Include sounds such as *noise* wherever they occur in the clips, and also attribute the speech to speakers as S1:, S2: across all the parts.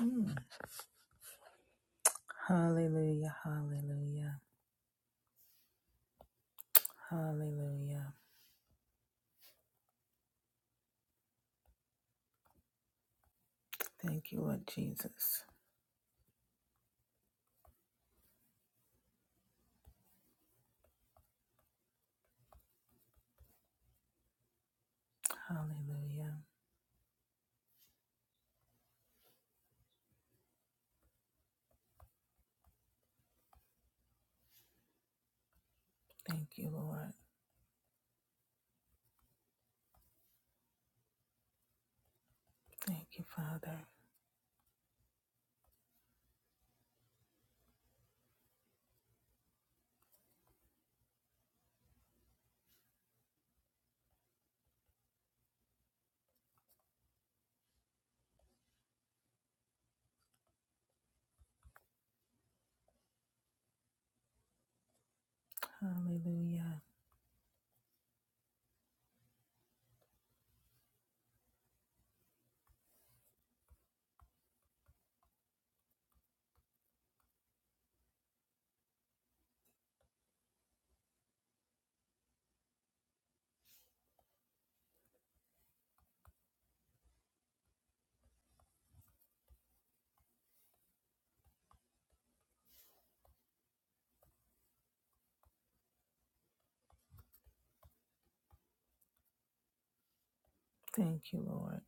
S1: Mm. Hallelujah, hallelujah, hallelujah. Thank you, Lord Jesus. Hallelujah. Thank you, Lord. Thank you, Father. Hallelujah. Thank you, Lord.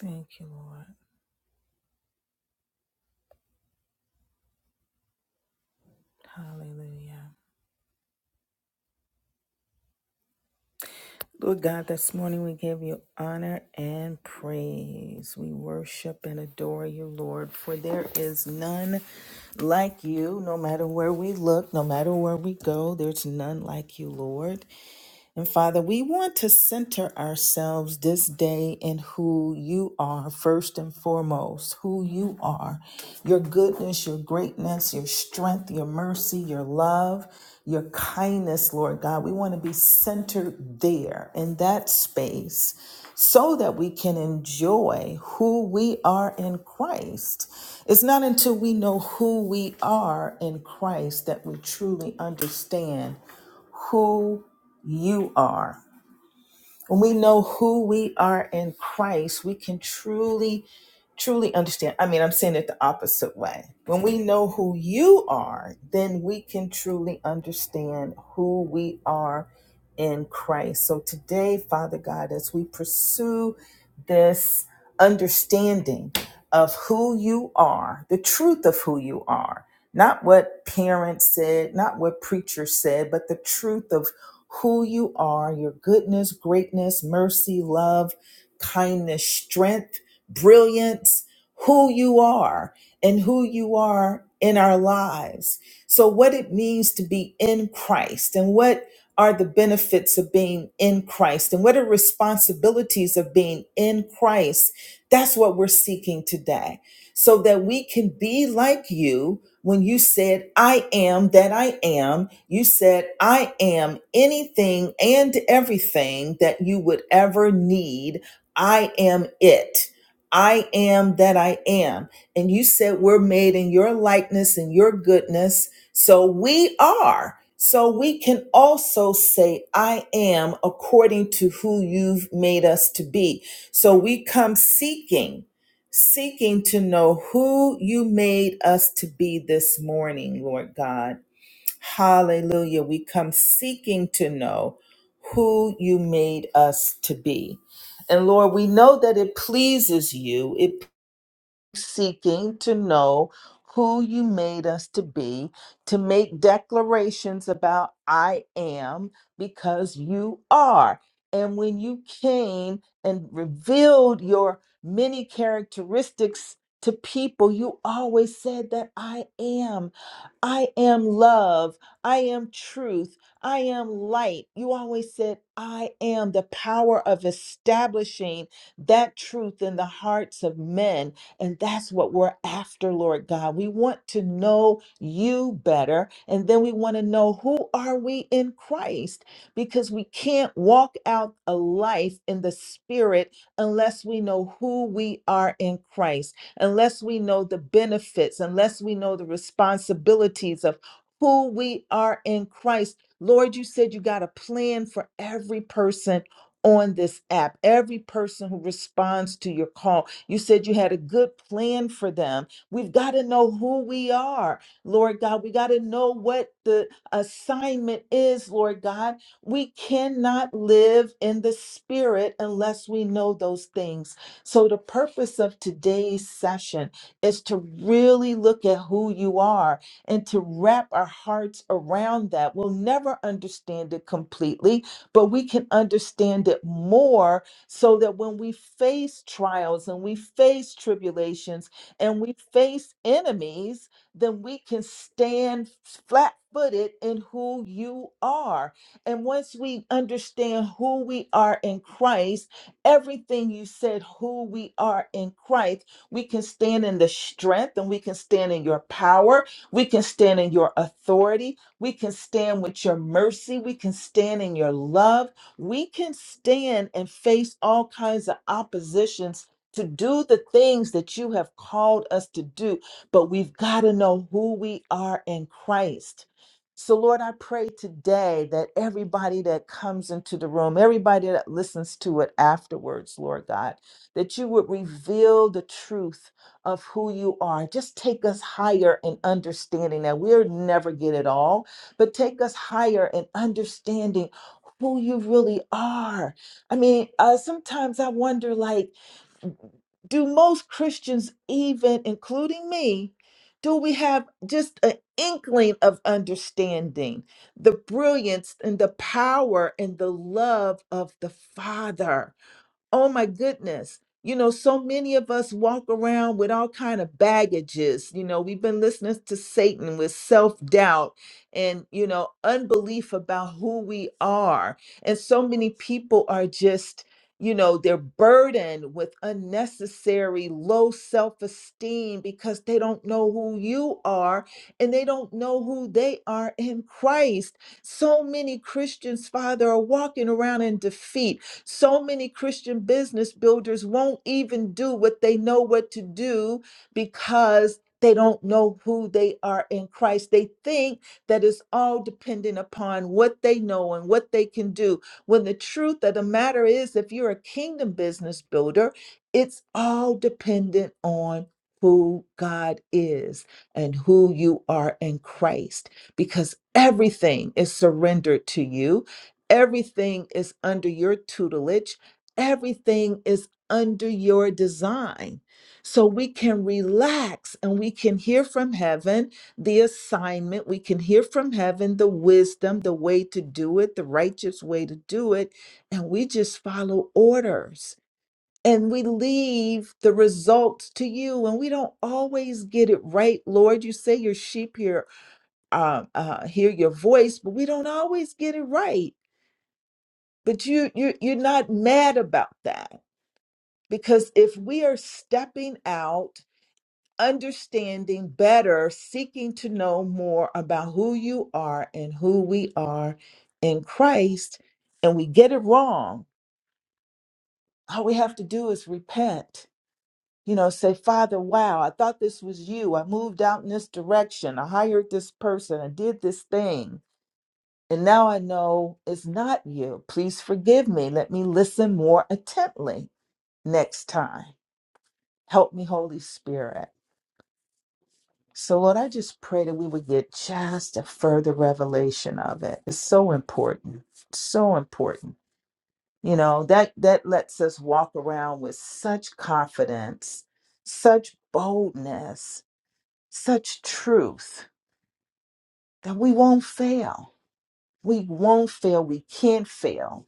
S1: Thank you, Lord. Hallelujah. Lord God, this morning we give you honor and praise. We worship and adore you, Lord, for there is none like you, no matter where we look, no matter where we go, there's none like you, Lord. And Father, we want to center ourselves this day in who you are, first and foremost, who you are, your goodness, your greatness, your strength, your mercy, your love, your kindness, Lord God. We want to be centered there in that space so that we can enjoy who we are in Christ. It's not until we know who we are in Christ that we truly understand who you are. When we know who we are in Christ, we can truly, truly understand. I mean, I'm saying it the opposite way. When we know who you are, then we can truly understand who we are in Christ. So today, Father God, as we pursue this understanding of who you are, the truth of who you are, not what parents said, not what preachers said, but the truth of who you are, your goodness, greatness, mercy, love, kindness, strength, brilliance, who you are and who you are in our lives. So, what it means to be in Christ and what are the benefits of being in Christ and what are responsibilities of being in Christ? That's what we're seeking today so that we can be like you when you said, I am that I am. You said, I am anything and everything that you would ever need. I am it. I am that I am. And you said, We're made in your likeness and your goodness. So we are. So we can also say, I am according to who you've made us to be. So we come seeking seeking to know who you made us to be this morning, Lord God. Hallelujah. We come seeking to know who you made us to be. And Lord, we know that it pleases you. It seeking to know who you made us to be, to make declarations about I am because you are. And when you came and revealed your many characteristics to people, you always said that I am. I am love. I am truth. I am light. You always said, I am the power of establishing that truth in the hearts of men and that's what we're after, Lord God. We want to know you better. And then we want to know who are we in Christ because we can't walk out a life in the spirit unless we know who we are in Christ, unless we know the benefits, unless we know the responsibilities of who we are in Christ. Lord, you said you got a plan for every person on this app, every person who responds to your call. You said you had a good plan for them. We've got to know who we are, Lord God. We got to know what the assignment is, Lord God. We cannot live in the spirit unless we know those things. So, the purpose of today's session is to really look at who you are and to wrap our hearts around that. We'll never understand it completely, but we can understand it more so that when we face trials and we face tribulations and we face enemies, then we can stand flat footed in who you are. And once we understand who we are in Christ, everything you said, who we are in Christ, we can stand in the strength and we can stand in your power. We can stand in your authority. We can stand with your mercy. We can stand in your love we can stand and face all kinds of oppositions to do the things that you have called us to do, but we've got to know who we are in Christ. So, Lord, I pray today that everybody that comes into the room, everybody that listens to it afterwards, Lord God, that you would reveal the truth of who you are. Just take us higher in understanding that we'll never get it all, but take us higher in understanding who you really are. I mean, uh, sometimes I wonder like, do most Christians, even including me, do we have just an inkling of understanding the brilliance and the power and the love of the Father? oh my goodness you know so many of us walk around with all kind of baggages you know we've been listening to satan with self-doubt and you know unbelief about who we are and so many people are just you know they're burdened with unnecessary low self-esteem because they don't know who you are and they don't know who they are in christ so many christians father are walking around in defeat so many Christian business builders won't even do what they know what to do because they don't know who they are in Christ. They think that it's all dependent upon what they know and what they can do. When the truth of the matter is, if you're a kingdom business builder, it's all dependent on who God is and who you are in Christ because everything is surrendered to you Everything is under your tutelage, everything is under your design. So we can relax and we can hear from heaven the assignment, we can hear from heaven the wisdom, the way to do it, the righteous way to do it, and we just follow orders. And we leave the results to you, and we don't always get it right, Lord. You say your sheep hear, uh, uh, hear your voice, but we don't always get it right but you you you're not mad about that because if we are stepping out understanding better seeking to know more about who you are and who we are in Christ and we get it wrong all we have to do is repent you know say father wow i thought this was you i moved out in this direction i hired this person i did this thing and now i know it's not you please forgive me let me listen more attentively next time. Help me, Holy Spirit. So, Lord, I just pray that we would get just a further revelation of it. It's so important, so important. You know that that lets us walk around with such confidence, such boldness, such truth that we won't fail. We won't fail. We can't fail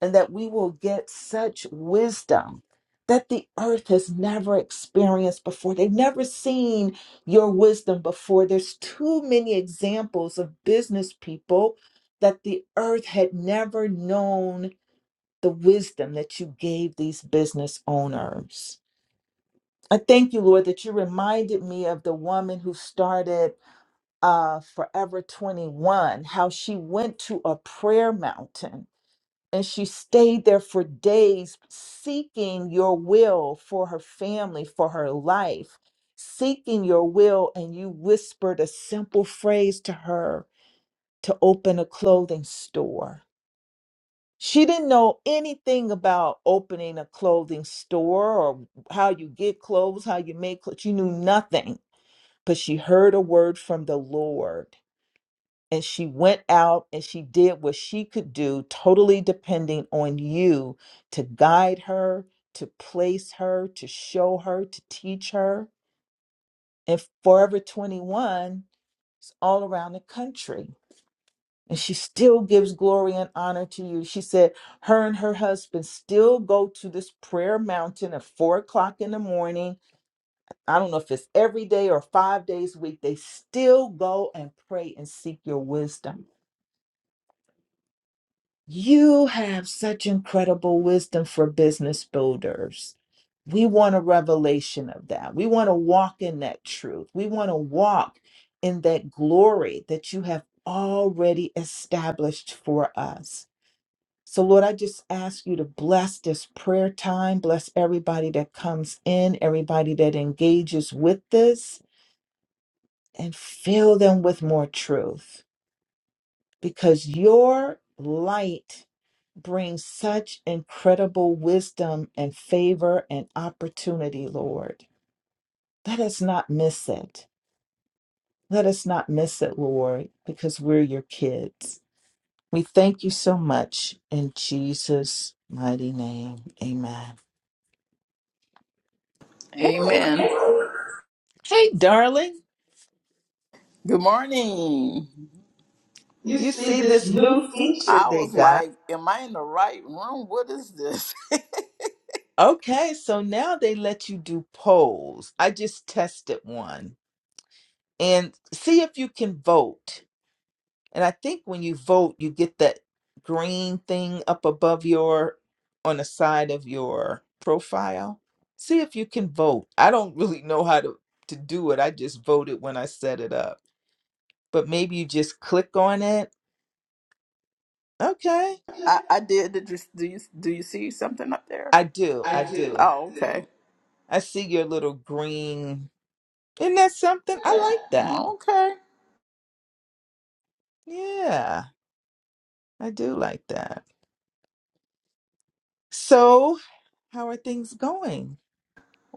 S1: and that we will get such wisdom that the earth has never experienced before. They've never seen your wisdom before. There's too many examples of business people that the earth had never known the wisdom that you gave these business owners. I thank you, Lord, that you reminded me of the woman who started uh, Forever 21, how she went to a prayer mountain and she stayed there for days seeking your will for her family, for her life, seeking your will. And you whispered a simple phrase to her to open a clothing store. She didn't know anything about opening a clothing store or how you get clothes, how you make clothes. She knew nothing, but she heard a word from the Lord and she went out and she did what she could do, totally depending on you to guide her, to place her, to show her, to teach her. And Forever 21 is all around the country. And she still gives glory and honor to you. She said her and her husband still go to this prayer mountain at four o'clock in the morning. I don't know if it's every day or five days a week. They still go and pray and seek your wisdom You have such incredible wisdom for business builders. We want a revelation of that. We want to walk in that truth. We want to walk in that glory that you have already established for us. So, Lord, I just ask you to bless this prayer time, bless everybody that comes in, everybody that engages with this, and fill them with more truth because your light brings such incredible wisdom and favor and opportunity, Lord. Let us not miss it. Let us not miss it, Lord, because we're your kids. We thank you so much in Jesus' mighty name. Amen. Hey,
S2: Amen.
S1: hey, darling.
S2: Good morning. You
S1: You
S2: see
S1: see
S2: this
S1: this new
S2: new feature
S1: feature
S2: I
S1: they
S2: was
S1: got?
S2: like, "Am I in the right room? What is this?" *laughs*
S1: Okay, so now they let you do polls. I just tested one and see if you can vote. And I think when you vote, you get that green thing up above your on the side of your profile. See if you can vote. I don't really know how to to do it. I just voted when I set it up. But maybe you just click on it. Okay.
S2: I, I did. Did you, do you do you see something up there?
S1: I do. I
S2: I do.
S1: do.
S2: Oh, okay.
S1: I see your little green. Isn't that something? I
S2: that.
S1: like that.
S2: Okay.
S1: Yeah. I do like that. So, how are things going?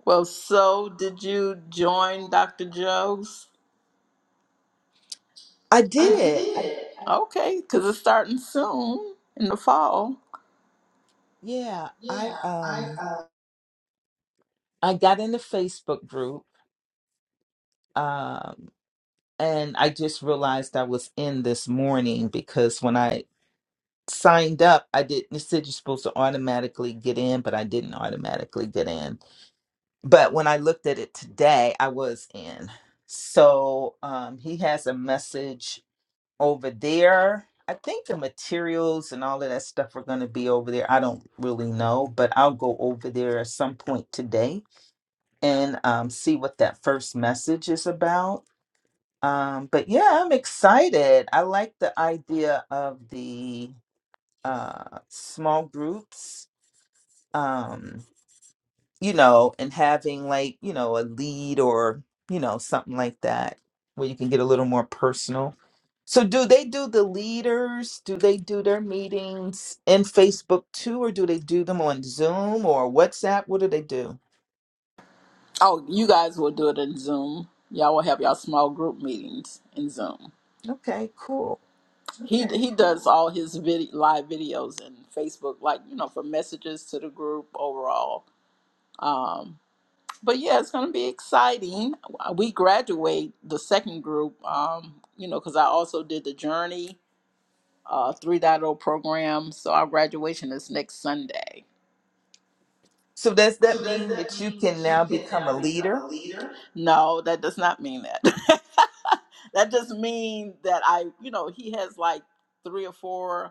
S2: Well, so did you join Dr. Joe's?
S1: I
S2: I
S1: did.
S2: did. Okay, because it's starting soon in the fall.
S1: Yeah, I
S2: Yeah. I
S1: um
S2: uh,
S1: I got in the Facebook group um and I just realized I was in this morning because when I signed up, I didn't it said you're supposed to automatically get in, but I didn't automatically get in. But when I looked at it today, I was in. So um he has a message over there. I think the materials and all of that stuff are going to be over there. I don't really know, but I'll go over there at some point today and um, see what that first message is about. Um, but yeah, I'm excited. I like the idea of the uh, small groups, um, you know, and having like, you know, a lead or, you know, something like that where you can get a little more personal. So, do they do the leaders? Do they do their meetings in Facebook too, or do they do them on Zoom or WhatsApp? What do they do?
S2: Oh, you guys will do it in Zoom. Y'all will have y'all small group meetings in Zoom.
S1: Okay, cool.
S2: He he does all his vid- live videos and Facebook, like you know, from messages to the group overall. Um, but yeah, it's going to be exciting. We graduate the second group, um, you know, because I also did the Journey uh, 3.0 program. So our graduation is next Sunday.
S1: So does that
S2: So does
S1: mean
S2: that
S1: that you
S2: mean
S1: can
S2: that you
S1: now
S2: can
S1: become a
S2: now become
S1: leader?
S2: a leader? No, that does not mean that. *laughs* that just means that I, you know, he has like three or four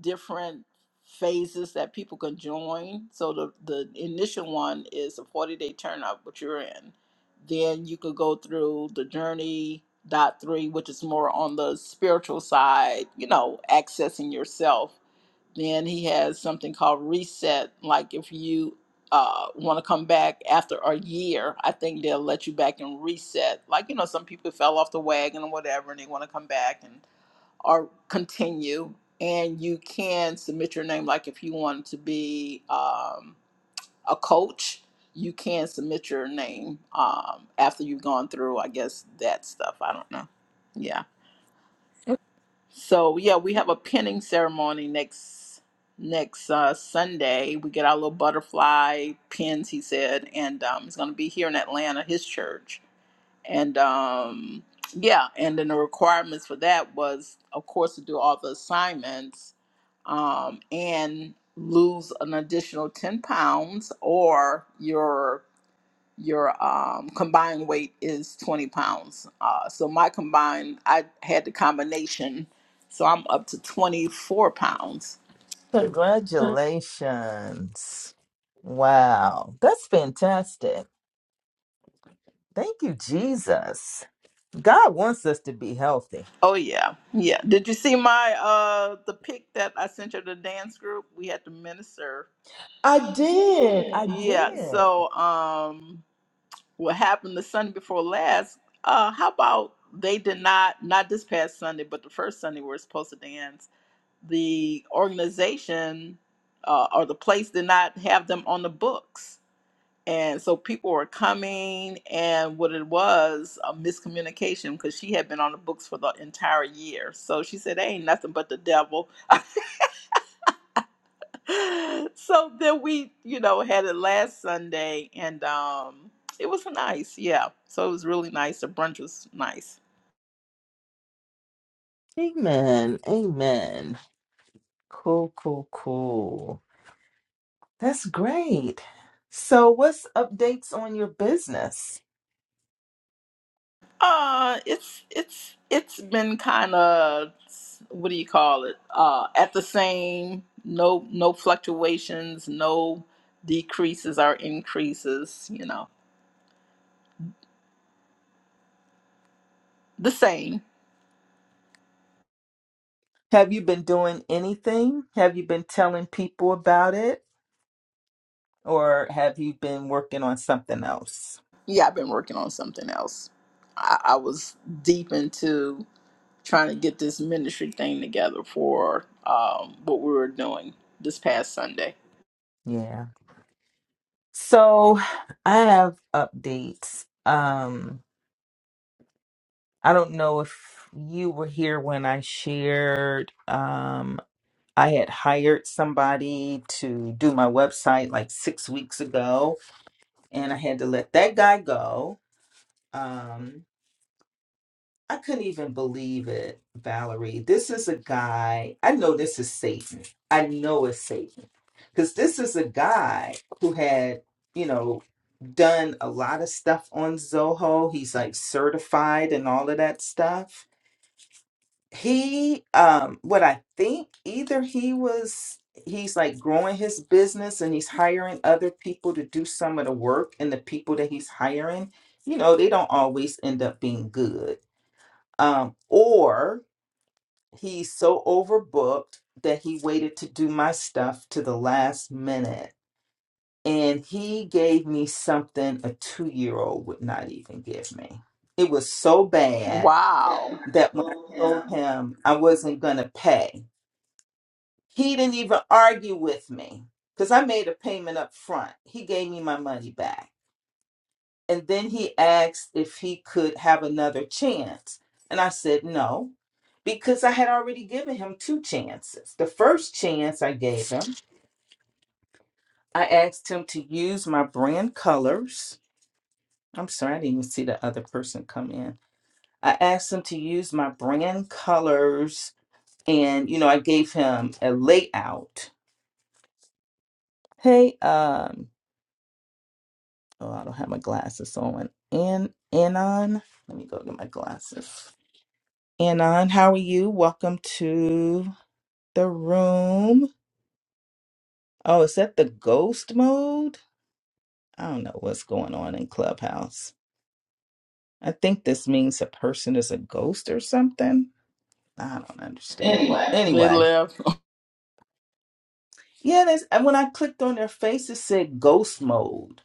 S2: different phases that people can join. So the, the initial one is a 40 day turn up, which you're in. Then you could go through the journey dot three, which is more on the spiritual side, you know, accessing yourself. Then he has something called reset. Like if you uh, want to come back after a year, I think they'll let you back and reset. Like, you know, some people fell off the wagon or whatever and they want to come back and or continue. And you can submit your name, like if you want to be um, a coach, you can submit your name um, after you've gone through, I guess, that stuff. I don't know. Yeah. So yeah, we have a pinning ceremony next next uh, Sunday. We get our little butterfly pins, he said, and um, it's going to be here in Atlanta, his church, and um, yeah, and then the requirements for that was, of course, to do all the assignments um, and lose an additional 10 pounds or your your um, combined weight is 20 pounds uh, so my combined i had the combination so i'm up to 24 pounds
S1: Congratulations. Wow. That's fantastic. Thank you, Jesus. God wants us to be healthy.
S2: oh yeah yeah did you see my uh the pic that i sent you the dance group we had to minister
S1: I
S2: i
S1: did.
S2: did
S1: I
S2: I yeah did.
S1: did.
S2: so um what happened the Sunday before last. Uh, how about they did not not this past Sunday, but the first Sunday we are supposed to dance. The organization uh, or the place did not have them on the books, and so people were coming. And what it was a miscommunication because she had been on the books for the entire year. So she said, "Ain't nothing but the devil." *laughs* *laughs* so then we, you know, had it last Sunday and um it was nice, yeah. So it was really nice. The brunch was nice.
S1: Amen. Amen. Cool, cool, cool. That's great. So, what's updates on your business?
S2: Uh it's it's it's been kind of what do you call it? Uh at the same no no fluctuations, no decreases or increases, you know. The same.
S1: Have you been doing anything? Have you been telling people about it? or have you been working on something else?
S2: Yeah, I've been working on something else. I, I was deep into trying to get this ministry thing together for um, what we were doing this past Sunday.
S1: Yeah. So I have updates. Um, I don't know if you were here when I shared. Um, I had hired somebody to do my website like six weeks ago, and I had to let that guy go. Um, I couldn't even believe it, Valerie. This is a guy. I know this is Satan. I know it's Satan. Because this is a guy who had, you know, done a lot of stuff on Zoho. He's like certified and all of that stuff. He, um, what I think, either he was, he's like growing his business and he's hiring other people to do some of the work, and the people that he's hiring, you know, they don't always end up being good um, or he's so overbooked that he waited to do my stuff to the last minute. And he gave me something a two year old would not even give me. It was so bad
S2: Wow.
S1: that when I
S2: Yeah.
S1: told him I wasn't going to pay, he didn't even argue with me because I made a payment up front. He gave me my money back. And then he asked if he could have another chance. And I said no because I had already given him two chances. The first chance I gave him, I asked him to use my brand colors. I'm sorry, I didn't even see the other person come in. I asked him to use my brand colors and you know, I gave him a layout. Hey, um, oh, I don't have my glasses on. And Anon, let me go get my glasses. Anon, how are you? Welcome to the room. Oh, is that the ghost mode? I don't know what's going on in Clubhouse. I think this means a person is a ghost or something. I don't understand it.
S2: Anyway, they
S1: Anyway,
S2: left.
S1: yeah, that's, and when I clicked on their face, it said ghost mode.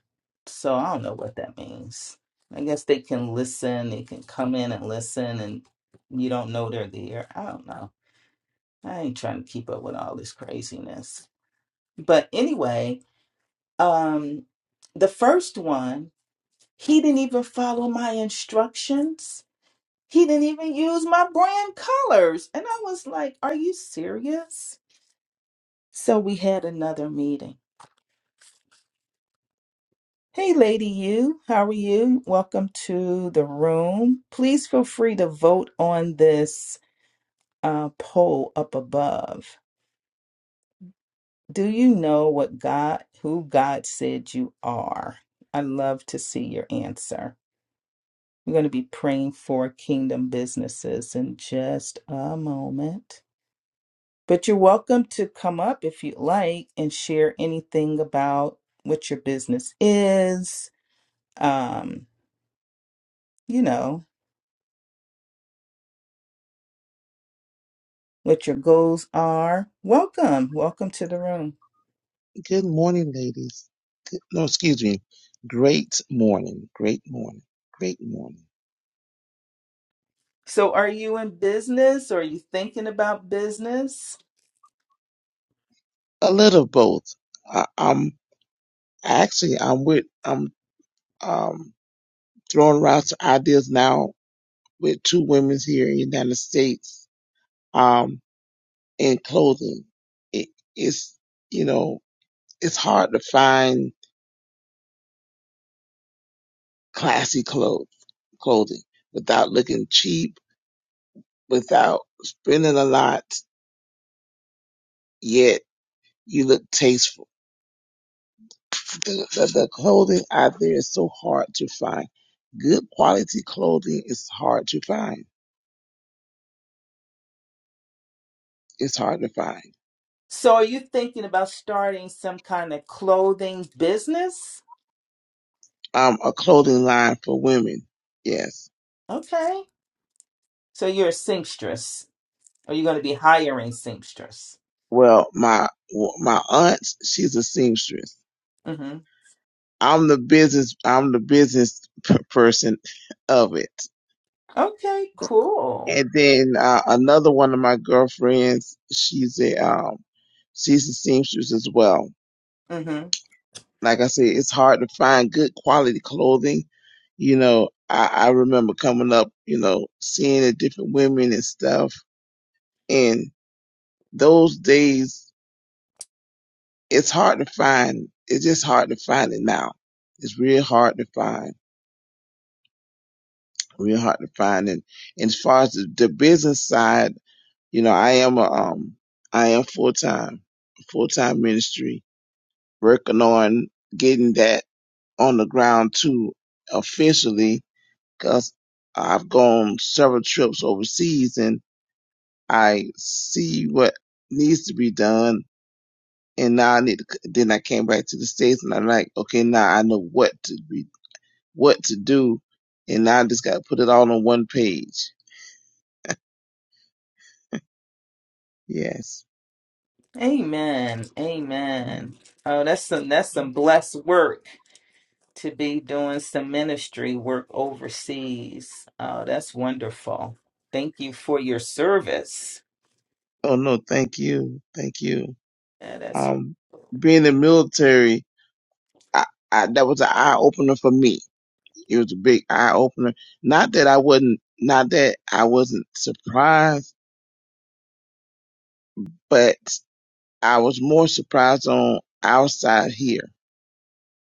S1: So I don't know what that means. I guess they can listen, they can come in and listen, and you don't know they're there. I don't know. I ain't trying to keep up with all this craziness. But anyway, um, the first one, he didn't even follow my instructions He didn't even use my brand colors. And I was like, Are you serious? So we had another meeting. Hey, Lady You, how are you? Welcome to the room. Please feel free to vote on this uh, poll up above. Do you know what God, who God said you are? I love to see your answer. We're going to be praying for kingdom businesses in just a moment. But you're welcome to come up if you would like and share anything about what your business is, um, you know, what your goals are. Welcome. Welcome to the room.
S3: Good morning, ladies. Good, no, excuse me. Great morning. Great morning. Great morning.
S1: So, are you in business or are you thinking about business?
S3: A little of both. I, I'm actually I'm with I'm um throwing around some ideas now with two women here in the United States. Um, in clothing, it, it's you know it's hard to find classy clothes clothing without looking cheap, without spending a lot. Yet you look tasteful the, the, the clothing out there is so hard to find. Good quality clothing is hard to find. It's hard to find.
S1: So, are you thinking about starting some kind of clothing business?
S3: Um, a clothing line for women. Yes.
S1: Okay. So, you're a seamstress. Are you going to be hiring seamstress?
S3: Well, my well, my aunt, she's a seamstress.
S1: Mm-hmm.
S3: I'm the business. I'm the business p- person of it.
S1: Okay, cool.
S3: And then uh, another one of my girlfriends, she's a um, she's a seamstress as well.
S1: Mm-hmm.
S3: Like I said, it's hard to find good quality clothing. You know, I, I remember coming up, you know, seeing the different women and stuff. And those days, it's hard to find. It's just hard to find it now. It's real hard to find. Real hard to find. And, and as far as the, the business side, you know, I am a, um, I am full time, full time ministry, working on getting that on the ground too officially because I've gone several trips overseas and I see what needs to be done. And now I need to, then I came back to the States and I'm like, okay, now I know what to be, what to do. And now I just got to put it all on one page. Yes.
S1: Amen. Amen. Oh, that's some that's some blessed work to be doing some ministry work overseas. Oh, that's wonderful. Thank you for your service.
S3: Oh no, thank you. Thank you.
S1: Yeah, that's
S3: Um, being in the military, I, I, that was an eye opener for me. It was a big eye opener. Not that I wasn't, not that I wasn't surprised, but I was more surprised on our side here.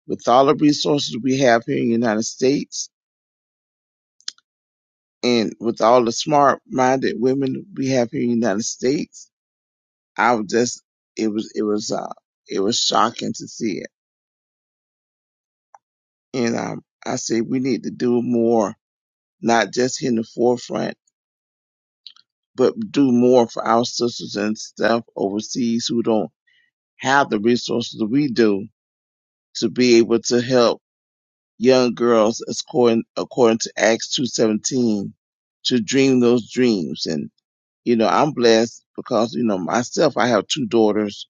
S3: With all the resources we have here in the United States and with all the smart minded women we have here in the United States, I was just it was it was uh it was shocking to see it. And um I say we need to do more, not just in the forefront, but do more for our sisters and stuff overseas who don't have the resources we do to be able to help young girls according according to Acts two seventeen to dream those dreams. And you know, I'm blessed because you know myself. I have two daughters,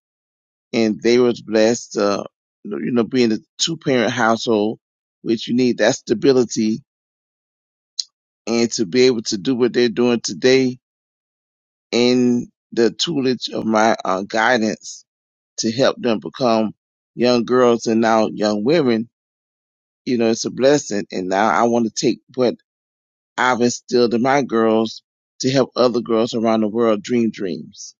S3: and they was blessed. Uh, you know, being a two parent household, which you need that stability and to be able to do what they're doing today in the tutelage of my uh, guidance to help them become young girls and now young women. You know, it's a blessing. And now I want to take what I've instilled in my girls to help other girls around the world dream dreams.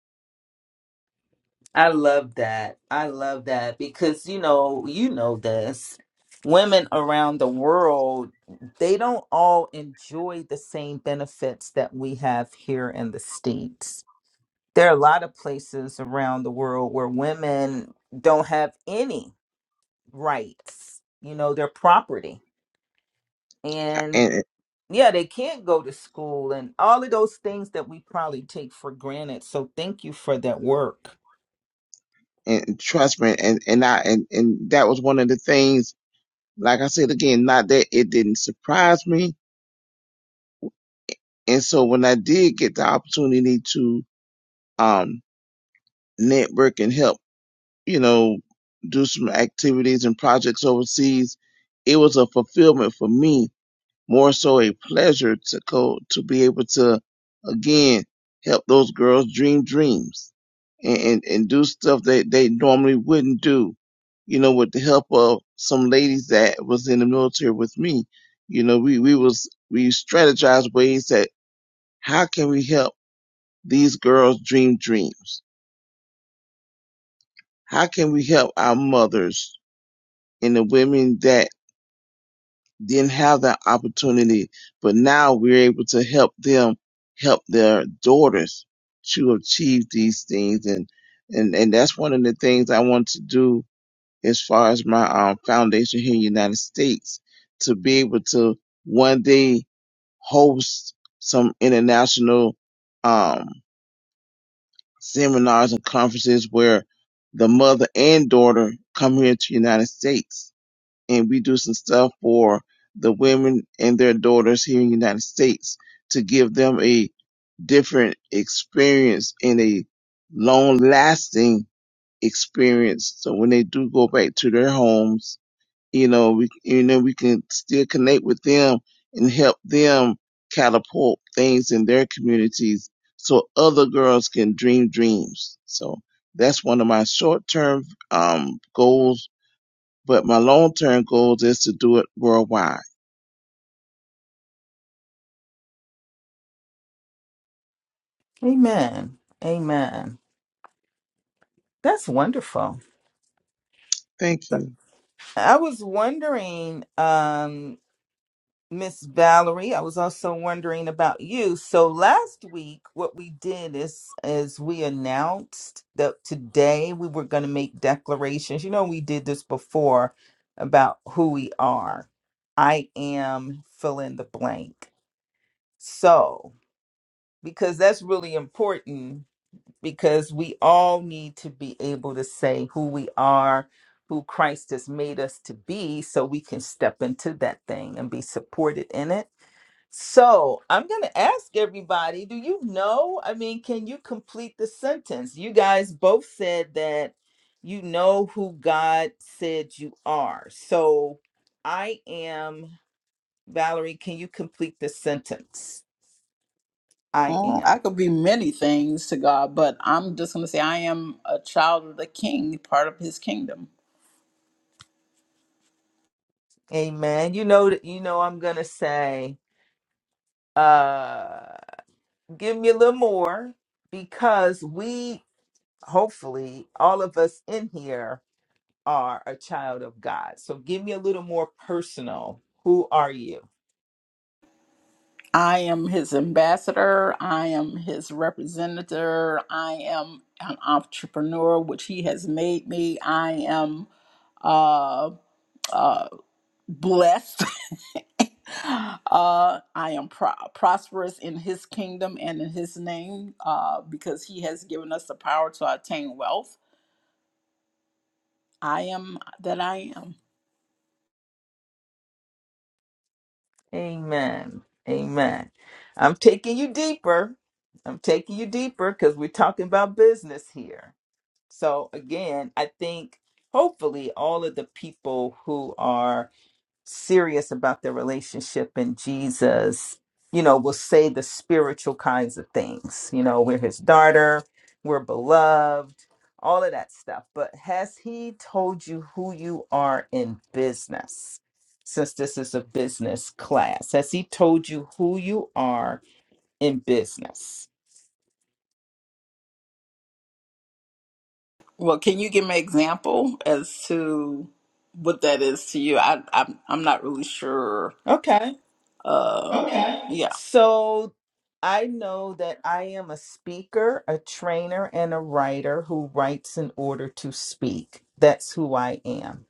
S1: I love that. I love that because you know, you know this. Women around the world, they don't all enjoy the same benefits that we have here in the States there are a lot of places around the world where women don't have any rights you know their property and
S3: And
S1: yeah they can't go to school and all of those things that we probably take for granted so thank you for that work
S3: and trust me, and and I and and that was one of the things. Like I said again, not that it didn't surprise me. And so when I did get the opportunity to um network and help, you know, do some activities and projects overseas, it was a fulfillment for me more so a pleasure to go to be able to again help those girls dream dreams and and, and do stuff that they normally wouldn't do you know with the help of some ladies that was in the military with me you know we we was we strategized ways that how can we help these girls dream dreams how can we help our mothers and the women that didn't have that opportunity, but now we're able to help them help their daughters to achieve these things. And, and, and that's one of the things I want to do as far as my um, foundation here in the United States to be able to one day host some international um, seminars and conferences where the mother and daughter come here to the United States and we do some stuff for the women and their daughters here in the United States to give them a different experience and a long lasting experience. So when they do go back to their homes, you know, we, you know, we can still connect with them and help them catapult things in their communities so other girls can dream dreams. So that's one of my short term, um, goals but my long term goal is to do it worldwide.
S1: amen amen that's wonderful
S3: Thank you.
S1: i was wondering um Miss Valerie, I was also wondering about you. So last week, what we did is is we announced that today we were going to make declarations. You know, we did this before about who we are. I am fill in the blank. So because that's really important because we all need to be able to say who we are, who Christ has made us to be, so we can step into that thing and be supported in it so I'm going to ask everybody do you know? I mean, can you complete the sentence? You guys both said that you know who God said you are. So I am, Valerie, can you complete the sentence? I
S2: Oh, I
S1: am.
S2: could be many things to God, but I'm just going to say I am a child of the King, part of His kingdom.
S1: Amen. You know that you know I'm going to say uh give me a little more because we hopefully all of us in here are a child of God. So give me a little more personal. Who are you?
S2: I am His ambassador. I am His representative. I am an entrepreneur, which He has made me. I am uh, uh, blessed *laughs* uh, I am pro- prosperous in his kingdom and in his name uh, because he has given us the power to attain wealth. I am that I am.
S1: Amen. Amen. I'm taking you deeper. I'm taking you deeper because we're talking about business here. So, again, I think hopefully all of the people who are serious about their relationship and Jesus, you know, will say the spiritual kinds of things. You know, we're his daughter, we're beloved, all of that stuff. But has he told you who you are in business? Since this is a business class, has he told you who you are in business?
S2: Well, can you give me an example as to what that is to you? I, I'm, I'm not really sure.
S1: Okay.
S2: Uh, okay. Yeah.
S1: So I know that I am a speaker, a trainer, and a writer who writes in order to speak. That's who I am.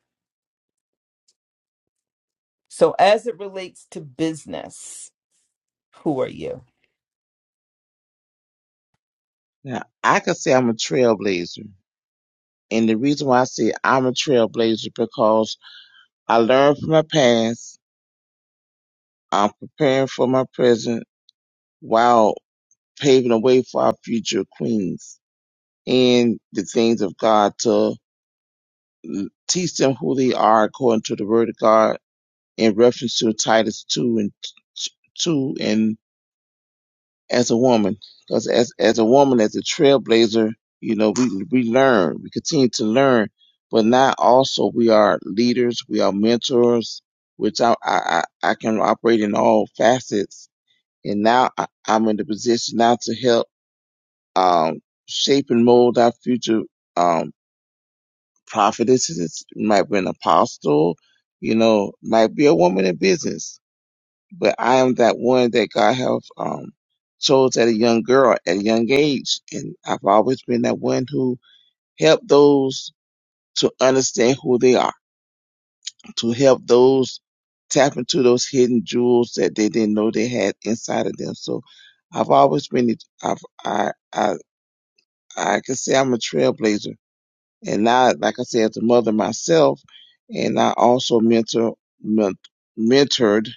S1: So, as it relates to business, who are you?
S3: Now, I could say I'm a trailblazer. And the reason why I say I'm a trailblazer because I learned from my past. I'm preparing for my present while paving the way for our future queens and the things of God to teach them who they are according to the word of God in reference to Titus 2 and 2 and as a woman, because as as a woman, as a trailblazer, you know, we we learn, we continue to learn, but now also we are leaders, we are mentors, which I I I I can operate in all facets, and now I, I'm in the position now to help um shape and mold our future um prophetesses, It might be an apostle, you know, might be a woman in business but I am that one that God have um chose at a young girl at a young age, and I've always been that one who helped those to understand who they are, to help those tap into those hidden jewels that they didn't know they had inside of them. So I've always been, I've I I I can say I'm a trailblazer and I, like I said, as a mother myself, and I also mentor, men- mentored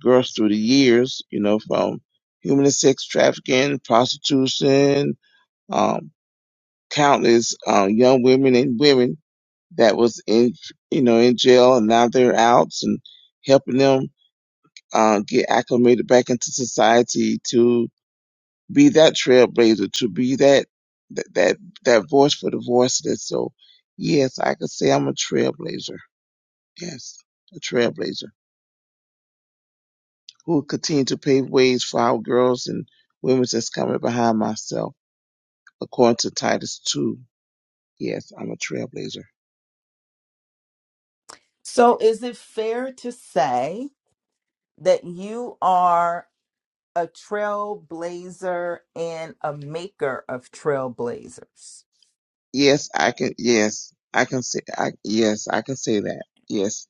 S3: girls through the years, you know, from human and sex trafficking, prostitution, um, countless um, young women and women that was in, you know, in jail and now they're out and helping them uh, get acclimated back into society To be that trailblazer, to be that that that, that voice for the voiceless. So, yes, I could say I'm a trailblazer. Yes, a trailblazer who will continue to pave ways for our girls and women that's coming behind myself, according to Titus two. Yes, I'm a trailblazer.
S1: So, is it fair to say that you are a trailblazer and a maker of trailblazers?
S3: Yes, I can. Yes, I can say. I yes, I can say that. Yes,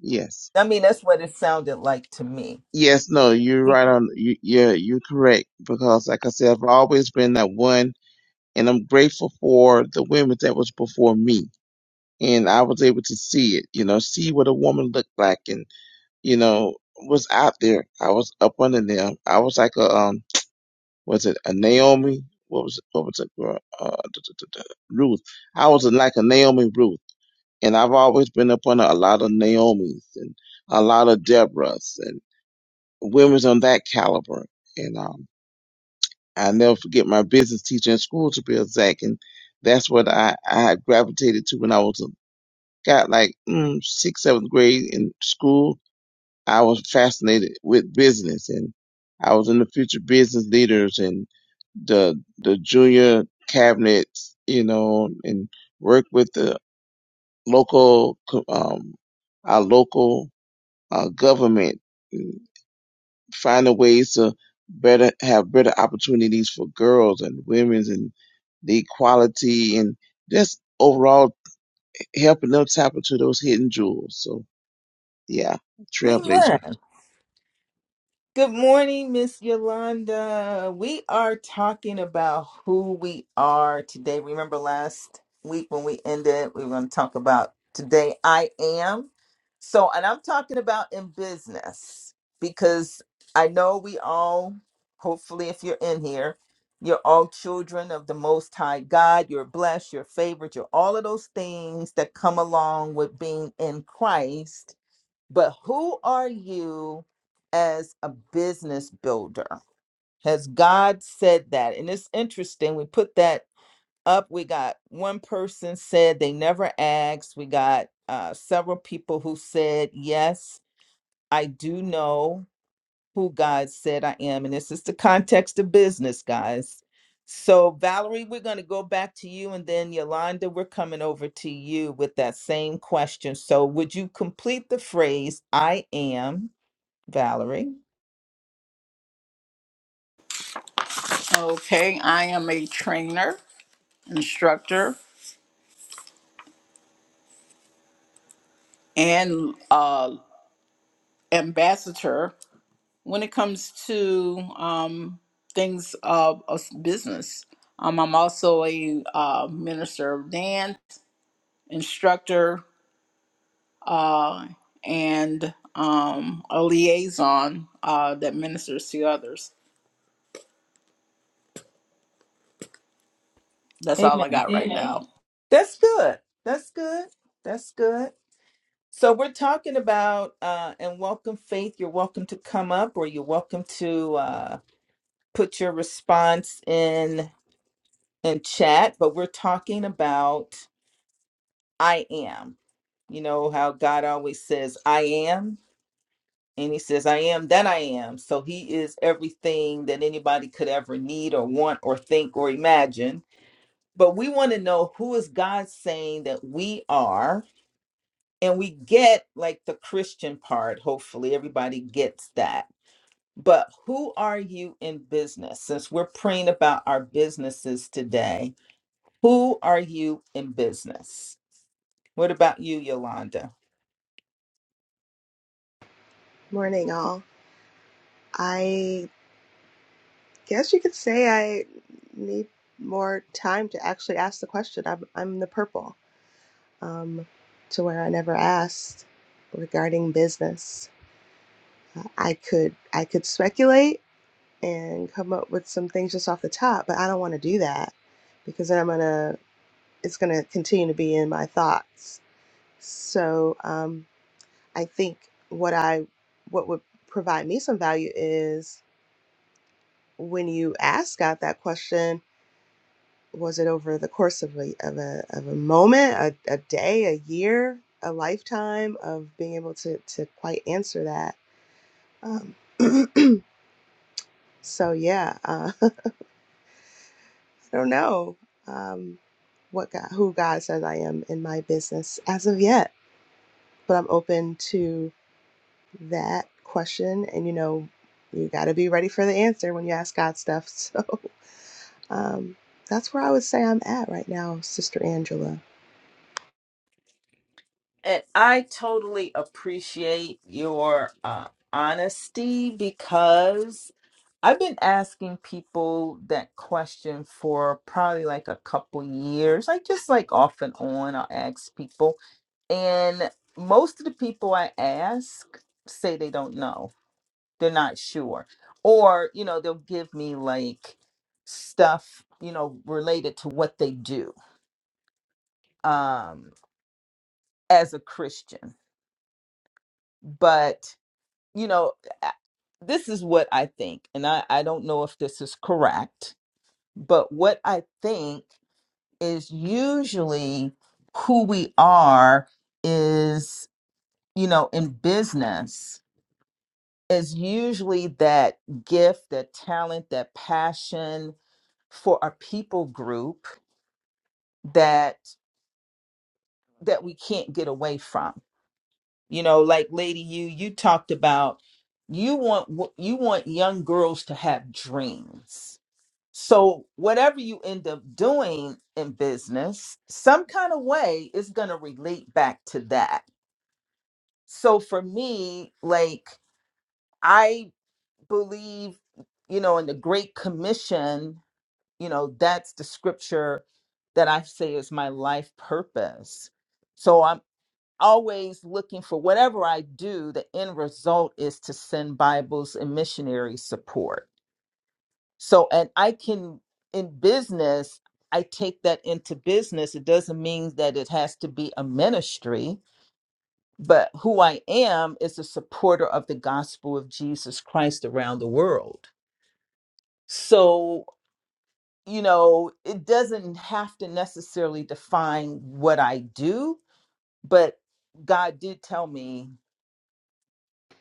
S3: yes.
S1: I mean, that's what it sounded like to me.
S3: Yes, no, you're
S1: Be-
S3: right on. You, yeah, you're correct because, like I said, I've always been that one and I'm grateful for the women that was before me. And I was able to see it, you know, see what a woman looked like and, you know, was out there. I was up under them. I was like a, um, was it a Naomi? What was it? What was it? girl? Uh, duh, duh, duh, duh, Ruth. I was like a Naomi Ruth. And I've always been up under a lot of Naomi's and a lot of Deborah's and women's on that caliber. and um. I never forget my business teacher in school to be exact, and that's what I I gravitated to when I was got like mm, sixth seventh grade in school. I was fascinated with business, and I was in the future business leaders and the the junior cabinets, you know, and work with the local um our local uh, government finding ways to better have better opportunities for girls and women and the equality and just overall helping them tap into those hidden jewels. So yeah, trailblazer.
S1: Amen. Good morning, Miss Yolanda. We are talking about who we are today. Remember last week when we ended, we were going to talk about today I am. So, and I'm talking about in business because I know we all, hopefully, if you're in here, you're all children of the Most High God. You're blessed, you're favored, you're all of those things that come along with being in Christ but who are you as a business builder? Has God said that? And it's interesting. We put that up. We got one person said they never asked. We got uh, several people who said, Yes, I do know who God said I am. And this is the context of business, guys. So, Valerie, we're going to go back to you. And then, Yolanda, we're coming over to you with that same question. So, would you complete the phrase, I am? Valerie.
S2: Okay. I am a trainer, instructor, and uh, ambassador when it comes to um, things of, of business. Um, I'm also a uh, minister of dance, instructor, uh, and um, a liaison uh, that ministers to others. That's all I
S1: Amen.
S2: got right Amen. now.
S1: That's good. That's good. That's good. So we're talking about uh, and welcome faith. You're welcome to come up, or you're welcome to uh, put your response in in chat. But we're talking about I am. You know how God always says I am, and He says I am that I am. So He is everything that anybody could ever need or want or think or imagine. But we want to know who is God saying that we are and we get like the Christian part. Hopefully, everybody gets that. But who are you in business? Since we're praying about our businesses today, who are you in business? What about you, Yolanda?
S4: Morning, all. I guess you could say I need more time to actually ask the question. I'm, I'm the purple, um, to where I never asked regarding business. Uh, I could I could speculate and come up with some things just off the top, but I don't want to do that because then I'm gonna it's gonna continue to be in my thoughts. So um, I think what I what would provide me some value is when you asked God that question, was it over the course of a of a of a moment, a, a day, a year, a lifetime of being able to to quite answer that? Um, *clears throat* so yeah, uh, *laughs* I don't know um, what God, who God says I am in my business as of yet, but I'm open to that question, and you know, you got to be ready for the answer when you ask God stuff. *laughs* So Um, that's where I would say I'm at right now, Sister Angela.
S1: And I totally appreciate your uh, honesty because I've been asking people that question for probably like a couple years. I just like off and on, I'll ask people. And most of the people I ask say they don't know. They're not sure. Or, you know, they'll give me like stuff, you know, related to what they do um as a Christian. But you know, a- this is what I think, and I, I don't know if this is correct, but what I think is usually who we are is, you know, in business is usually that gift, that talent, that passion for a people group that that we can't get away from. You know, like Lady You, you talked about you want you want young girls to have dreams So, whatever you end up doing in business, some kind of way is going to relate back to that. So, for me, like, I believe, you know, in the Great Commission, you know, that's the scripture that I say is my life purpose. So, I'm always looking for whatever I do, the end result is to send Bibles and missionary support So, and I can, in business, I take that into business. It doesn't mean that it has to be a ministry, but who I am is a supporter of the gospel of Jesus Christ around the world. So, you know, it doesn't have to necessarily define what I do, but God did tell me,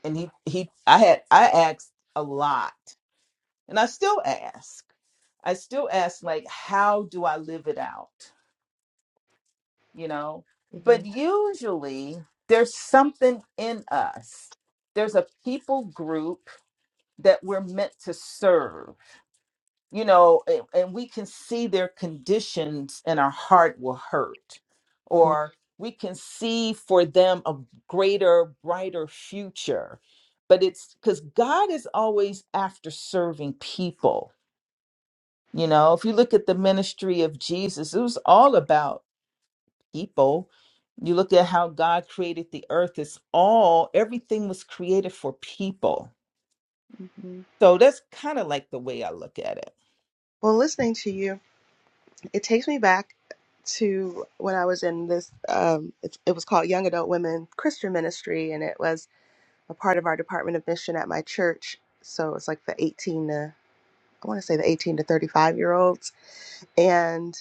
S1: and He, He, I had, I asked a lot, and I still ask. I still ask, like, how do I live it out? you know
S4: hmm
S1: but usually there's something in us there's a people group that we're meant to serve you know and, and we can see their conditions and our heart will hurt or we can see for them a greater brighter future but it's because god is always after serving people you know if you look at the ministry of jesus it was all about people. You look at how God created the earth, it's all, everything was created for people.
S4: hmm
S1: So that's kind of like the way I look at it.
S4: Well, listening to you it takes me back to when I was in this. Um, it, it was called Young Adult Women Christian Ministry, and it was a part of our Department of Mission at my church. So it's like the 18 to I want to say the 18 to 35 year olds. And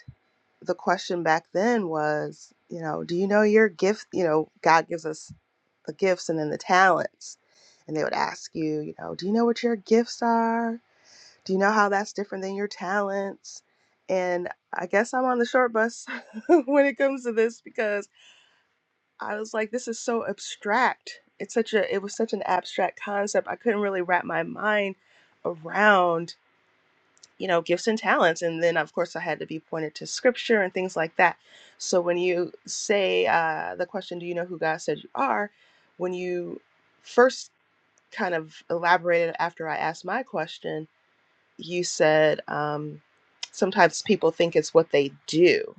S4: the question back then was, you know, do you know your gift? You know, God gives us the gifts and then the talents. And they would ask you, you know, do you know what your gifts are? do you know how that's different than your talents? And I guess I'm on the short bus *laughs* when it comes to this because I was like, this is so abstract. It's such a it was such an abstract concept. I couldn't really wrap my mind around, you know, gifts and talents. And then of course I had to be pointed to scripture and things like that. So when you say uh, the question, do you know who God said you are? When you first kind of elaborated after I asked my question, you said um, sometimes people think it's what they do,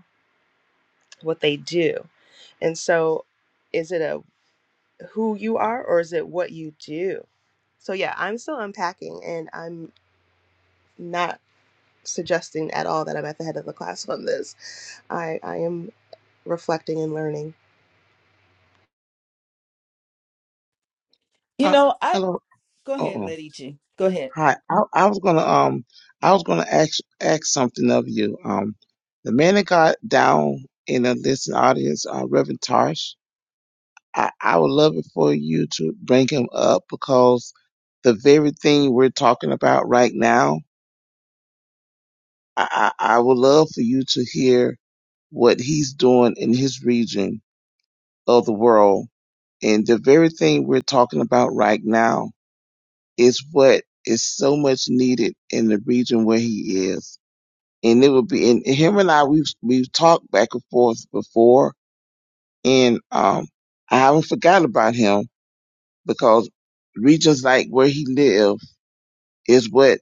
S4: what they do. And so is it a who you are or is it what you do? So yeah, I'm still unpacking and I'm not suggesting at all that I'm at the head of the class on this. I, I am reflecting and learning.
S1: You
S3: Uh,
S1: know, I
S3: hello.
S1: go
S3: Uh
S1: ahead,
S3: oh.
S1: Lady G. Go ahead.
S3: Hi. I, I was gonna um I was gonna ask ask something of you. Um, the man that got down in the listening audience, uh, Reverend Tarsh. I, I would love it for you to bring him up because the very thing we're talking about right now I, I, I would love for you to hear what he's doing in his region of the world. And the very thing we're talking about right now is what is so much needed in the region where he is. And it would be, and him and I, we've, we've talked back and forth before. And, um, I haven't forgotten about him because regions like where he lives is what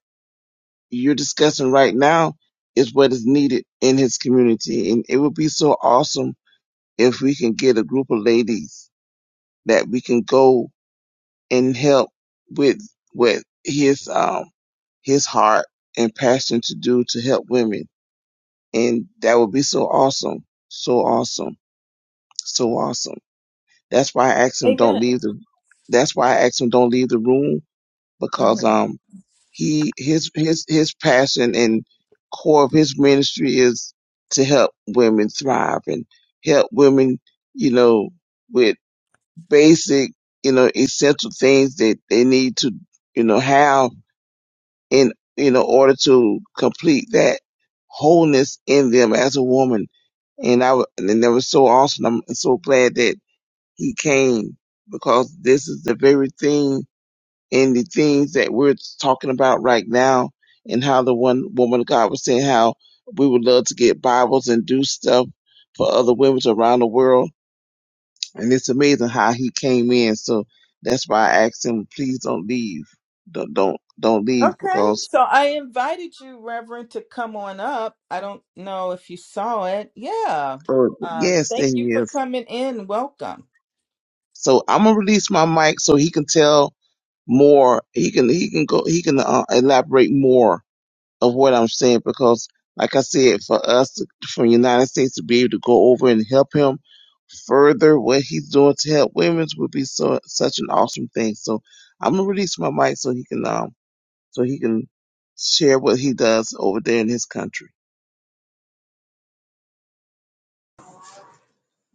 S3: you're discussing right now is what is needed in his community. And it would be so awesome if we can get a group of ladies that we can go and help with with his um his heart and passion to do to help women. And that would be so awesome. So awesome. So awesome. That's why I asked him don't leave
S1: Amen.
S3: the that's why I asked him don't leave the room
S1: hmm
S3: because um. he his his his passion and core of his ministry is to help women thrive and help women, you know, with basic, you know, essential things that they need to, you know, have in you know order to complete that wholeness in them as a woman. And I wa- and that was so awesome. I'm so glad that he came because this is the very thing in the things that we're talking about right now and how the one woman of God was saying how we would love to get Bibles and do stuff for other women around the world. And it's amazing how he came in. So that's why I asked him, please don't leave. Don't don't don't leave
S1: Okay,
S3: because
S1: so I invited you, Reverend, to come on up. I don't know if you saw it. Yeah.
S3: oh
S1: Um,
S3: yes, there
S1: thank you
S3: he
S1: for
S3: is.
S1: coming in. Welcome.
S3: So I'm gonna release my mic so he can tell more. He can he can go he can uh, elaborate more of what I'm saying because, like I said, for us to- from the United States to be able to go over and help him further what he's doing to help women would be so such an awesome thing. So I'm gonna release my mic so he can um so he can share what he does over there in his country.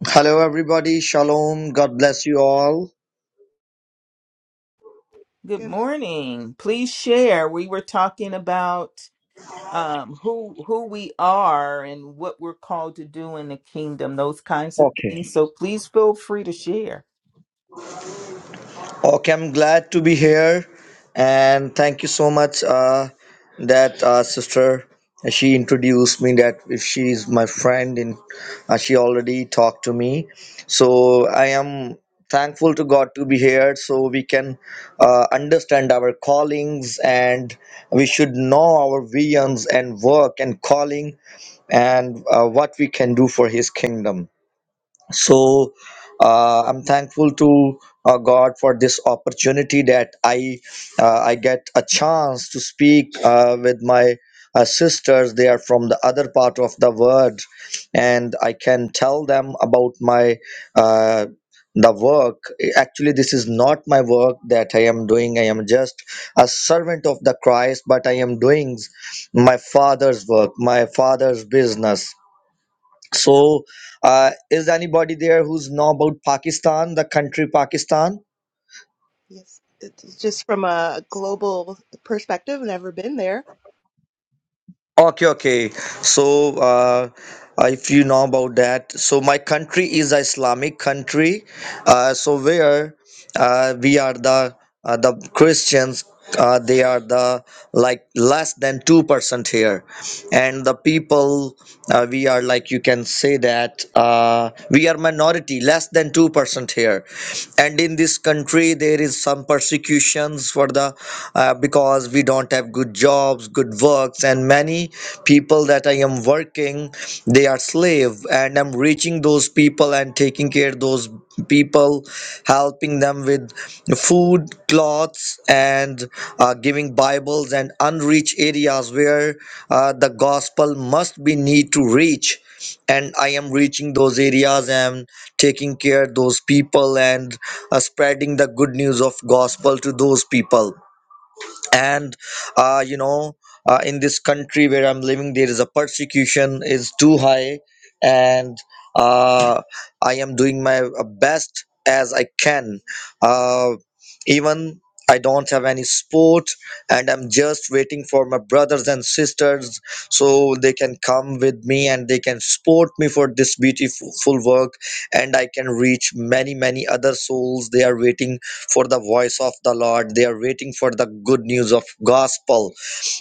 S5: Hello, everybody. Shalom. God bless you all.
S1: Good
S4: Good.
S1: morning.
S4: Maria.
S1: Please share. We were talking about um who who we are and what we're called to do in the kingdom those kinds of
S5: Okay.
S1: things so please feel free to share
S5: Okay, I'm glad to be here, and thank you so much uh, that uh, sister. She introduced me that if she is my friend, and uh, she already talked to me, so I am thankful to God to be here, so we can uh, understand our callings, and we should know our visions and work and calling, and uh, what we can do for His kingdom. so uh, i'm thankful to uh, god for this opportunity that i uh, i get a chance to speak uh, with my uh, sisters they are from the other part of the world and i can tell them about my uh, the work actually this is not my work that i am doing i am just a servant of the christ but i am doing my father's work my father's business so, uh, is anybody there who's know about Pakistan, the country Pakistan?
S4: Yes. It's just from a global perspective, never been there.
S5: Okay, okay. So, uh, uh, if you know about that, so my country is a Islamic country. Uh, so where uh, we are the uh, the Christians, uh, they are the like less than two percent here, and the people uh, we are like you can say that uh, we are minority, less than two percent here, and in this country there is some persecutions for the uh, because we don't have good jobs good works and many people that i am working they are slave and i'm reaching those people and taking care of those people helping them with food clothes and uh, giving bibles and unreached areas where uh, the gospel must be need to reach and i am reaching those areas and taking care of those people and uh, spreading the good news of gospel to those people and uh, you know uh, in this country where i'm living there is a persecution is too high and uh, i am doing my uh, best as i can uh, even i don't have any sport and i'm just waiting for my brothers and sisters so they can come with me and they can support me for this beautiful work and i can reach many many other souls they are waiting for the voice of the lord they are waiting for the good news of gospel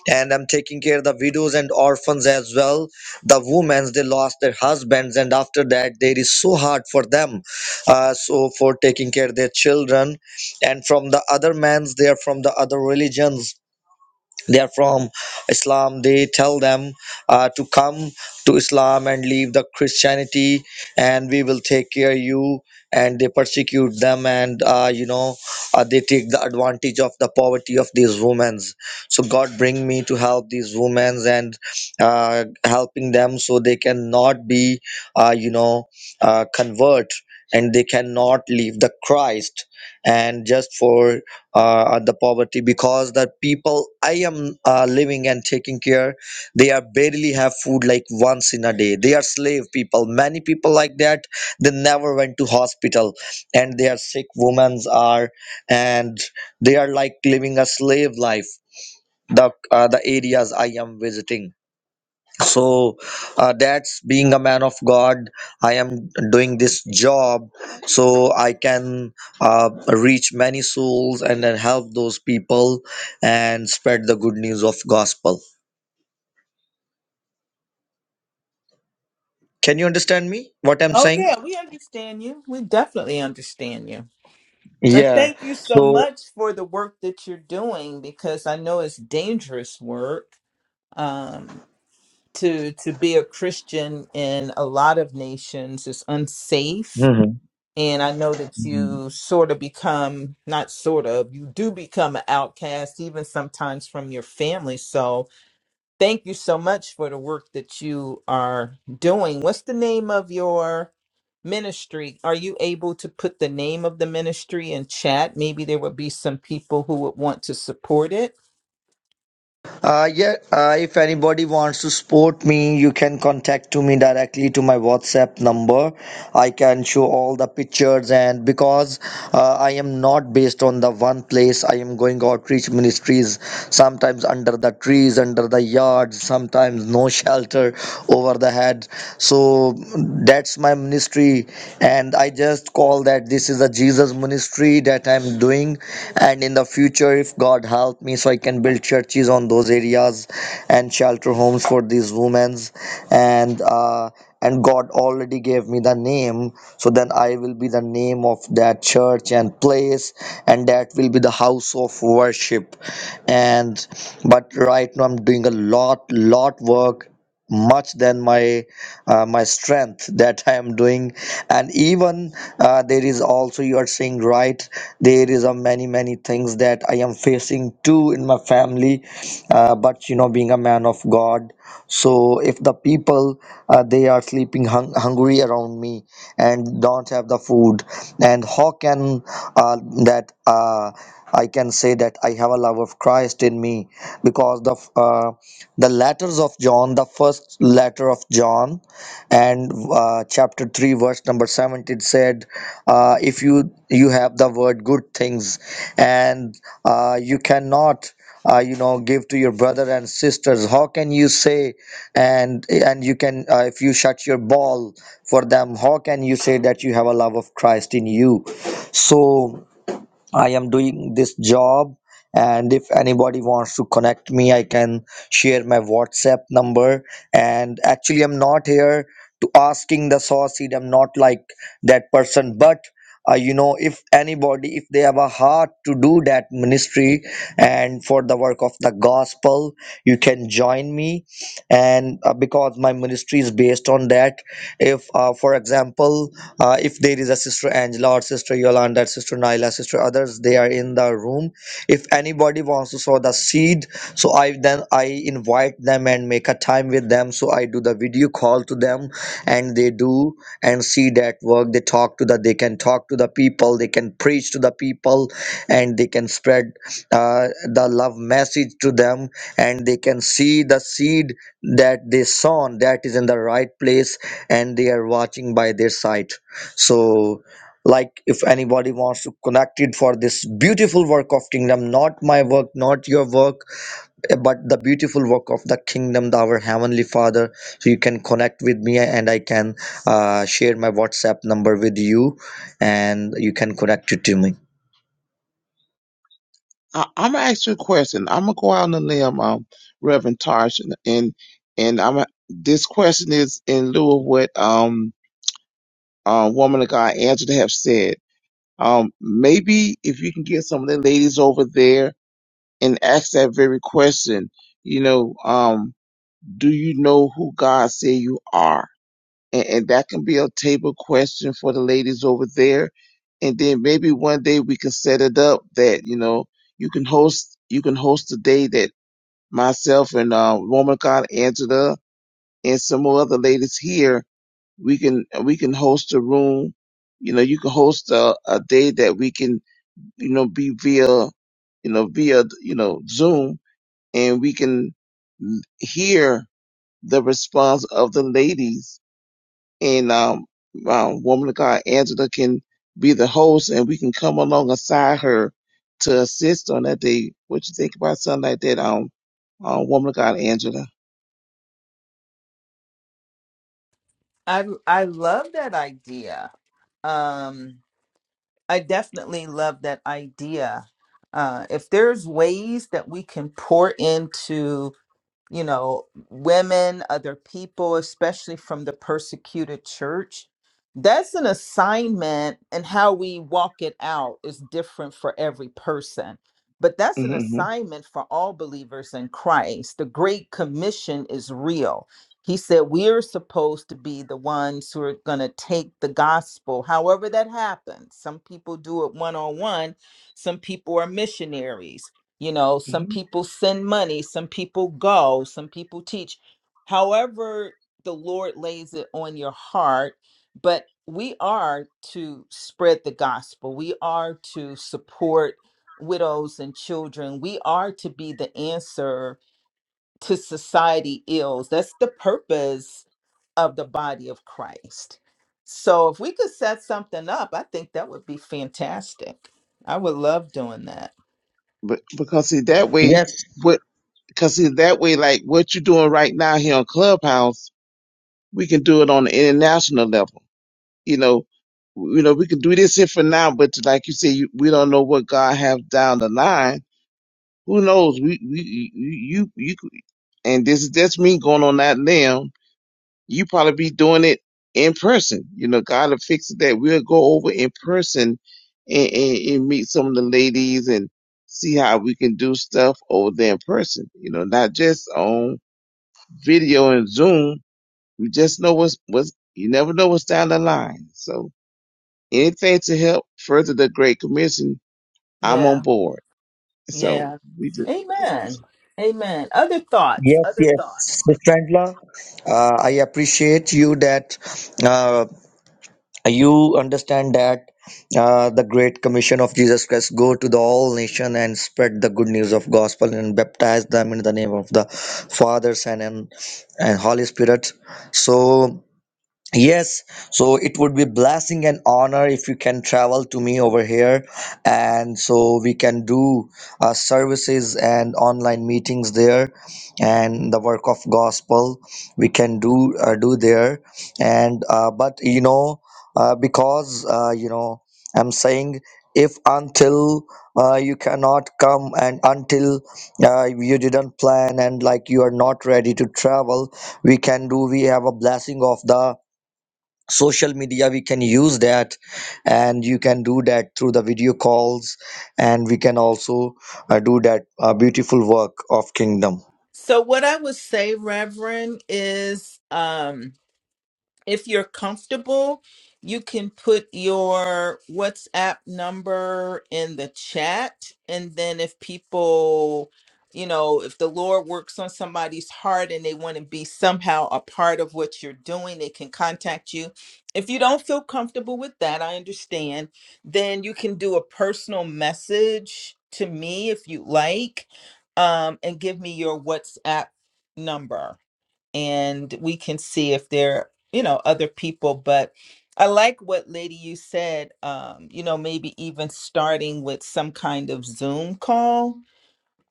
S5: and i'm taking care of the widows and orphans as well the women they lost their husbands and after that there is so hard for them uh, so for taking care of their children and from the other mans they are from the other religions they are from islam they tell them uh, to come to islam and leave the christianity and we will take care you and they persecute them and uh, you know uh, they take the advantage of the poverty of these women so god bring me to help these women and uh, helping them so they cannot be uh, you know uh, convert and they cannot leave the christ and just for uh, at the poverty because the people I am uh, living and taking care, they are barely have food like once in a day. They are slave people. Many people like that, they never went to hospital and they are sick Women's are and they are like living a slave life. The, uh, the areas I am visiting so uh, that's being a man of god i am doing this job so i can uh, reach many souls and then help those people and spread the good news of gospel can you understand me what i'm
S1: oh
S5: saying
S1: yeah we understand you we definitely understand you and
S5: yeah
S1: thank you so
S5: so
S1: much for the work that you're doing because i know it's dangerous work um, to to be a Christian in a lot of nations is unsafe.
S5: Mhm.
S1: And I know that you sort of become, not sort of, you do become an outcast, even sometimes from your family. So thank you so much for the work that you are doing. What's the name of your ministry? Are you able to put the name of the ministry in chat? Maybe there would be some people who would want to support it.
S5: uh, yeah uh, if anybody wants to support me you can contact to me directly to my whatsapp number I can show all the pictures and because uh, I am not based on the one place I am going outreach ministries sometimes under the trees under the yards sometimes no *laughs* shelter over the head so that's my ministry and I just call that this is a Jesus ministry that I'm doing and in the future if God help me so I can build churches on those areas and shelter homes for these women and uh, and God already gave me the name, so then I will be the name of that church and place, and that will be the house of worship. And but right now I'm doing a lot, lot work much than my uh, my strength *laughs* that i am doing and even uh, there is also you are saying right there is a many many things that i am facing too in my family uh, but you know being a man of god so if the people uh, they are sleeping hung- hungry around me and don't have the food and how can uh, that uh, i can say that i have a love of christ in me because the f- uh, the letters of john the first letter of john and uh, chapter 3 verse number 7 said uh, if you you have the word good things and uh, you cannot uh, you know give to your brother and sisters how can you say and and you can uh, if you shut your ball for them how can you say that you have a love of christ in you so I am doing this job, and if anybody wants to connect me, I can share my WhatsApp number. And actually, I'm not here to asking the sauce seed. I'm not like that person, but. Uh, you know, if anybody, if they have a heart to do that ministry and for the work of the gospel, you can join me. And uh, because my ministry is based on that, if, uh, for example, uh, if there is a sister Angela or sister Yolanda, sister Naila, sister others, they are in the room. If anybody wants to sow the seed, so I then I invite them and make a time with them. So I do the video call to them, and they do and see that work. They talk to the, they can talk to the people, they can preach to the people, and they can spread uh, the love message to them, and they can see the seed that they sown that is in the right place, and they are watching by their side so like if anybody wants to connect it for this beautiful work of kingdom not my work not your work eh, but the beautiful work of the kingdom the our heavenly father so you can connect with me and i can uh, share my whatsapp number with you and you can connect it to me
S3: I, I'm gonna ask you a question. I'm gonna go out on a limb, um, Reverend Tarsh, and and, and I'm gonna- this question is in lieu of what um uh, woman of God Angela have said Um, maybe if you can get some of the ladies over there and ask that very question, you know, um, do you know who God say you are? And, and that can be a table question for the ladies over there. And then maybe one day we can set it up that, you know, you can host, you can host a day that myself and, uh, woman of God Angela and some more other ladies here, we can, we can host a room. You know, you can host a, a day that we can you know, be via, you know, via, you know, Zoom and we can hear the response of the ladies and, um, um, woman of God, Angela can be the host and we can come along alongside her to assist on that day. What you think about something like that? Um, uh, woman of God, Angela.
S1: I I love that idea. Um, I definitely love that idea. Uh, if there's ways that we can pour into you know, women, other people, especially from the persecuted church. That's an assignment, and how we walk it out is different for every person. But that's an
S3: Mm-hmm,
S1: assignment for all believers in Christ. The Great Commission is real. He said we're supposed to be the ones who are going to take the gospel, however that happens. Some people do it one on one, some people are missionaries you know, some
S3: hmm
S1: people send money, some people go, some people teach. However, the Lord lays it on your heart, but we are to spread the gospel. We are to support widows and children. We are to be the answer to society ills. That's the purpose of the body of Christ. So if we could set something up, I think that would be fantastic. I would love doing that.
S3: But because see that way,
S5: yes
S3: what? Because see that way, like what you're doing right now here on Clubhouse, we can do it on the international level. you know, w- you know, we can do this here for now, but like you said, you, we don't know what God has down the line. Who knows? We, we, you, you, you and this is that's me going on that limb. You probably be doing it in person. You know, God will fix that. We'll go over in person and, and, and meet some of the ladies and see how we can do stuff over there in person. You know, not just on video and Zoom. We just know what's what's. You never know what's down the line. So Anything to help further the Great Commission, I'm
S1: Yeah.
S3: on board. So
S1: Yeah.
S3: we just,
S1: Amen. Amen. Other thoughts.
S5: yes
S1: Other thoughts.
S5: yes Miss Chandler, uh, i appreciate you that uh, you understand that uh, the great commission of jesus christ go to the all nation and spread the good news of gospel and baptize them in the name of the father son and, and holy spirit so Yes, so it would be blessing and honor if you can travel to me over here, and so we can do uh, services and online meetings there, and the work of gospel we can do uh, do there, and uh, but you know uh, because uh, you know I'm saying if until uh, you cannot come and until uh, you didn't plan and like you are not ready to travel, we can do we have a blessing of the social media we can use that and you can do that through the video calls and we can also uh, do that uh, beautiful work of kingdom
S1: So what I would say, Reverend, is um if you're comfortable, you can put your WhatsApp number in the chat. And then if people, you know, if the Lord works on somebody's heart and they want to be somehow a part of what you're doing, they can contact you. If you don't feel comfortable with that, I understand, then you can do a personal message to me if you like um, and give me your WhatsApp number and we can see if there you know other people but i like what lady you said um you know maybe even starting with some kind of zoom call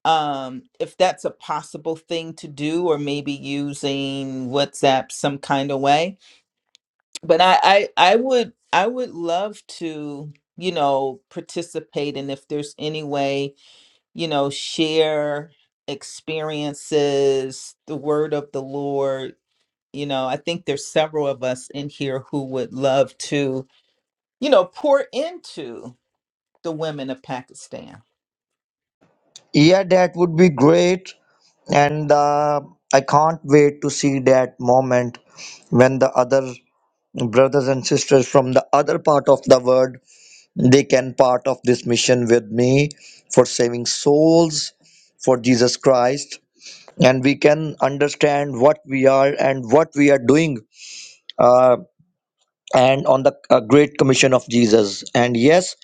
S1: um if that's a possible thing to do or maybe using whatsapp some kind of way but i i, I would i would love to you know participate and if there's any way you know share experiences the word of the lord you know i think there's several of us in here who would love to you know pour into the women of pakistan
S5: yeah that would be great and uh, i can't wait to see that moment when the other brothers and sisters from the other part of the world they can part of this mission with me for saving souls for jesus christ and we can understand what we are and what we are doing uh, and on the uh, Great Commission of Jesus. And yes,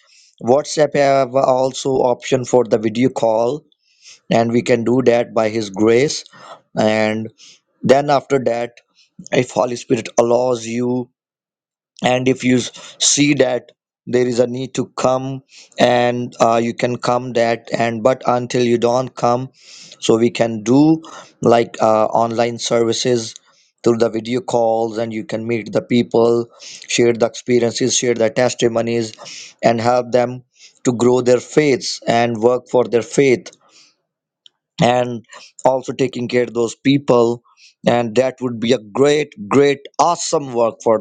S5: WhatsApp have also option for the video call, and we can do that by His grace. And then after that, if Holy Spirit allows you and if you s- see that there is a need to come and uh, you can come that and but until you don't come so we can do like uh, online services through the video calls and you can meet the people share the experiences share the testimonies and help them to grow their faiths and work for their faith and also taking care of those people and that would be a great great awesome work for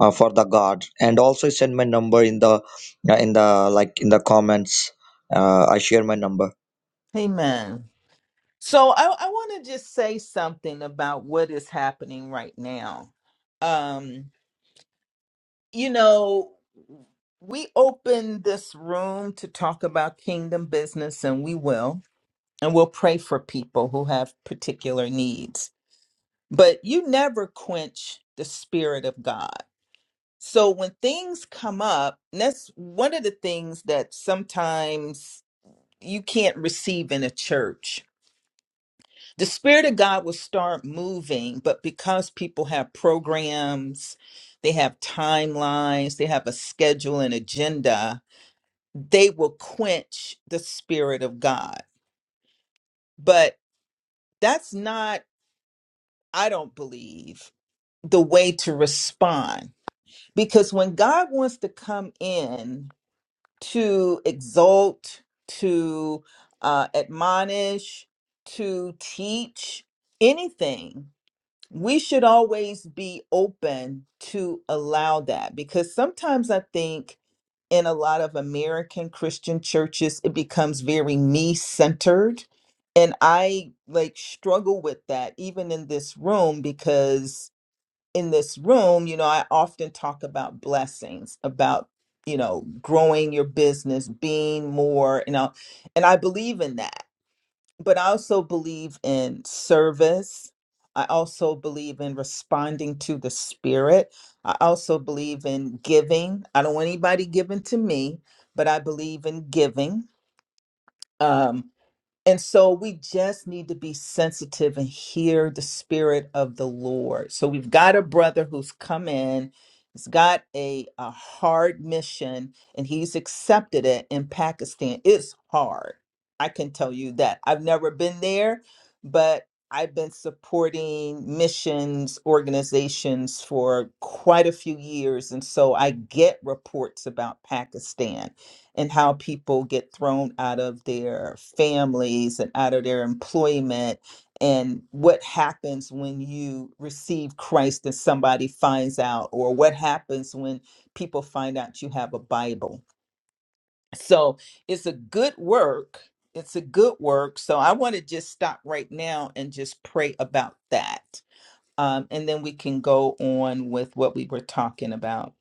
S5: uh, for the god and also send my number in the uh, in the like in the comments uh, i share my number
S1: amen so i, I want to just say something about what is happening right now um you know we opened this room to talk about kingdom business and we will and we'll pray for people who have particular needs. But you never quench the spirit of God. So when things come up, and that's one of the things that sometimes you can't receive in a church. The spirit of God will start moving, but because people have programs, they have timelines, they have a schedule and agenda, they will quench the spirit of God. But that's not I don't believe the way to respond. Because when God wants to come in to exalt, to uh, admonish, to teach anything, we should always be open to allow that. Because sometimes I think in a lot of American Christian churches, it becomes very me centered. And I like struggle with that even in this room because in this room, you know, I often talk about blessings, about, you know, growing your business, being more, you know, and I believe in that. But I also believe in service. I also believe in responding to the spirit. I also believe in giving. I don't want anybody giving to me, but I believe in giving. Um, and so we just need to be sensitive and hear the spirit of the Lord. So we've got a brother who's come in, he's got a, a hard mission, and he's accepted it in Pakistan. It's hard. I can tell you that. I've never been there, but I've been supporting missions organizations for quite a few years. And so I get reports about Pakistan and how people get thrown out of their families and out of their employment and what happens when you receive Christ and somebody finds out or what happens when people find out you have a Bible. So it's a good work. It's a good work. So I want to just stop right now and just pray about that. Um, and then we can go on with what we were talking about.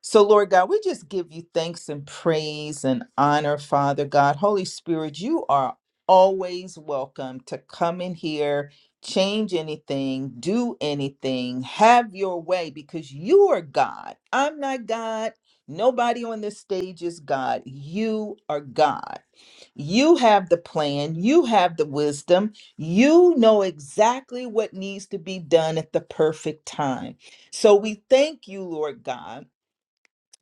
S1: So, Lord God, we just give you thanks and praise and honor, Father God. Holy Spirit, you are always welcome to come in here, change anything, do anything, have your way, because you are God. I'm not God. Nobody on this stage is God. You are God. You have the plan. You have the wisdom. You know exactly what needs to be done at the perfect time. So we thank you, Lord God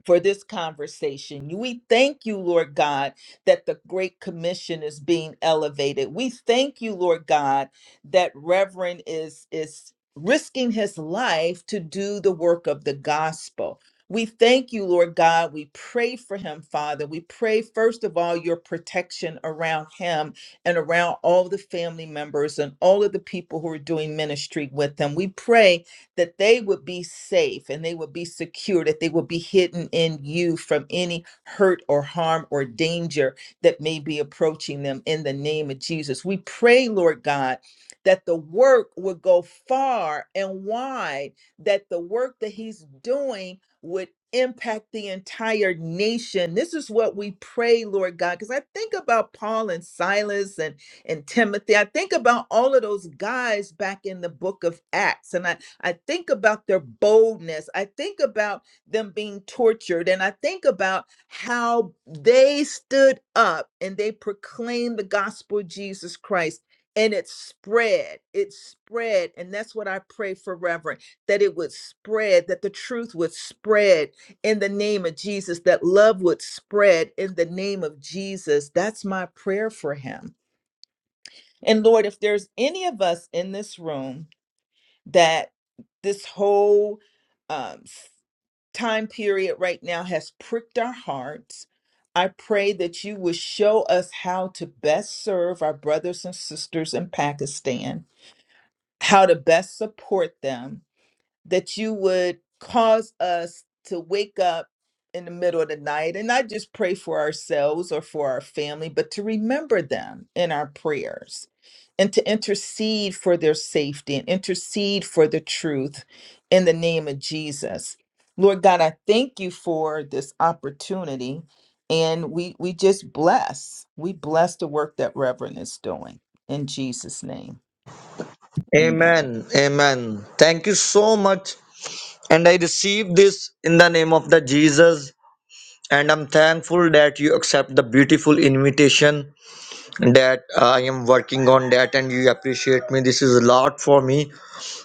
S1: for this conversation. We thank you, Lord God, that the Great Commission is being elevated. We thank you, Lord God, that Reverend is is risking his life to do the work of the gospel. We thank you, Lord God. We pray for him, Father. We pray, first of all, your protection around him and around all the family members and all of the people who are doing ministry with him. We pray that they would be safe and they would be secure, that they would be hidden in you from any hurt or harm or danger that may be approaching them in the name of Jesus. We pray, Lord God, that the work would go far and wide, that the work that He's doing would impact the entire nation. This is what we pray, Lord God, because I think about Paul and Silas and and Timothy. I think about all of those guys back in the book of Acts, and I I think about their boldness. I think about them being tortured. And I think about how they stood up and they proclaimed the gospel of Jesus Christ. And it spread, it spread. And that's what I pray for, Reverend, that it would spread, that the truth would spread in the name of Jesus, that love would spread in the name of Jesus. That's my prayer for him. And Lord, if there's any of us in this room, that this whole um, s- time period right now has pricked our hearts. I pray that you will show us how to best serve our brothers and sisters in Pakistan, how to best support them, that you would cause us to wake up in the middle of the night and not just pray for ourselves or for our family, but to remember them in our prayers and to intercede for their safety and intercede for the truth in the name of Jesus. Lord God, I thank you for this opportunity and we we just bless. We bless the work that Reverend is doing in Jesus name. Amen.
S5: amen amen thank you so much and i receive this in the name of the jesus and i'm thankful that you accept the beautiful invitation that uh, i am working on that and you appreciate me this is a lot for me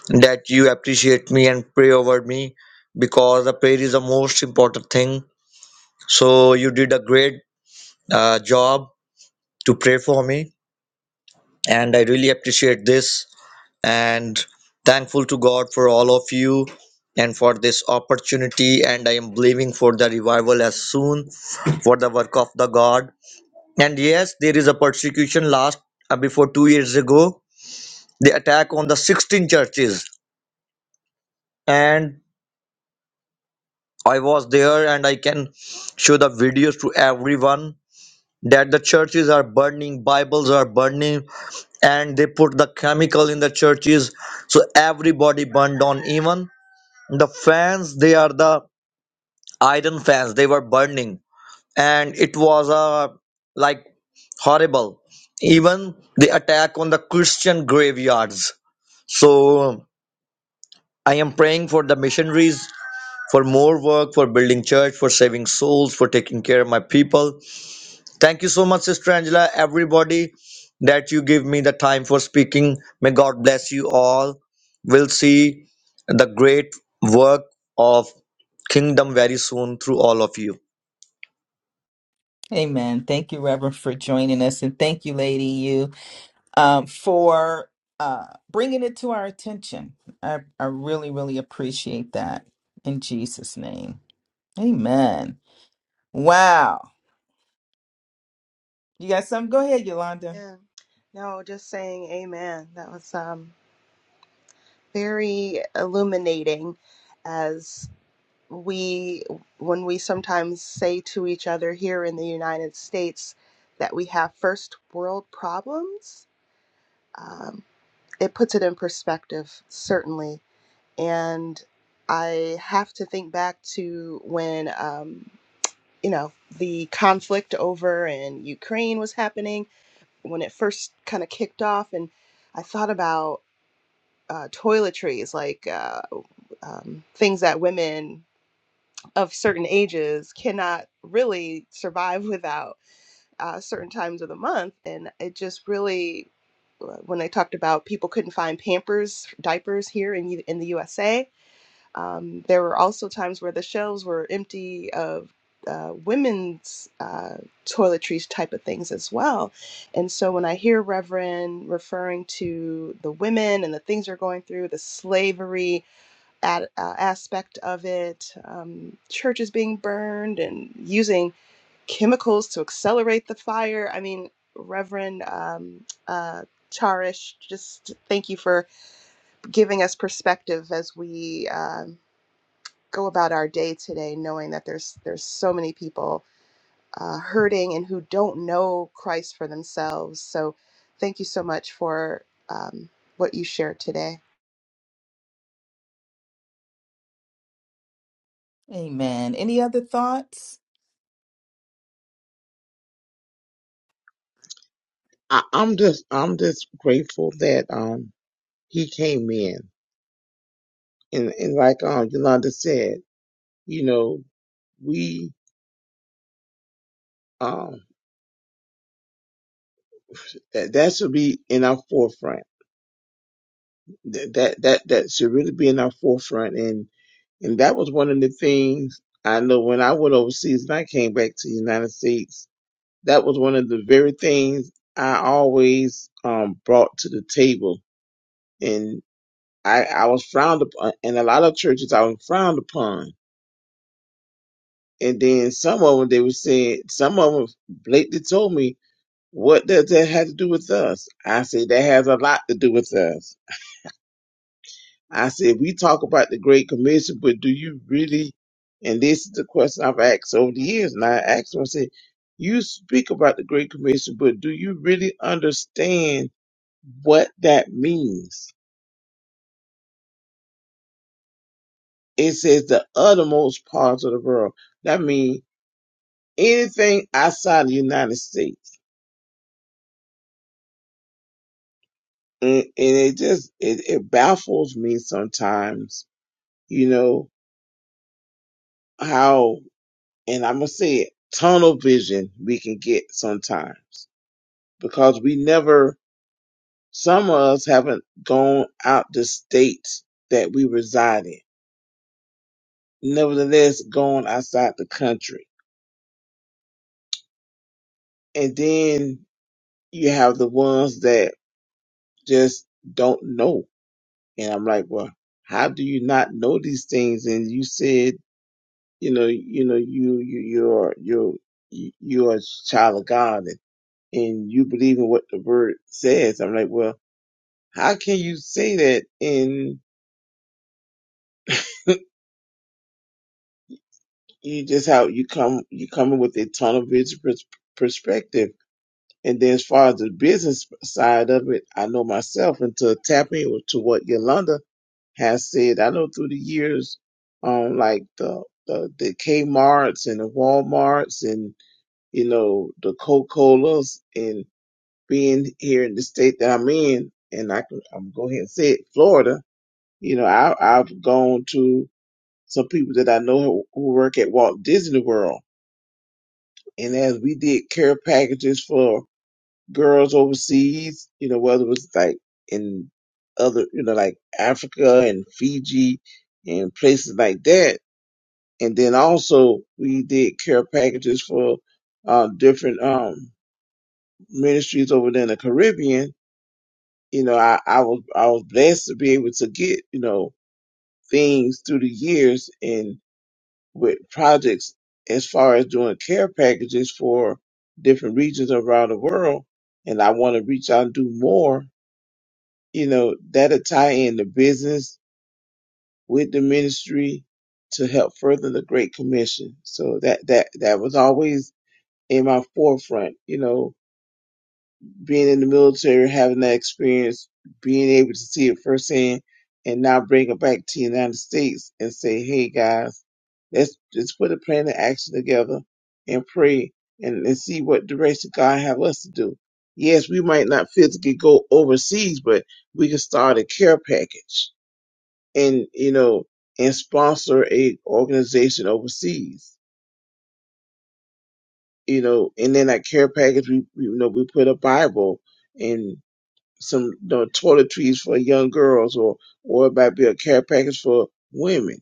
S5: that you appreciate me and pray over me because the prayer is the most important thing. So you did a great uh, job to pray for me, and I really appreciate this and thankful to God for all of you and for this opportunity and i am believing for the revival as soon for the work of the god and yes there is a persecution last uh, before two years ago the attack on the 16 churches and. I was there and I can show the videos to everyone that the churches are burning, Bibles are burning, and they put the chemical in the churches. So everybody burned on. Even the fans, they are the iron fans, they were burning. And it was uh, like horrible. Even the attack on the Christian graveyards. So I am praying for the missionaries for more work, for building church, for saving souls, for taking care of my people. Thank you so much, Sister Angela, everybody that you give me the time for speaking. May God bless you all. We'll see the great work of kingdom very soon through all of you.
S1: Amen. Thank you, Reverend, for joining us. And thank you, Lady You, um, for uh, bringing it to our attention. I, I really, really appreciate that in Jesus' name. Amen. Wow. You got something? Go ahead, Yolanda.
S4: Yeah. No, just saying amen. That was um very illuminating as we when we sometimes say to each other here in the United States that we have first world problems um, it puts it in perspective certainly and I have to think back to when um, you know the conflict over in Ukraine was happening when it first kind of kicked off and I thought about uh, toiletries, like uh, um, things that women of certain ages cannot really survive *laughs* without uh, certain times of the month. And it just really, uh, when I talked about people couldn't find Pampers, diapers here in, U- in the USA, um, there were also times where the shelves were empty of uh, women's uh, toiletries type of things as well. And so when I hear Reverend referring to the women and the things they're going through, the slavery at, uh, aspect of it, um, churches being burned and using chemicals to accelerate the fire, I mean, Reverend um, uh, Charish, just thank you for giving us perspective as we. um, go about our day today knowing that there's there's so many people uh, hurting and who don't know Christ for themselves. So thank you so much for um, what you shared today.
S1: Amen. Any other thoughts?
S3: I, I'm just I'm just grateful that um he came in and and like um Yolanda said, you know we um that that should be in our forefront. That that that, that should really be in our forefront. And and that was one of the things I know when I went overseas and I came back to the United States. that was one of the very things I always um, brought to the table, and I, I was frowned upon. And a lot of churches I was frowned upon. And then some of them they were saying, some of them blatantly told me, "What does that have to do with us?" I said, "That has a lot to do with us." I said, "We talk about the Great Commission, but do you really?" And this is the question I've asked over the years, and I asked them, I said, "You speak about the Great Commission, but do you really understand?" what that means. It says the uttermost parts of the world. That means anything outside of the United States. And, and it just, it, it baffles me sometimes, you know, how, and I'm going to say it, tunnel vision we can get sometimes because we never, some of us haven't gone out the state that we reside in. Nevertheless, gone outside the country. And then you have the ones that just don't know. And I'm like, well, how do you not know these things? And you said, you know, you know, you, you, you're, you're, you- you're a child of God and, and you believe in what the word says. I'm like, well, how can you say that? And *laughs* you just how you come, you coming with a tunnel vision pers- perspective. And then as far as the business side of it, I know myself and to tap into what Yolanda has said. I know through the years, um, like the the, the Kmart's and the WalMarts and you know the Coca Colas and being here in the state that I'm in, and I can I'm go ahead and say it, Florida. You know, I I've gone to some people that I know who, who work at Walt Disney World, and as we did care packages for girls overseas, you know, whether it was like in other, you know, like Africa and Fiji and places like that. And then also we did care packages for uh, different um, ministries over there in the Caribbean. You know, I, I was I was blessed to be able to get you know things through the years and with projects as far as doing care packages for different regions around the world. And I want to reach out and do more you know, that'll tie in the business with the ministry to help further the Great Commission. So that that that was always in my forefront, you know, being in the military, having that experience, being able to see it firsthand, and now bring it back to the United States and say, hey guys, let's just put a plan of action together and pray and, and see what direction God have us to do. Yes, we might not physically go overseas, but we can start a care package and you know and sponsor a organization overseas you know and then that care package we we, you know we put a bible and some you know, toiletries for young girls or or it might be a care package for women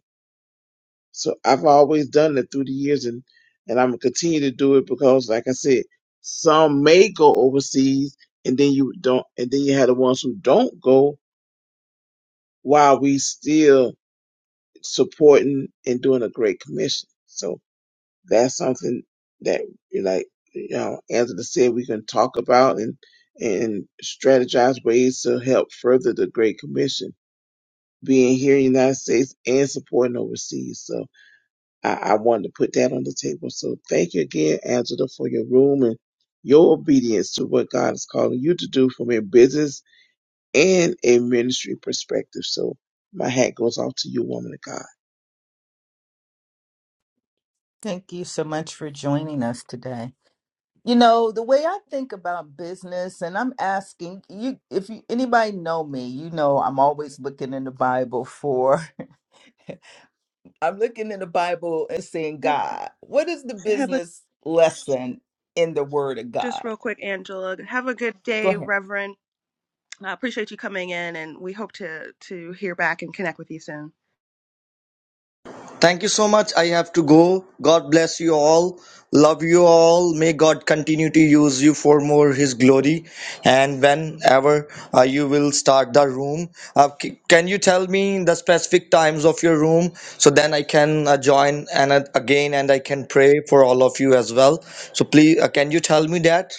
S3: so i've always done that through the years and and i'm gonna continue to do it because like i said some may go overseas and then you don't and then you have the ones who don't go while we still supporting and doing a great commission so. that's something that like you know angela said we can talk about and and strategize ways to help further the great commission being here in the united states and supporting overseas so i, I wanted to put that on the table so thank you again angela for your room and your obedience to what god is calling you to do from a business and a ministry perspective so my hat goes off to you woman of god
S1: Thank you so much for joining us today. You know, the way I think about business and I'm asking you if you anybody know me, you know I'm always looking in the Bible for I'm looking in the Bible and saying,
S4: Have,
S1: God, what is the
S4: have a
S1: business lesson in the Word of
S4: just
S1: God?
S4: real quick, Angela. Have a good
S1: Go
S4: day,
S1: ahead.
S4: Reverend. I appreciate you coming in, and we hope to to hear back and connect with you soon.
S5: Thank you so much. I have to go. God bless you all. Love you all. May God continue to use you for more His glory. And whenever uh, you will start the room, uh, c- can you tell me the specific times of your room so then I can uh, join and uh, again and I can pray for all of you as well. So please, uh, can you tell me that?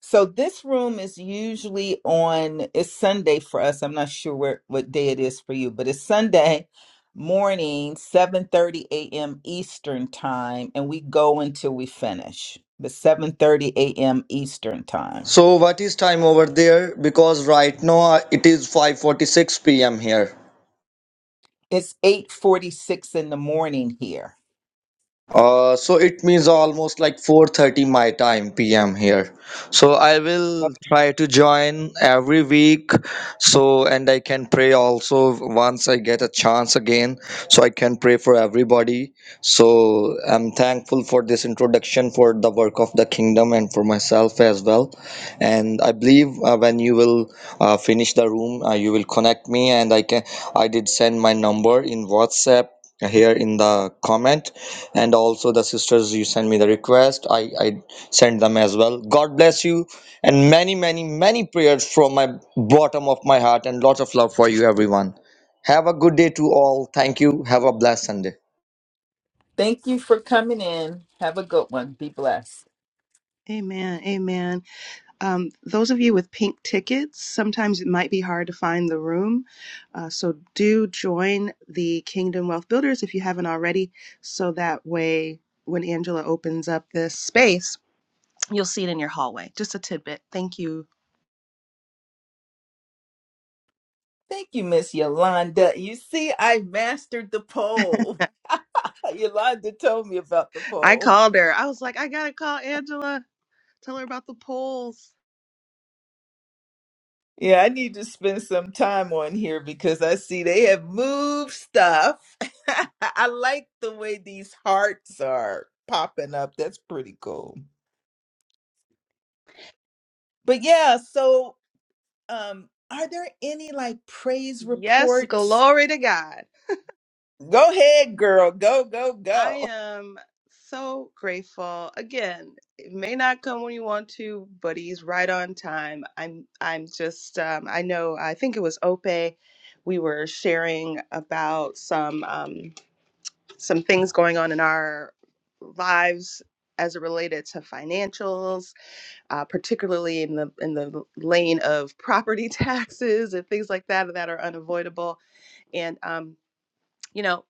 S1: So this room is usually on, it's Sunday for us. I'm not sure where, what day it is for you, but it's Sunday morning, 7.30 a.m. Eastern time, and we go until we finish. But 7.30 a.m. Eastern time.
S5: So what is time over there? Because right now uh, it is 5:46 p.m. here.
S1: It's 8.46 in the morning here.
S5: Uh, so it means almost like 4:30 my time PM here. So I will
S1: Okay.
S5: try to join every week. So and I can pray also once I get a chance again. So I can pray for everybody. So I'm thankful for this introduction for the work of the kingdom and for myself as well. And I believe uh, when you will uh, finish the room, uh, you will connect me and I can. I did send my number in WhatsApp here in the comment and also the sisters you send me the request i i send them as well god bless you and many many many prayers from my bottom of my heart and lots of love for you everyone have a good day to all thank you have a blessed sunday
S1: Thank you for coming in. Have a good one. Be blessed.
S4: Amen. Amen. Um, those of you with pink tickets, sometimes it might be hard to find the room. Uh, so do join the Kingdom Wealth Builders if you haven't already, so that way when Angela opens up this space, you'll see it in your hallway. Just a tidbit. Thank you.
S1: Thank you, Miss Yolanda. You see, I mastered the poll. *laughs* Yolanda told me about the
S4: I
S1: poll.
S4: called her. I was like, I got to call Angela, tell her about the polls.
S1: Yeah, I need to spend some time on here because I see they have moved stuff. *laughs* I like the way these hearts are popping up. That's pretty cool. But yeah, so um are there any like praise
S4: Yes,
S1: reports?
S4: glory to God.
S1: Go ahead, girl. Go, go,
S4: I
S1: go.
S4: am so grateful. Again, it may not come when you want to, but he's right on time. I'm I'm just um, I know I think it was Ope. We were sharing about some um, some things going on in our lives as it related to financials, uh, particularly in the in the lane of property *laughs* taxes and things like that that are unavoidable. And um, you know,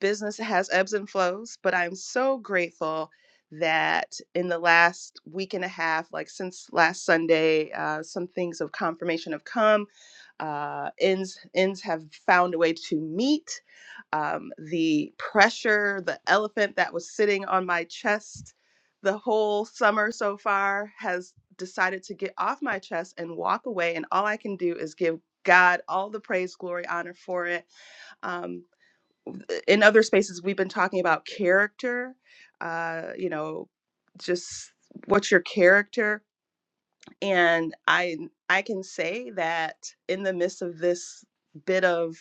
S4: business has ebbs and flows, but I'm so grateful that in the last week and a half, like since last Sunday, uh, some things of confirmation have come. Uh, ends ends have found a way to meet. Um, the pressure, the elephant that was sitting on my chest the whole summer so far, has decided to get off my chest and walk away. And all I can do is give God all the praise, glory, honor for it. Um, in other spaces we've been talking about character uh you know just what's your character and i i can say that in the midst of this bit of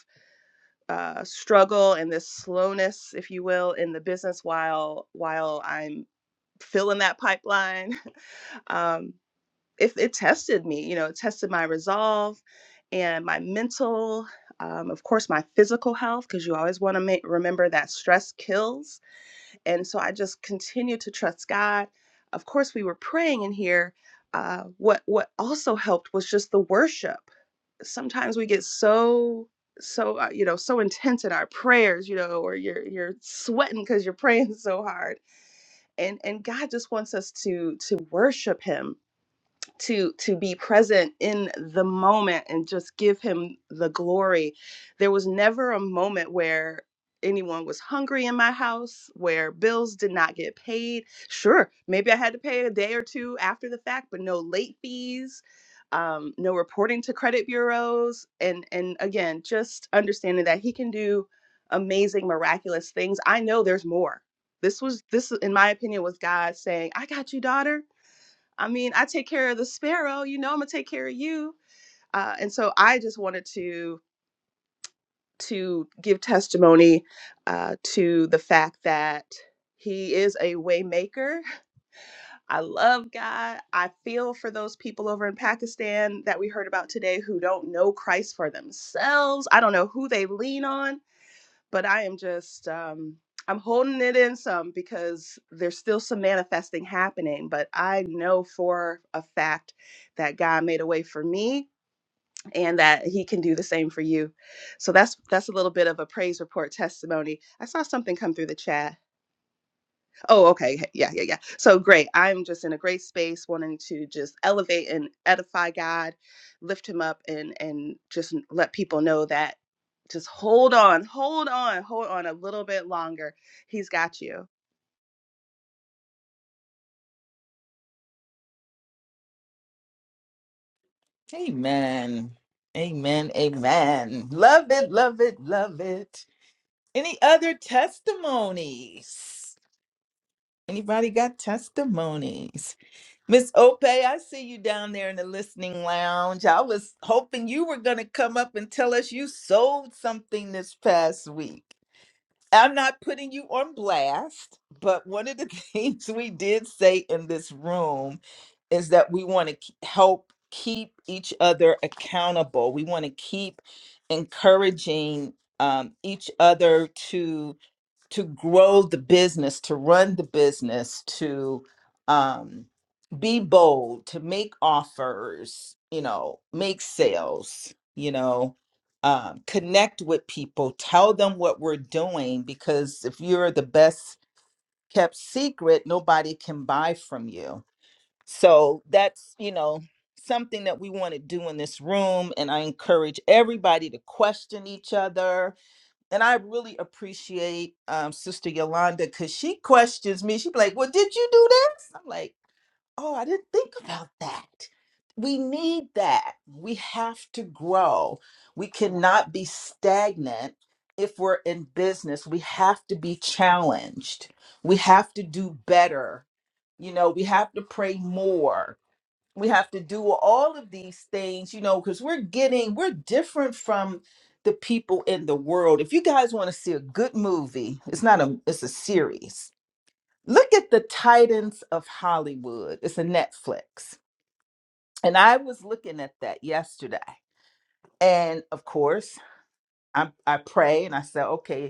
S4: uh, struggle and this slowness if you will in the business while while i'm filling that pipeline *laughs* um it, it tested me you know it tested my resolve and my mental um, of course my physical health because you always want to remember that stress kills and so I just continued to trust God. Of course, we were praying in here. Uh, what what also helped was just the worship. Sometimes we get so so uh, you know so intense in our prayers, you know, or you're you're sweating because you're *laughs* praying so hard. And and God just wants us to to worship Him to to be present in the moment and just give him the glory there was never a moment where anyone was hungry in my house where bills did not get paid sure maybe i had to pay a day or two after the fact but no late fees um, no reporting to credit bureaus and and again just understanding that he can do amazing miraculous things i know there's more this was this in my opinion was god saying i got you daughter I mean, I take care of the sparrow, you know, I'm gonna take care of you. Uh, and so I just wanted to to give testimony uh, to the fact that he is a waymaker. I love God. I feel for those people over in Pakistan that we heard about today who don't know Christ for themselves. I don't know who they lean on but I am just um I'm holding it in some because there's still some manifesting happening, but I know for a fact that God made a way for me and that he can do the same for you. So that's that's a little bit of a praise report testimony. I saw something come through the chat Oh, okay. Yeah, yeah, yeah. So great. I'm just in a great space wanting to just elevate and edify God, lift him up and and just let people know that just hold on, hold on, hold on a little bit longer. He's got you.
S1: Amen. Amen. Amen. Love it, love it, love it. Any other testimonies? Anybody got testimonies? Miss Ope, I see you down there in the listening lounge. I was hoping you were going to come up and tell us you sold something this past week. I'm not putting you on blast, but one of the *laughs* things we did say in this room is that we want to help keep each other accountable. We want to keep encouraging um, each other to grow the business, to run the business, to um, be bold, to make offers, you know, make sales, you know, um, connect with people, tell them what we're doing, because if you're the best kept secret, nobody can buy from you. So that's, you know, something that we want to do in this room. And I encourage everybody to question each other and I really appreciate um, Sister Yolanda because she questions me. she be like, Well, did you do this? I'm like, Oh, I didn't think about that. We need that. We have to grow. We
S4: Yeah.
S1: cannot be stagnant if we're in business. We have to be challenged. We have to do better. You know, we have to pray more we have to do all of these things, you know, because we're getting, we're different from the people in the world. If you guys want to see a good movie, it's not a, it's a series. Look at the Titans of Hollywood. It's a Netflix. And I was looking at that yesterday. And of course, I, I pray and I said, okay,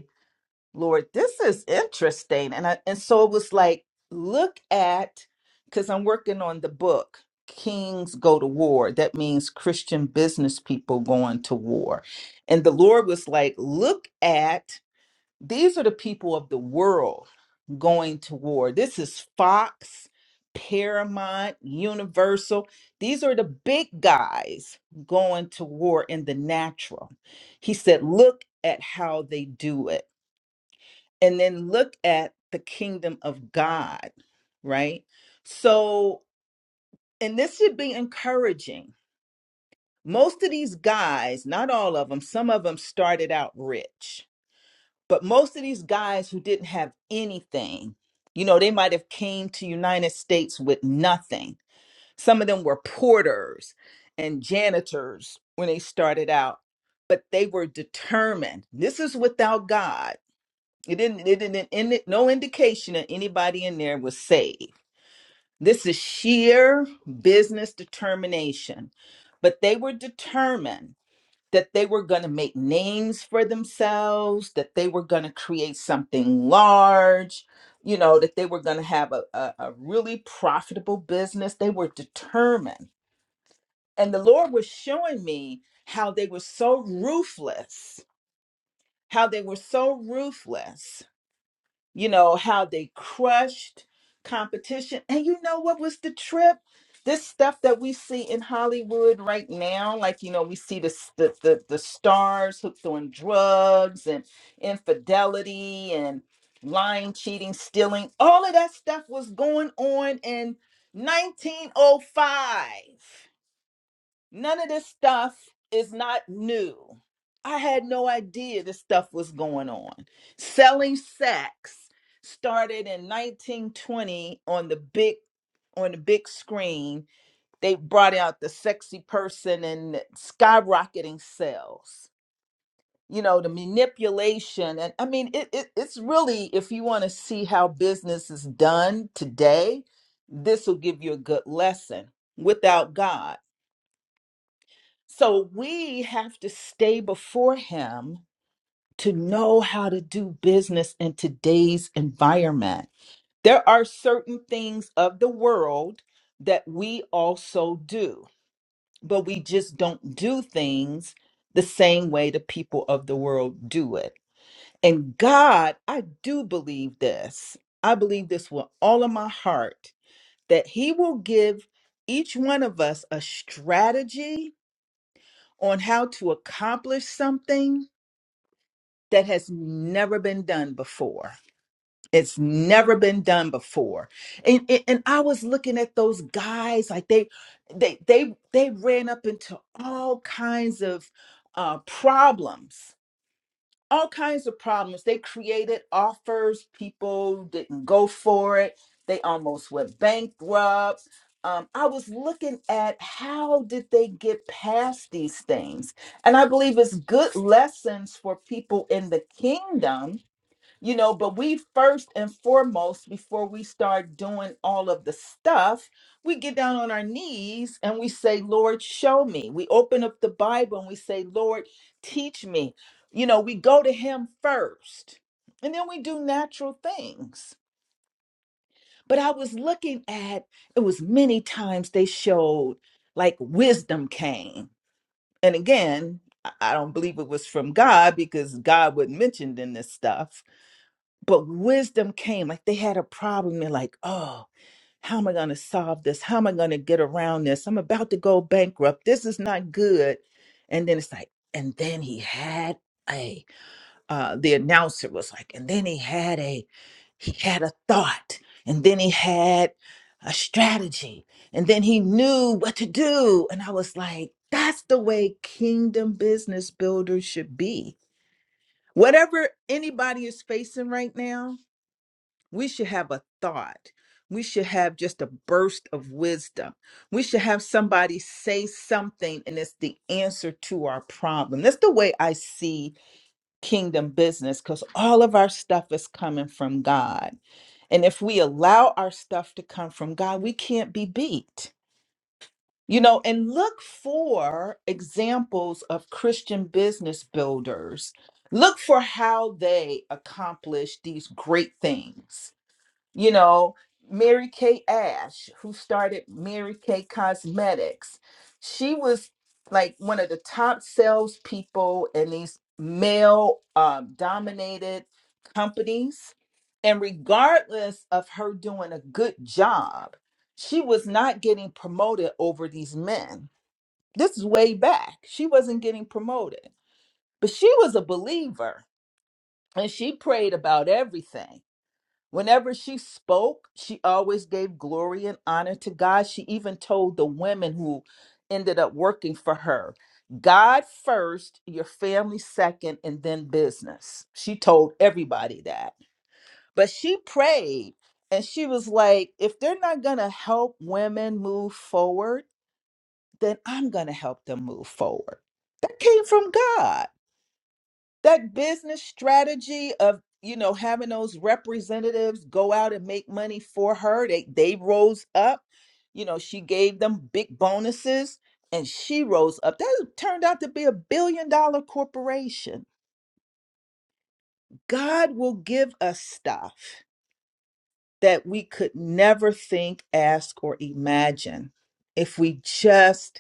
S1: Lord, this is interesting. And I, and so it was like, look at, because I'm working on the book, Kings Go to War. That means Christian business people going to war. And the Lord was like, look at, these are the people of the world going to war. This is Fox, Paramount, Universal. These are the big guys going to war in the natural. He said, look at how they do it and then look at the kingdom of God, right? So, and this should be encouraging. Most of these guys, not all of them, some of them started out rich, but most of these guys who didn't have anything, you know, they might have came to United States with nothing. Some of them were porters and janitors when they started out, but they were determined. This is without God it didn't. It didn't. Any, no indication that anybody in there was saved. This is sheer business determination. But they were determined that they were going to make names for themselves. That they were going to create something large. You know that they were going to have a, a, a really profitable business. They were determined, and the Lord was showing me how they were so ruthless. How they were so ruthless you know, how they crushed competition. And you know what was the trip? This stuff that we see in Hollywood right now, like you know, we see the s- the the, the stars hooked on drugs and infidelity and lying, cheating, stealing. All of that stuff was going on in 1905. None of this stuff is not new. I had no idea this stuff was going on. Selling sex started in 1920 on the big on the big screen. They brought out the sexy person and skyrocketing sales. You know, the manipulation and I mean it, it it's really if you want to see how business is done today, this will give you a good lesson without God. So we have to stay before him to know how to do business in today's environment. There are certain things of the world that we also do, but we just don't do things the same way the people of the world do it. And God, I do believe this. I believe this with all of my heart that He will give each one of us a strategy on how to accomplish something that has never been done before. It's never been done before. And, and and I was looking at those guys like they they they they ran up into all kinds of uh problems all kinds of problems. They created offers, people didn't go for it. They almost went bankrupt. Um, I was looking at how did they get past these things, and I believe it's good lessons for people in the kingdom you know but we first and foremost before we start doing all of the stuff we get down on our knees and we say lord show me we open up the bible and we say lord teach me you know we go to him first and then we do natural things but i was looking at it was many times they showed like wisdom came and again i I don't believe it was from god because god wasn't mentioned in this stuff but wisdom came like they had a problem They're like oh how am i going to solve this how am i going to get around this i'm about to go bankrupt this is not good and then it's like and then he had a uh the announcer was like and then he had a he had a thought and then he had a strategy and then he knew what to do and i was like that's the way kingdom business builders should be whatever anybody is facing right now we should have a thought. We should have just a burst of wisdom. We should have somebody say something, and it's the answer to our problem. That's the way I see kingdom business because all of our stuff is coming from God. And if we allow our stuff to come from God, we can't be beat. You know, and look for examples of Christian business builders. Look for how they accomplish these great things you know, Mary Kay Ash, who started Mary Kay Cosmetics. She was like one of the top salespeople in these male um, dominated companies. And regardless of her doing a good job, she was not getting promoted over these men. This is way back. She wasn't getting promoted, but she was a believer and she prayed about everything Whenever she spoke, she always gave glory and honor to God. She even told the women who ended up working for her God first, your family second, and then business. She told everybody that. But she prayed and she was like, if they're not going to help women move forward, then I'm going to help them move forward. That came from God that business strategy of you know having those representatives go out and make money for her they they rose up you know she gave them big bonuses and she rose up that turned out to be a billion dollar corporation god will give us stuff that we could never think ask or imagine if we just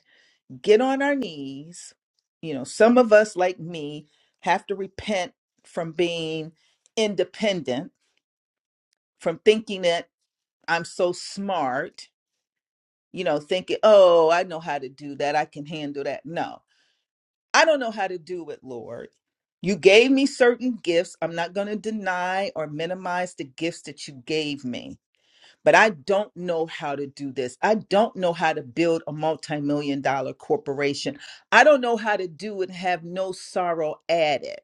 S1: get on our knees. You know, some of us, like me, have to repent from being independent, from thinking that I'm so smart, you know, thinking, oh, I know how to do that. I can handle that. No, I don't know how to do it, Lord. You gave me certain gifts. I'm not going to deny or minimize the gifts that you gave me but I don't know how to do this. I don't know how to build a multi-million dollar corporation. I don't know how to do it and have no sorrow at it.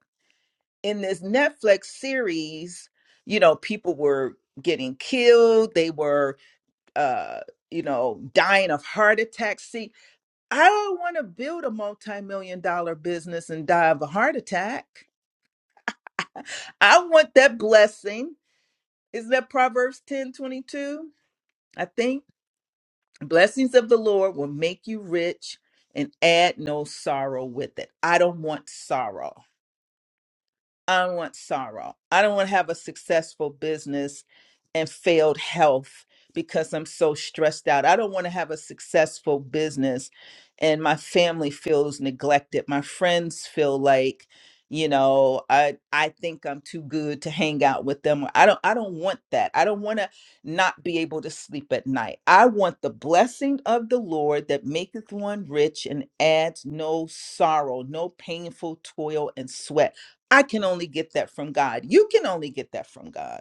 S1: In this Netflix series, you know, people were getting killed, they were uh, you know, dying of heart attacks. See, I don't want to build a multi-million dollar business and die of a heart attack. I want that blessing. Isn't that Proverbs 10 22? I think. Blessings of the Lord will make you rich and add no sorrow with it. I don't want sorrow. I don't want sorrow. I don't want to have a successful business and failed health because I'm so stressed out. I don't want to have a successful business and my family feels neglected. My friends feel like, you know, I I think I'm too good to hang out with them. I don't I don't want that. I don't want to not be able to sleep at night. I want the blessing of the Lord that maketh one rich and adds no sorrow, no painful toil and sweat. I can only get that from God. You can only get that from God.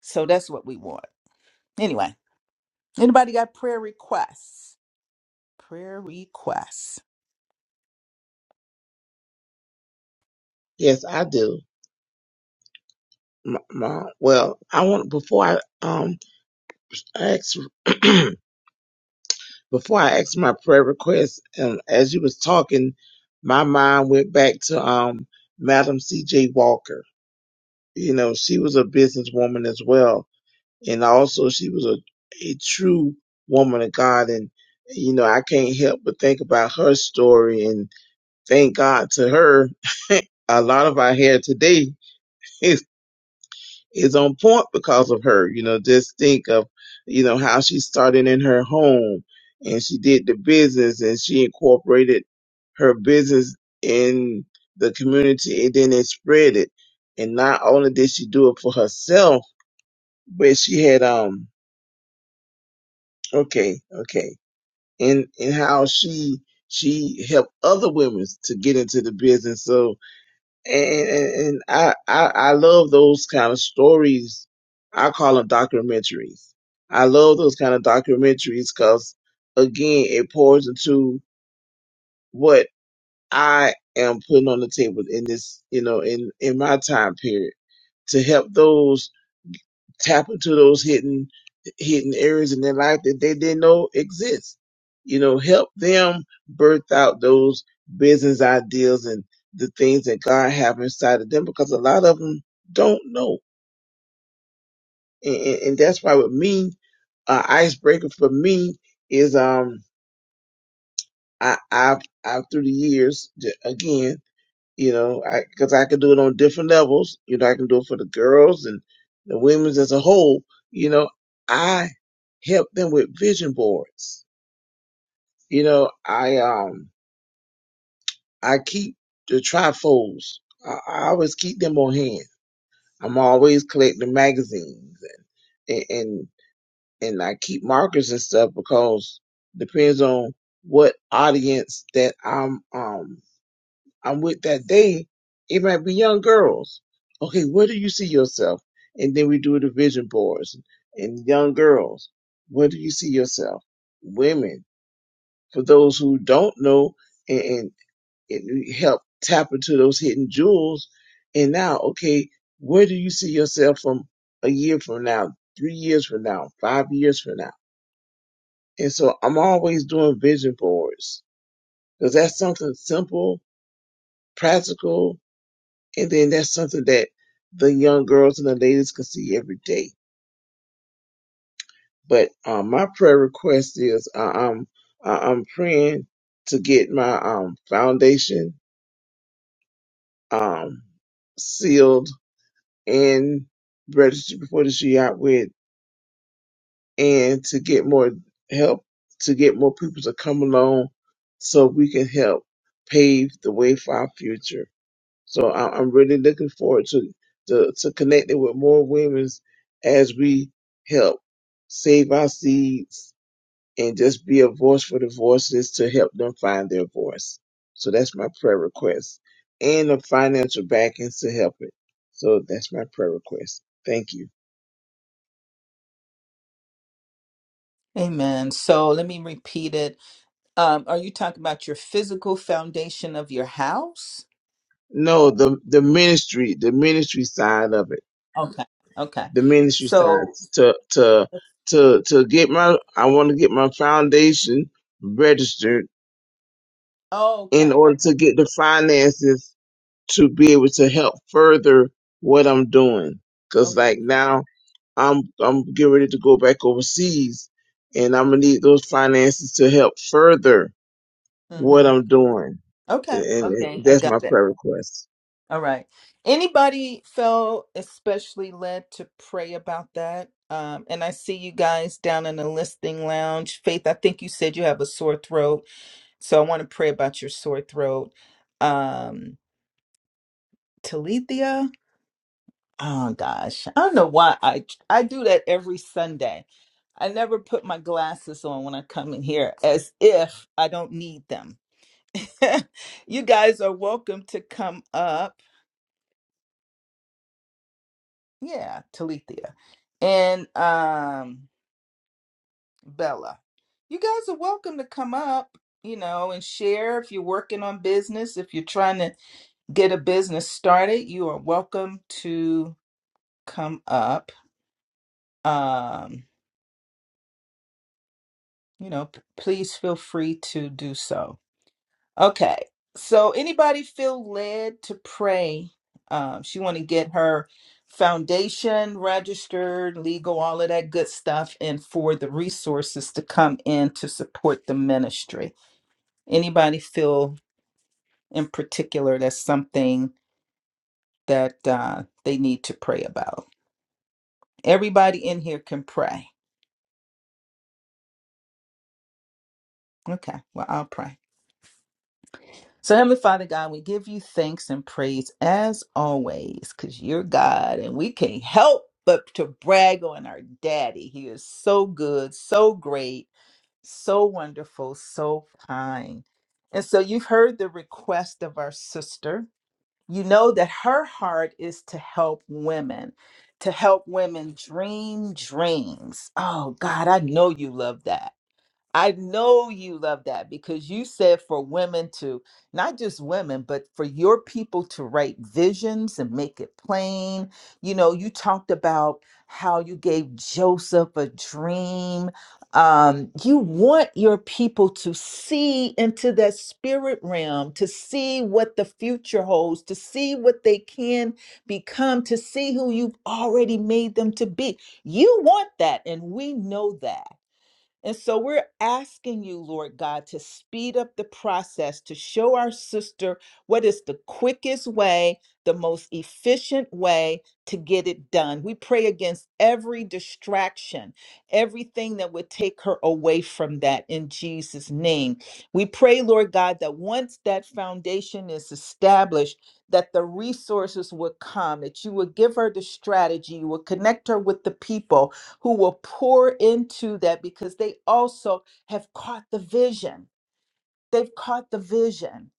S1: So that's what we want. Anyway, anybody got prayer requests? Prayer requests.
S3: Yes, I do, M- Mom. Well, I want before I um ask *clears throat* before I ask my prayer request, and as you was talking, my mind went back to um Madam C.J. Walker. You know, she was a businesswoman as well, and also she was a, a true woman of God. And you know, I can't help but think about her story and thank God to her. *laughs* a lot of our hair today *laughs* is is on point because of her. You know, just think of you know how she started in her home and she did the business and she incorporated her business in the community and then it spread it. And not only did she do it for herself, but she had um okay, okay. and and how she she helped other women to get into the business. So and and, and I, I I love those kind of stories. I call them documentaries. I love those kind of documentaries because again, it pours into what I am putting on the table in this, you know, in in my time period to help those tap into those hidden hidden areas in their life that they didn't know exist. You know, help them birth out those business ideas and the things that God have inside of them because a lot of them don't know. And, and, and that's why with me, uh, icebreaker for me is um I I've, I've through the years j- again you know, I because I can do it on different levels. You know, I can do it for the girls and the women's as a whole. You know, I help them with vision boards. You know, I um I keep the trifolds. I, I always keep them on hand. I'm always collecting magazines and and and I keep markers and stuff because depends on what audience that I'm um I'm with that they, it might be young girls. Okay, where do you see yourself? And then we do the vision boards and young girls. Where do you see yourself? Women, for those who don't know and, and, and we help tap into those hidden jewels. And now, okay, where do you see yourself from a year from now, three years from now, five years from now? And so I'm always doing vision boards because that's something simple, practical, and then that's something that the young girls and the ladies can see every day. But um, my prayer request is uh, I'm uh, I'm praying to get my um, foundation um, sealed and registered before this year out with, and to get more help to get more people to come along so we can help pave the way for our future. So I, I'm really looking forward to, to to connecting with more women as we help save our seeds and just be a voice for the voices to help them find their voice. So that's my prayer request and the financial backings to help it. So that's my prayer request. Thank you.
S1: Amen. So let me repeat it. Um, are you talking about your physical foundation of your house?
S3: No, the the ministry, the ministry side of it,
S1: Okay. Okay.
S3: the ministry side
S1: So,
S3: to to
S1: okay.
S3: to to get my I want to get my foundation registered
S1: Okay.
S3: in order
S1: Okay.
S3: to get the finances to be able to help further what I'm doing. Cause
S1: Okay.
S3: like now I'm I'm getting ready to go back overseas and I'm gonna need those finances to help further what
S1: hmm
S3: I'm doing. And,
S1: Okay.
S3: and
S1: Okay.
S3: and
S1: I
S3: that's
S1: got
S3: my
S1: it.
S3: prayer request.
S1: All right. Anybody felt especially led to pray about that? Um, and I see you guys down in the listing lounge. Faith, I think you said you have a sore throat. So I want to pray about your sore throat. Um, Talithia? Oh gosh. I don't know why I I do that every Sunday. I never put my glasses on when I come in here as if I don't need them. *laughs* you guys are welcome to come up Yeah, Talithia and um Bella. You guys are welcome to come up, you know, and share if you're working on business, if you're trying to get a business started, you are welcome to come up. Um, you know, p- please feel free to do so. Okay. So anybody feel led to pray? Um, she want to get her foundation registered, legal, all of that good stuff, and for the resources to come in to support the ministry. Anybody feel in particular that's something that uh, they need to pray about? Everybody in here can pray. Okay. Well, I'll pray. So, Heavenly Father God, we give you thanks and praise as always because you're God and we can't help but to brag on our daddy. He is so good, so great, so wonderful, so kind. And so, you've heard the request of our sister. You know that her heart is to help women, to help women dream dreams. Oh, God, I know you love that. I know you love that because you said for women to, not just women, but for your people to write visions and make it plain. You know, you talked about how you gave Joseph a dream. Um, you want your people to see into that spirit realm, to see what the future holds, to see what they can become, to see who you've already made them to be. You want that, and we know that. And so we're asking you, Lord God, to speed up the process to show our sister what is the quickest way, the most efficient way to get it done. We pray against every distraction, everything that would take her away from that in Jesus' name. We pray, Lord God, that once that foundation is established, that the resources would come, that you would give her the strategy, you would connect her with the people, who will pour into that because they also have caught the vision. They've caught the vision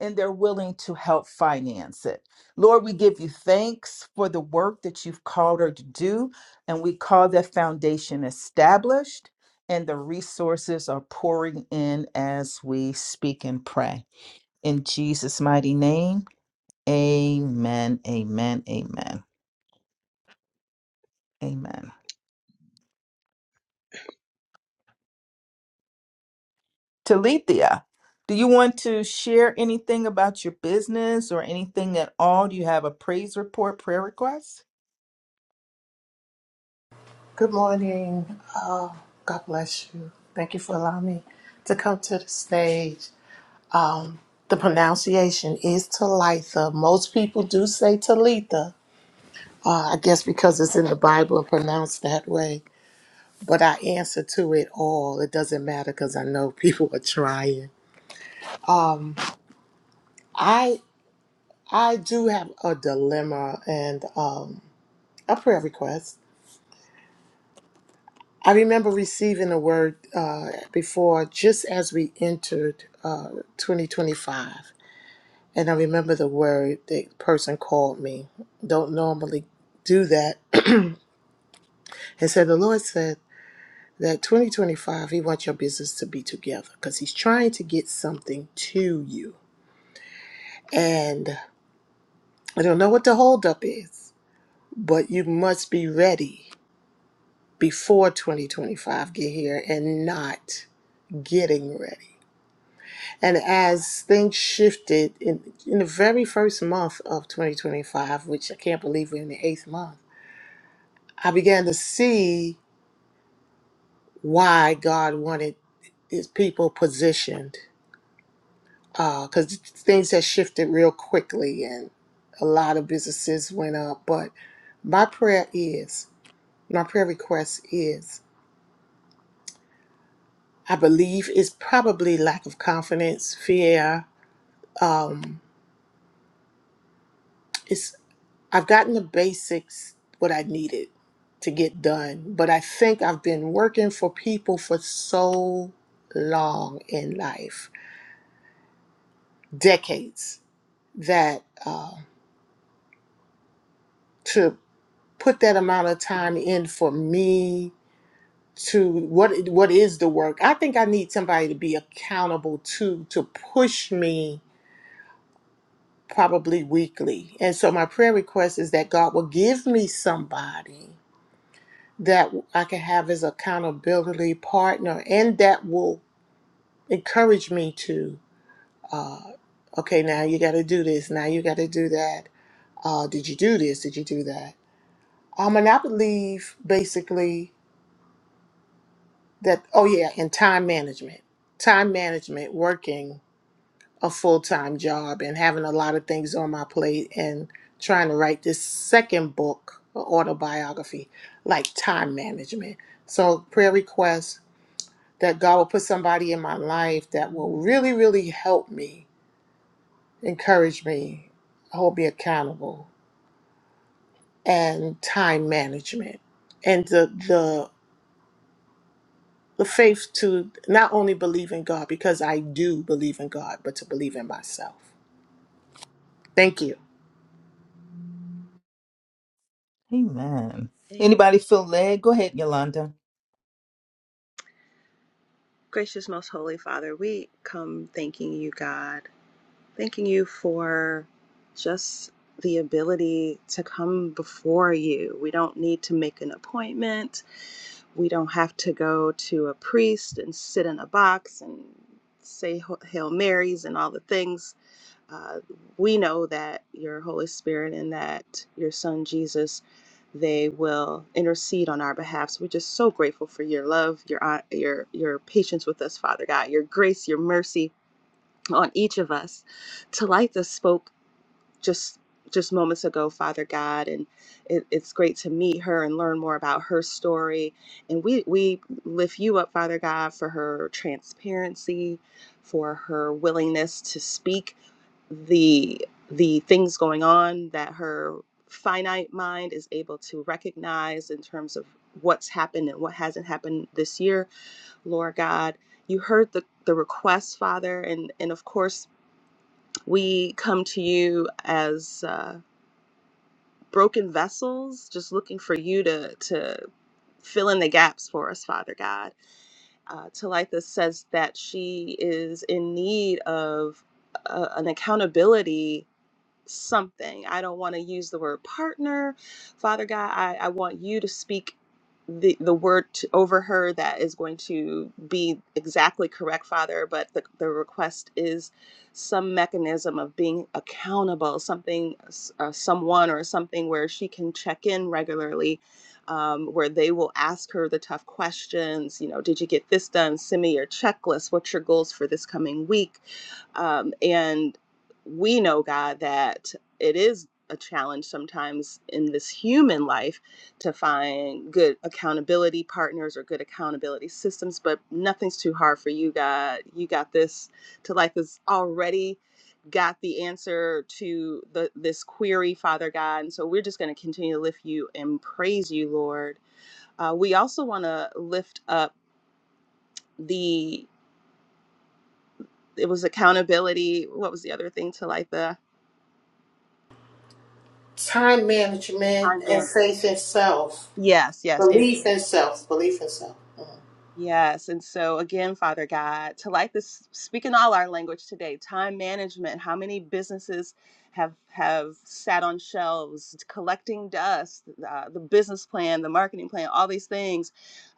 S1: and they're willing to help finance it. Lord, we give you thanks for the work that you've called her to do, and we call that foundation established, and the resources are pouring in as we speak and pray. In Jesus' mighty name, amen, amen, amen, amen. Talithia, do you want to share anything about your business or anything at all? Do you have a praise report, prayer request?
S6: Good morning. Uh, God bless you. Thank you for allowing me to come to the stage. Um, the pronunciation is Talitha. Most people do say Talitha, uh, I guess because it's in the Bible and pronounced that way. But I answer to it all. It doesn't matter because I know *laughs* people are trying. I I do have a dilemma and um, a prayer request. I remember receiving a word uh, before, just as we entered uh, 2025. And I remember the word the person called me. Don't normally do that. *clears throat* and said, The Lord said that 2025, He wants your business to be together because He's trying to get something to you. And I don't know what the holdup is, but you must be ready before 2025 get here and not getting ready And as things shifted in, in the very first month of 2025, which I can't believe we're in the eighth month, I began to see why God wanted his people positioned. Because things had shifted real quickly and a lot of businesses went up. But my prayer is, my prayer request is, I believe it's probably lack of confidence, fear. Um, I've gotten the basics, what I needed to get done, but I think I've been working for people for so long in life, decades, that uh, to put that amount of time in for me to what what is the work? I think I need somebody to be accountable to to push me probably weekly. And so my prayer request is that God will give me somebody that I can have as accountability partner, and that will encourage me to, uh, okay, now you got to do this, now you got to do that. Uh, did you do this? Did you do that? Um, and I believe basically that, oh yeah, and time management, time management, working a full time job and having a lot of things on my plate and trying to write this second book, or autobiography, like time management. So prayer requests that God will put somebody in my life that will really, really help me, encourage me, hold me accountable, and time management, and the the the faith to not only believe in God because I do believe in God, but to believe in myself. Thank you.
S1: Amen.
S4: Amen.
S1: Anybody feel led? Go ahead, Yolanda.
S4: Gracious most holy Father, we come thanking you, God. thanking you for just the ability to come before you. We don't need to make an appointment. We don't have to go to a priest and sit in a box and say Hail Marys and all the things. Uh, we know that your Holy Spirit and that your Son Jesus, they will intercede on our behalf. So we're just so grateful for your love, your your your patience with us, Father God, your grace, your mercy, on each of us. Talitha spoke just just moments ago, Father God, and it, it's great to meet her and learn more about her story. And we we lift you up, Father God, for her transparency, for her willingness to speak the the things going on that her finite mind is able to recognize in terms of what's happened and what hasn't happened this year, Lord God. You heard the, the request, Father, and, and of course we come to you as uh, broken vessels, just looking for you to to fill in the gaps for us, Father God. Uh, Talitha says that she is in need of uh, an accountability something. I don't want to use the word partner. Father God, I, I want you to speak the, the word t over her that is going to be exactly correct, Father. But the, the request is some mechanism of being accountable, something, s- uh, someone or something where she can check in regularly. Um, where they will ask her the tough questions, you know, did you get this done? Send me your checklist. What's your goals for this coming week? um, and we know, God, that it is a challenge sometimes in this human life to find good accountability partners or good accountability systems, but nothing's too hard for you, God. You got this to life is already got the answer to the this query, Father God. And so we're just going to continue to lift you and praise you, Lord. Uh, we also want to lift up the it was accountability. What was the other thing to like the
S6: Time management
S4: time
S6: and
S4: man?
S6: faith in self,
S4: Yes, yes.
S6: belief in self, belief in self.
S4: Yes. And so, again, Father God, to like this, speaking all our language today, time management, how many businesses have have sat on shelves collecting dust, uh, the business plan, the marketing plan, all these things,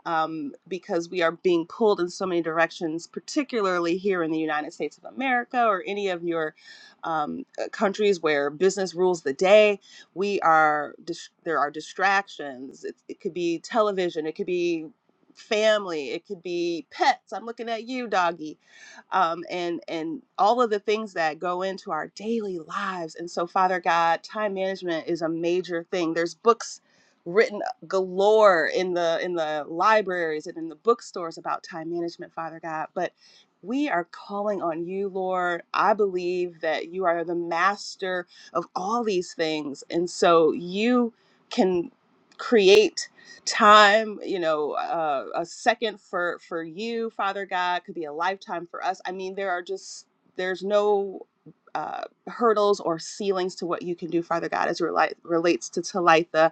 S4: um, because we are being pulled in so many directions, particularly here in the United States of America or any of your um, uh, countries where business rules the day. We are dis- there are distractions. It, it could be television. It could be family it could be pets i'm looking at you doggy um, and and all of the things that go into our daily lives and so father god time management is a major thing there's books written galore in the in the libraries and in the bookstores about time management father god but we are calling on you lord i believe that you are the master of all these things and so you can create time you know uh, a second for for you father god could be a lifetime for us i mean there are just there's no uh, hurdles or ceilings to what you can do father god as it rela- relates to talitha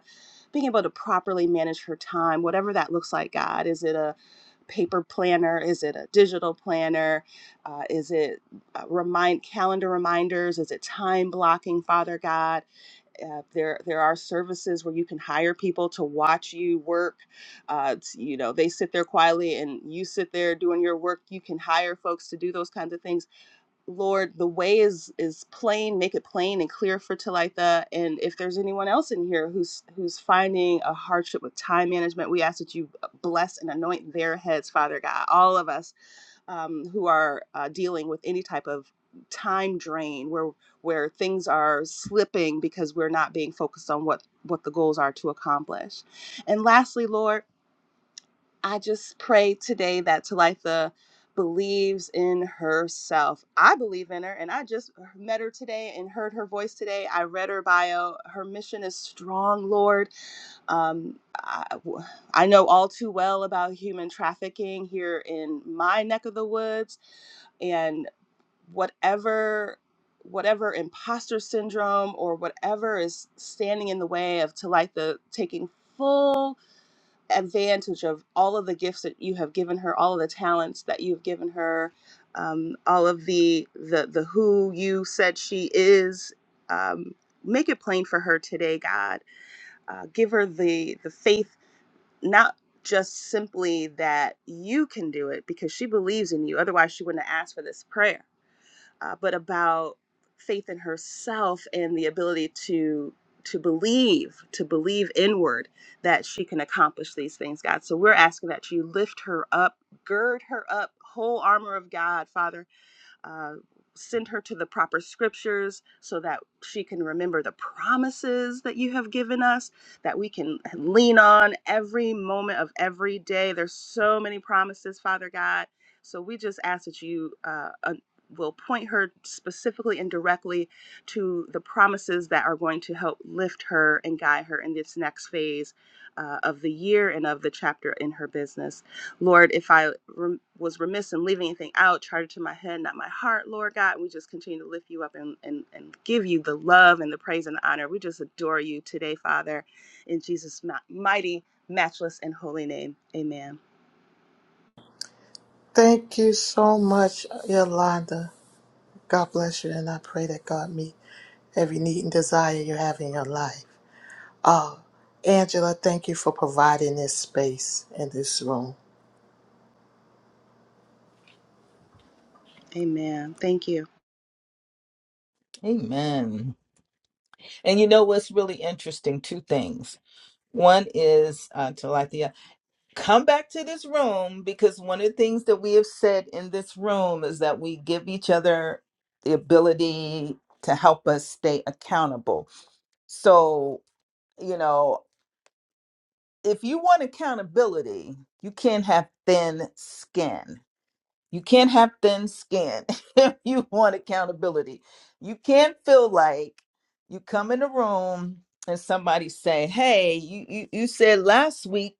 S4: being able to properly manage her time whatever that looks like god is it a paper planner is it a digital planner uh, is it uh, remind calendar reminders is it time blocking father god uh, there, there are services where you can hire people to watch you work. Uh, it's- you know, they sit there quietly and you sit there doing your work. You can hire folks to do those kinds of things. Lord, the way is is plain. Make it plain and clear for Talitha. And if there's anyone else in here who's who's finding a hardship with time management, we ask that you uh, bless and anoint their heads, Father God. All of us um, who are uh, dealing with any type of time drain where where things are slipping because we're not being focused on what what the goals are to accomplish and lastly lord i just pray today that talitha believes in herself i believe in her and i just met her today and heard her voice today i read her bio her mission is strong lord um, I, w- I know all too well about human trafficking here in my neck of the woods, and whatever whatever imposter syndrome or whatever is standing in the way of Talitha taking full advantage of all of the gifts that you have given her, all of the talents that you've given her, um, all of the the the who you said she is. Um, make it plain for her today, God. Uh, give her the the faith not just simply that you can do it because she believes in you, otherwise, she wouldn't have asked for this prayer, uh, but about faith in herself and the ability to to believe to believe inward that she can accomplish these things god so we're asking that you lift her up gird her up whole armor of god father uh, send her to the proper scriptures so that she can remember the promises that you have given us that we can lean on every moment of every day there's so many promises father god so we just ask that you uh, uh, will point her specifically and directly to the promises that are going to help lift her and guide her in this next phase uh, of the year and of the chapter in her business Lord, if I rem- was remiss in leaving anything out, charge it to my head, not my heart, Lord God. We just continue to lift you up and, and, and give you the love and the praise and the honor. We just adore you today, Father, in Jesus' ma- mighty, matchless, and holy name. Amen.
S6: Thank you so much, Yolanda. God bless you, and I pray that God meet every need and desire you have in your life. Oh, Angela, thank you for providing this space and this room.
S4: Amen. Thank you.
S1: Amen. And you know what's really interesting? Two things. One is uh, Talithia. come back to this room because one of the things that we have said in this room is that we give each other the ability to help us stay accountable. So, you know, if you want accountability, you can't have thin skin. You can't have thin skin *laughs* if you want accountability. You can't feel like you come in the room and somebody say, "Hey, you you, you said last week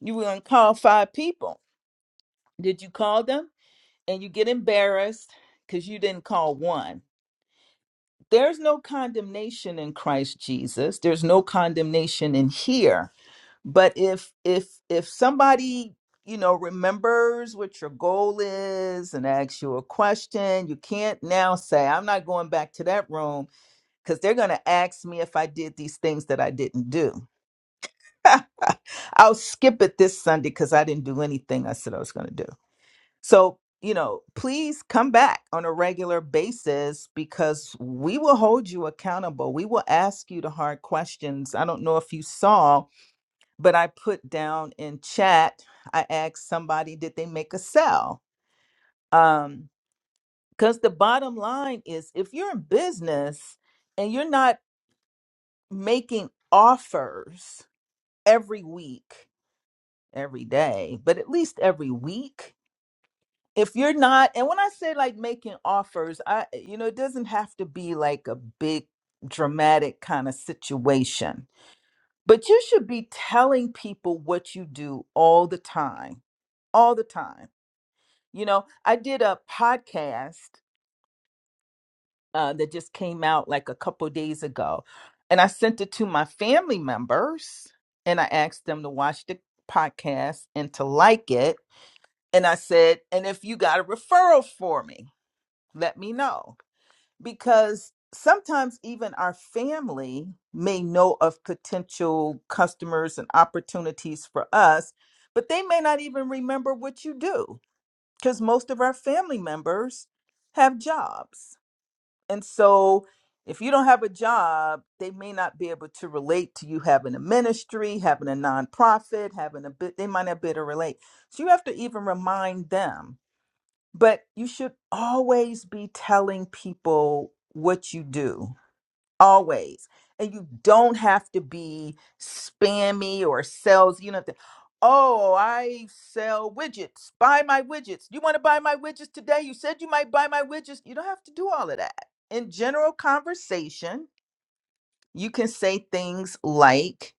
S1: you were going to call five people." Did you call them? And you get embarrassed because you didn't call one. There's no condemnation in Christ Jesus. There's no condemnation in here. But if if if somebody you know remembers what your goal is and asks you a question, you can't now say I'm not going back to that room because they're going to ask me if I did these things that I didn't do. *laughs* I'll skip it this Sunday because I didn't do anything I said I was going to do. So, you know, please come back on a regular basis because we will hold you accountable. We will ask you the hard questions. I don't know if you saw, but I put down in chat, I asked somebody, did they make a sell? Um, because the bottom line is if you're in business and you're not making offers every week, every day, but at least every week, if you're not and when i say like making offers i you know it doesn't have to be like a big dramatic kind of situation but you should be telling people what you do all the time all the time you know i did a podcast uh, that just came out like a couple days ago and i sent it to my family members and i asked them to watch the podcast and to like it and i said and if you got a referral for me let me know because sometimes even our family may know of potential customers and opportunities for us, but they may not even remember what you do because most of our family members have jobs. And so if you don't have a job, they may not be able to relate to you having a ministry, having a nonprofit, having a bit, they might not be able to relate. So you have to even remind them but you should always be telling people what you do, always. And you don't have to be spammy or sales. You know, the, oh, I sell widgets. Buy my widgets. You want to buy my widgets today? You said you might buy my widgets. You don't have to do all of that. In general conversation, you can say things like,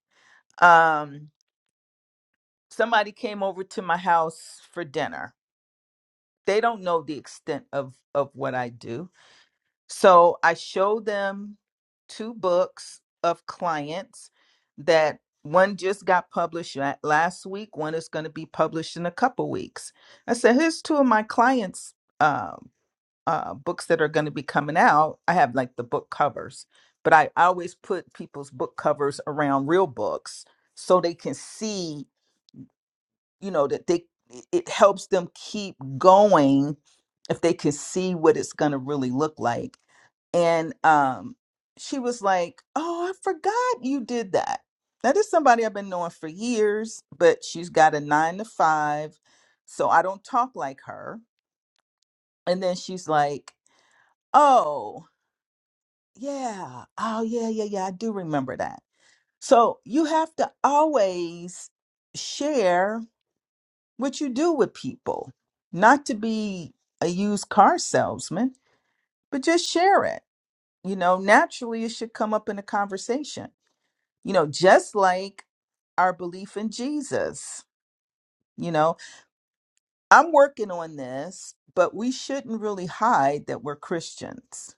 S1: um, somebody came over to my house for dinner. They don't know the extent of of what I do So I showed them two books of clients that one just got published la- last week, one is going to be published in a couple weeks. I said, here's two of my clients' um, uh, books that are going to be coming out. I have like the book covers, but I always put people's book covers around real books so they can see, you know, that they it it helps them keep going if they can see what it's going to really look like and um she was like oh i forgot you did that that is somebody i've been knowing for years but she's got a nine to five so i don't talk like her and then she's like oh yeah oh yeah yeah yeah i do remember that so you have to always share what you do with people not to be a used car salesman but just share it you know naturally it should come up in a conversation you know, just like our belief in Jesus. You know, I'm working on this, but we shouldn't really hide that we're Christians.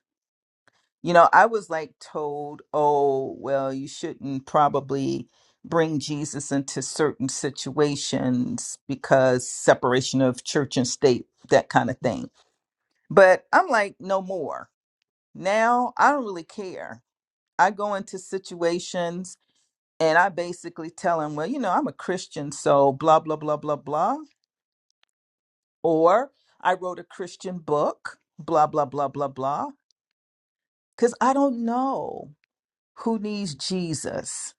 S1: You know, I was like told, oh, well, you shouldn't probably bring Jesus into certain situations because separation of church and state, that kind of thing. But I'm like, no more. Now I don't really care. I go into situations and I basically tell him, well, you know, I'm a Christian, so blah, blah, blah, blah, blah. Or I wrote a Christian book, blah, blah, blah, blah, blah. Because I don't know who needs Jesus.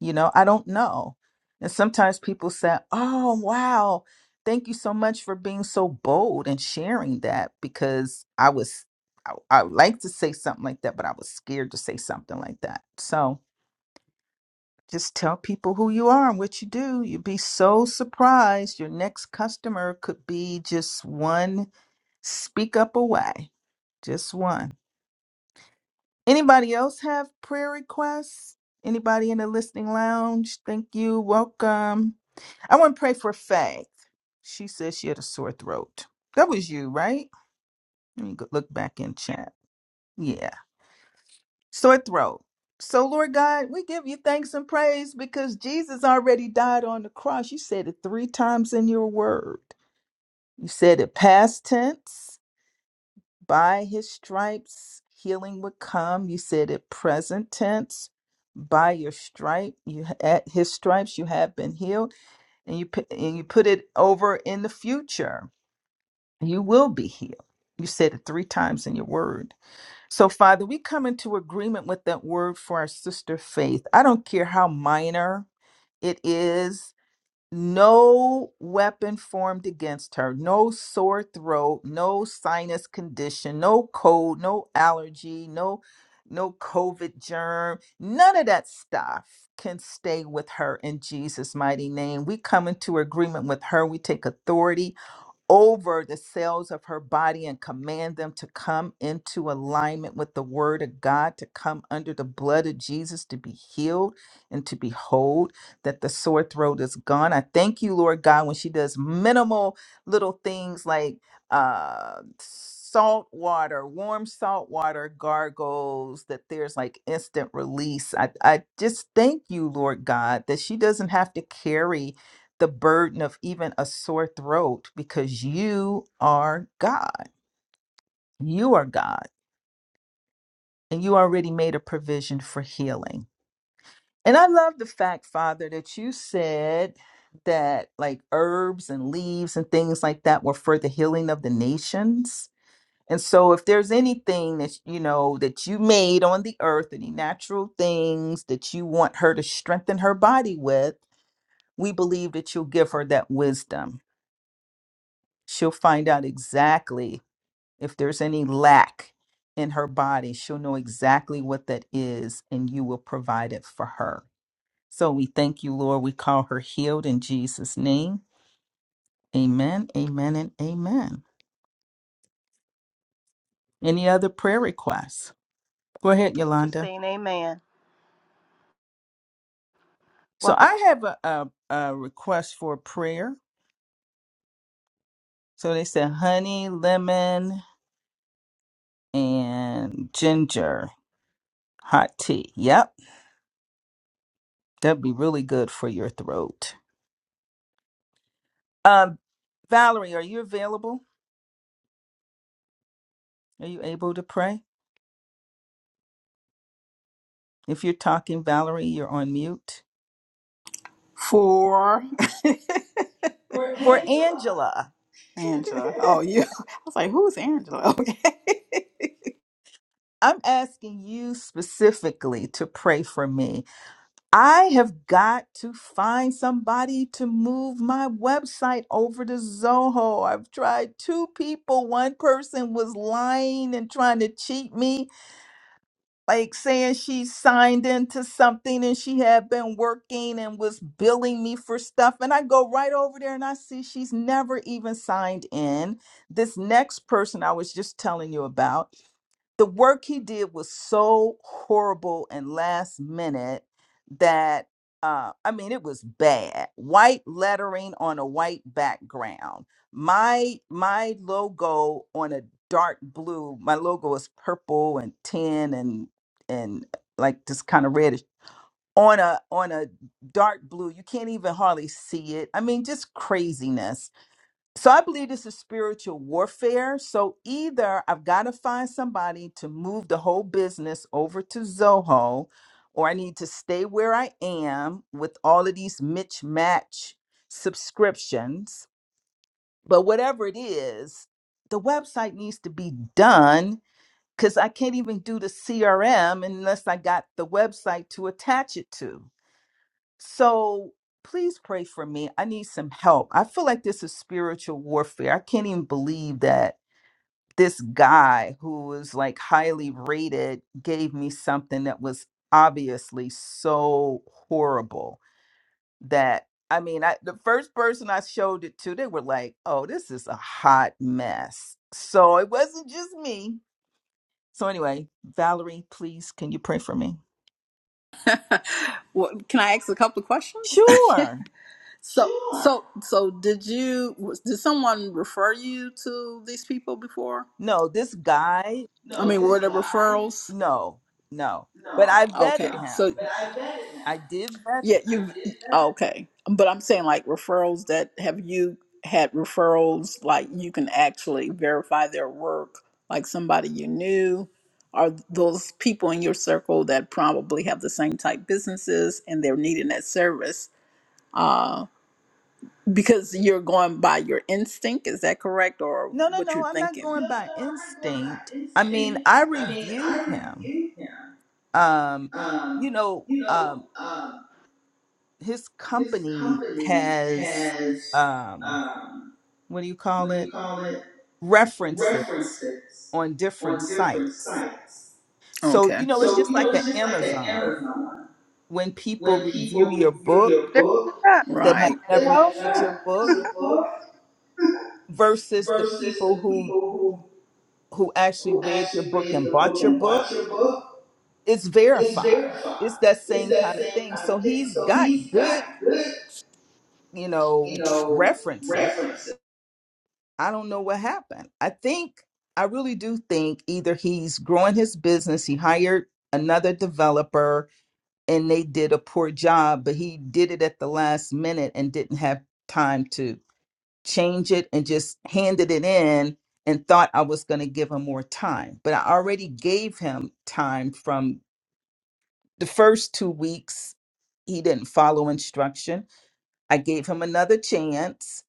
S1: You know, I don't know. And sometimes people say, oh, wow, thank you so much for being so bold and sharing that because I was. I I would like to say something like that, but I was scared to say something like that. So, Just tell people who you are and what you do. You'd be so surprised. Your next customer could be just one speak up away. Just one. Anybody else have prayer requests? Anybody in the listening lounge? Thank you. Welcome. I want to pray for Faye. She says she had a sore throat. That was you, right? Let me go- look back in chat. Yeah. sore throat. So, Lord God, we give you thanks and praise because Jesus already died on the cross. You said it three times in your word. You said it past tense, by his stripes, healing would come. You said it present tense, by your stripe, you at his stripes you have been healed, and you put, and you put it over in the future. You will be healed. You said it three times in your word. So, Father, we come into agreement with that word for our sister faith. I don't care how minor it is, no weapon formed against her, no sore throat, no sinus condition, no cold, no allergy, no no covid germ none of that stuff can stay with her in jesus mighty name we come into agreement with her we take authority over the cells of her body and command them to come into alignment with the word of God, to come under the blood of Jesus, to be healed and to be whole, that the sore throat is gone. I thank you, Lord God, when she does minimal little things like uh salt water, warm salt water gargles, that there's like instant release. I, I just thank you, Lord God, that she doesn't have to carry the burden of even a sore throat because you are God. You are God, and you already made a provision for healing. And I love the fact, Father, that you said that like herbs and leaves and things like that were for the healing of the nations. And so if there's anything that you know that you made on the earth, any natural things that you want her to strengthen her body with, we believe that you'll give her that wisdom. She'll find out exactly If there's any lack in her body, she'll know exactly what that is, and you will provide it for her. So we thank you, Lord. We call her healed in Jesus' name. Amen, amen, and amen. Any other prayer requests? Go ahead,
S4: Just
S1: Yolanda.
S4: saying amen.
S1: So
S4: Welcome.
S1: I have a, a, a request for prayer. So they said honey, lemon, and ginger hot tea. Yep, that'd be really good for your throat. Um, Valerie, are you available? Are you able to pray? If you're talking, Valerie, you're on mute.
S2: For For
S1: For
S2: Angela.
S1: Angela,
S2: Angela. Oh, you. *laughs* I was like, who's Angela? *laughs* Okay.
S1: I'm asking you specifically to pray for me. I have got to find somebody to move my website over to Zoho. I've tried two people. One person was lying and trying to cheat me. like saying she signed into something and she had been working and was billing me for stuff. And I go right over there and I see she's never even signed in. This next person I was just telling you about the work he did was so horrible and last minute that uh, I mean it was bad. White lettering on a white background. My my logo on a dark blue. My logo is purple and tin and and like just kind of reddish on a on a dark blue. You can't even hardly see it. I mean just craziness so I believe this is spiritual warfare. So either I've got to find somebody to move the whole business over to Zoho, or I need to stay where I am with all of these Mitch Match subscriptions. But whatever it is, the website needs to be done because I can't even do the CRM unless I got the website to attach it to. So please pray for me. I need some help. I feel like this is spiritual warfare. I can't even believe that this guy who was like highly rated gave me something that was obviously so horrible that I mean, I the first person I showed it to, they were like, "Oh, this is a hot mess." So it wasn't just me. So anyway, Valerie, please can you pray for me?
S2: *laughs* well, can I ask a couple of questions?
S1: Sure.
S2: So, so, so, did you? was- Did someone refer you to these people before?
S1: No, this guy
S2: I mean, were there referrals?
S1: No, no. But I
S2: Okay,
S1: vetted
S2: so
S1: him. I did vet
S2: yeah,
S1: him.
S2: you okay? But I'm saying like referrals that have you had referrals like you can actually verify their work, like somebody you knew. Are those people in your circle that probably have the same type businesses and they're needing that service? uh, Because you're going by your instinct, is that correct, or
S1: No, no,
S2: what
S1: no.
S2: you're
S1: I'm not
S2: thinking? No, no,
S1: going by
S2: I'm not going
S1: instinct.
S2: by
S1: I mean,
S2: instinct.
S1: I
S2: I mean, I
S1: reviewed him.
S2: reviewed him.
S1: Um,
S2: Um,
S1: you know,
S2: you know,
S1: um,
S2: um,
S1: his
S2: his
S1: company
S2: company
S1: has
S2: has
S1: um,
S2: um,
S1: what do you call
S2: what do you
S1: it?
S2: call it?
S1: References
S2: References
S1: on different
S2: on different
S1: sites.
S2: sites.
S1: So,
S2: Okay.
S1: you know, it's
S2: So
S1: just
S2: you know,
S1: like an
S2: it's just like an
S1: Amazon.
S2: Amazon
S1: When people
S2: when
S1: review
S2: people
S1: your
S2: review
S1: book
S2: your
S4: There's
S2: book.
S4: your
S1: that have
S2: Right.
S1: never
S4: wrap.
S2: That have not
S1: read your
S2: read
S1: book
S2: your book
S1: versus the
S2: versus
S1: people
S2: the
S1: who
S2: people
S1: who actually
S2: who
S1: read your
S2: actually
S1: book
S2: read
S1: and
S2: the book
S1: bought your
S2: and
S1: book,
S2: bought your book
S1: it's
S2: is
S1: verified.
S2: verified.
S1: It's that
S2: It's
S1: same
S2: that
S1: kind of
S2: same
S1: thing.
S2: kind
S1: So
S2: of thing.
S1: he's
S2: So
S1: got
S2: he's
S1: good,
S2: got good,
S1: you
S2: you
S1: know,
S2: know,
S1: references.
S2: references.
S1: I don't know what happened. I think, I really do think either he's growing his business, he hired another developer and they did a poor job, but he did it at the last minute and didn't have time to change it and just handed it in and thought I was going to give him more time. But I already gave him time from the first two weeks he didn't follow instruction i gave him another chance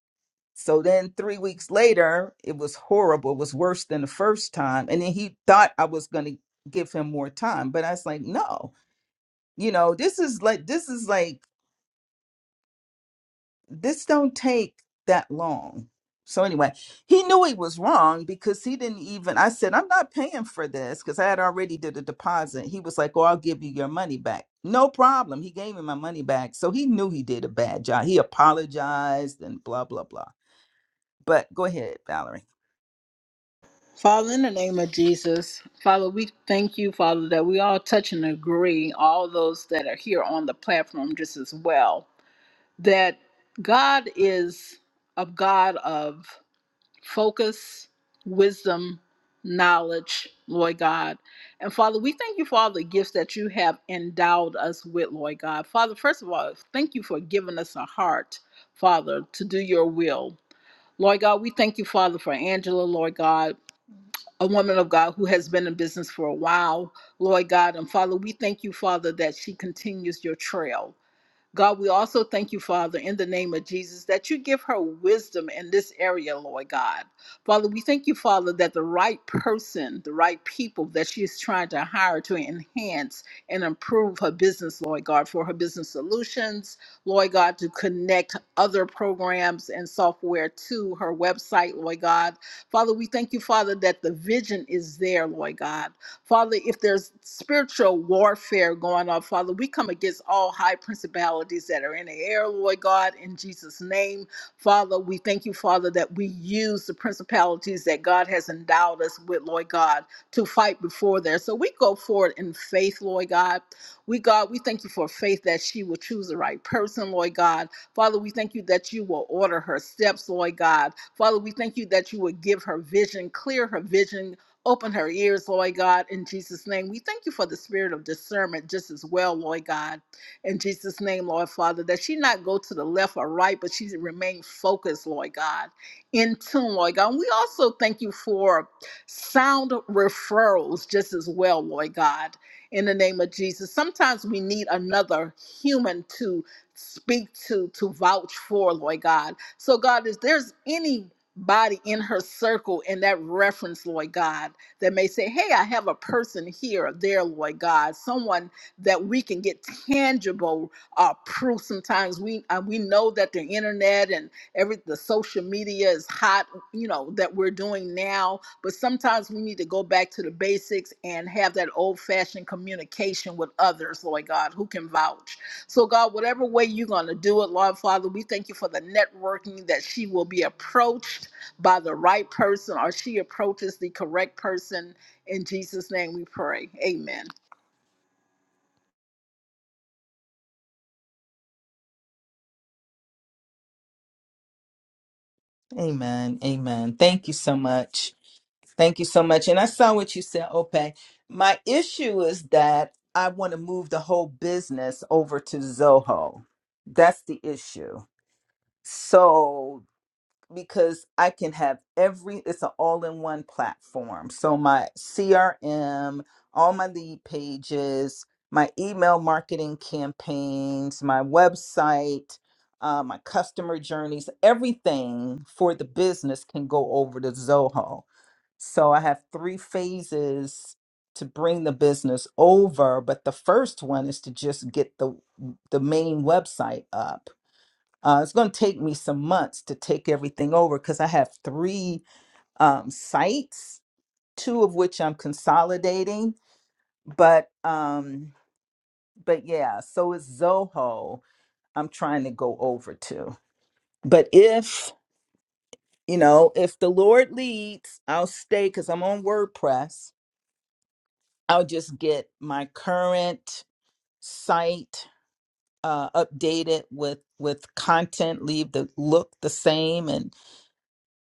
S1: so then three weeks later it was horrible it was worse than the first time and then he thought i was going to give him more time but i was like no you know this is like this is like this don't take that long. So anyway, he knew he was wrong because he didn't even I said, I'm not paying for this because I had already did a deposit. He was like, Oh, I'll give you your money back. No problem. He gave me my money back. So he knew he did a bad job. He apologized and blah, blah, blah. But go ahead, Valerie.
S2: Father, in the name of Jesus, Father, we thank you, Father, that we all touch and agree, all those that are here on the platform just as well, that God is a God of focus, wisdom, knowledge, Lord God. And Father, we thank you for all the gifts that you have endowed us with, Lord God. Father, first of all, thank you for giving us a heart, Father, to do your will. Lord God, we thank you, Father, for Angela, Lord God, a woman of God who has been in business for a while, Lord God. And Father, we thank you, Father, that she continues your trail. God, we also thank you, Father, in the name of Jesus, that you give her wisdom in this area, Lord God. Father, we thank you, Father, that the right person, the right people that she is trying to hire to enhance and improve her business, Lord God, for her business solutions, Lord God, to connect other programs and software to her website, Lord God. Father, we thank you, Father, that the vision is there, Lord God Father, if there's spiritual warfare going on, Father, we come against all high principalities that are in the air, Lord God, in Jesus' name. Father, we thank you, Father, that we use the principalities that God has endowed us with, Lord God, to fight before there. So we go forward in faith, Lord God. We, God, we thank you for faith that she will choose the right person, Lord God. Father, we thank you that you will order her steps, Lord God. Father, we thank you that you will give her vision, clear her vision, Open her ears, Lord God, in Jesus' name. We thank you for the spirit of discernment just as well, Lord God, in Jesus' name, Lord Father, that she not go to the left or right, but she remain focused, Lord God, in tune, Lord God. And we also thank you for sound referrals just as well, Lord God, in the name of Jesus. Sometimes we need another human to speak to, to vouch for, Lord God. So, God, if there's anybody in her circle in that reference, Lord God that may say, Hey, I have a person here or there, Lord God, someone that we can get tangible uh, proof. Sometimes we uh, we know that the internet and every the social media is hot, you know, that we're doing now, but sometimes we need to go back to the basics and have that old fashioned communication with others, Lord God, who can vouch. So, God, whatever way you're going to do it, Lord Father, we thank you for the networking that she will be approached by the right person or she approaches the correct person. In Jesus' name we pray. Amen.
S1: Amen. Amen. Thank you so much. Thank you so much. And I saw what you said, Ope. My issue is that I want to move the whole business over to Zoho. That's the issue. So because I can have every it's an all-in-one platform. So my CRM, all my lead pages, my email marketing campaigns, my website, uh, my customer journeys, everything for the business can go over to Zoho. So I have three phases to bring the business over, but the first one is to just get the the main website up uh, it's going to take me some months to take everything over because I have three um, sites, two of which I'm consolidating. But um, but yeah, so it's Zoho I'm trying to go over to. But if you know, if the Lord leads, I'll stay because I'm on WordPress. I'll just get my current site uh, updated with with content, leave the look the same, and.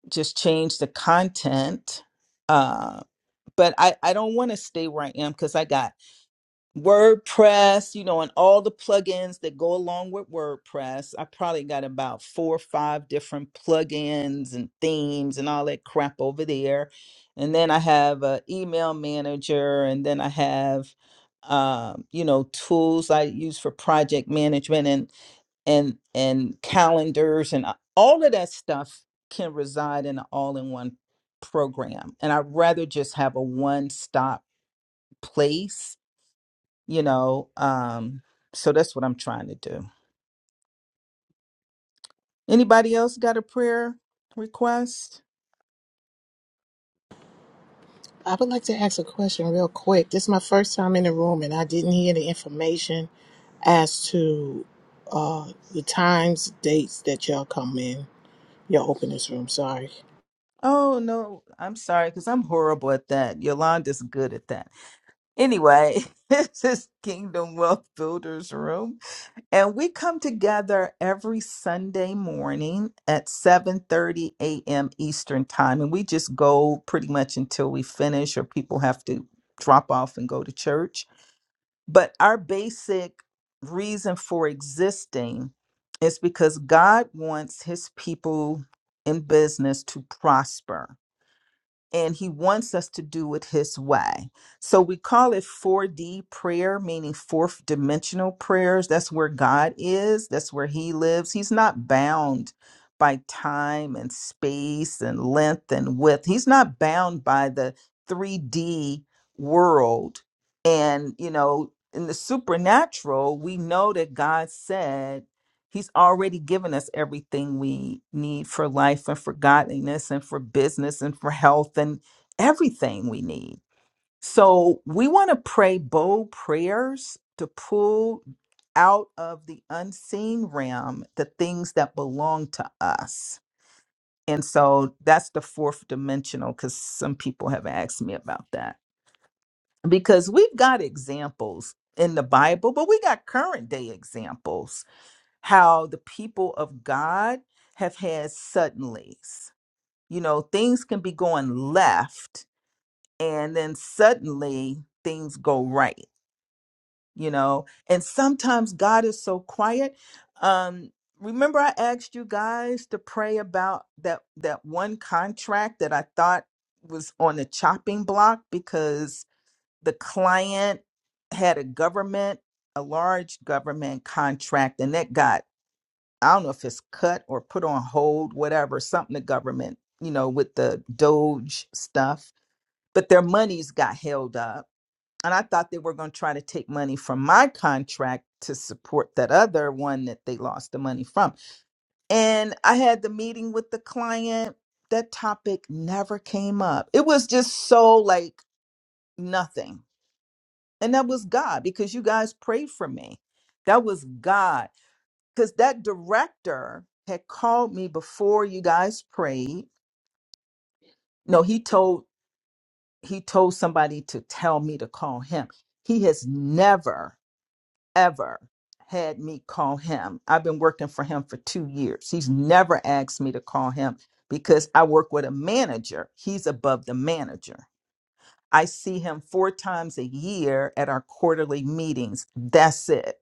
S1: just change the content. Uh, but I, I don't want to stay where I am because I got WordPress, you know, and all the plugins that go along with WordPress. I probably got about four or five different plugins and themes and all that crap over there. And then I have an email manager, and then I have, um, you know, tools I use for project management. and and and calendars and uh, all of that stuff can reside in an all-in-one program and i'd rather just have a one-stop place you know um so that's what i'm trying to do anybody else got a prayer request
S6: I would like to ask a question real quick. This is my first time in the room, and I didn't hear the information as to uh, the times, dates that y'all come in. Y'all open this room. Sorry.
S1: oh no i'm sorry because i'm horrible at that yolanda's good at that anyway *laughs* this is kingdom wealth builders room And we come together every Sunday morning at 7:30 a.m. Eastern Time and we just go pretty much until we finish or people have to drop off and go to church. But our basic reason for existing is because God wants his people in business to prosper and he wants us to do it his way. So we call it 4D prayer, meaning fourth dimensional prayers. That's where God is, that's where he lives. He's not bound by time and space and length and width. He's not bound by the 3D world. And, you know, in the supernatural, we know that God said, He's already given us everything we need for life and for godliness and for business and for health and everything we need. So we want to pray bold prayers to pull out of the unseen realm the things that belong to us. And so that's the fourth dimensional because some people have asked me about that. Because we've got examples in the Bible, but we got current day examples how the people of God have had suddenlies. You know, things can be going left and then suddenly things go right, you know. And sometimes God is so quiet. Um remember I asked you guys to pray about that that one contract that I thought was on the chopping block because the client had a government a large government contract and that got I don't know if it's cut or put on hold, whatever, something the government, you know, with the Doge stuff, but their monies got held up. And I thought they were going to try to take money from my contract to support that other one that they lost the money from. And I had the meeting with the client. That topic never came up. It was just so like nothing. And that was God because you guys prayed for me. That was God because that director had called me before you guys prayed. No, he told he told somebody to tell me to call him. He has never ever had me call him. I've been working for him for 2 years. He's never asked me to call him because I work with a manager. He's above the manager. I see him 4 times a year at our quarterly meetings. That's it.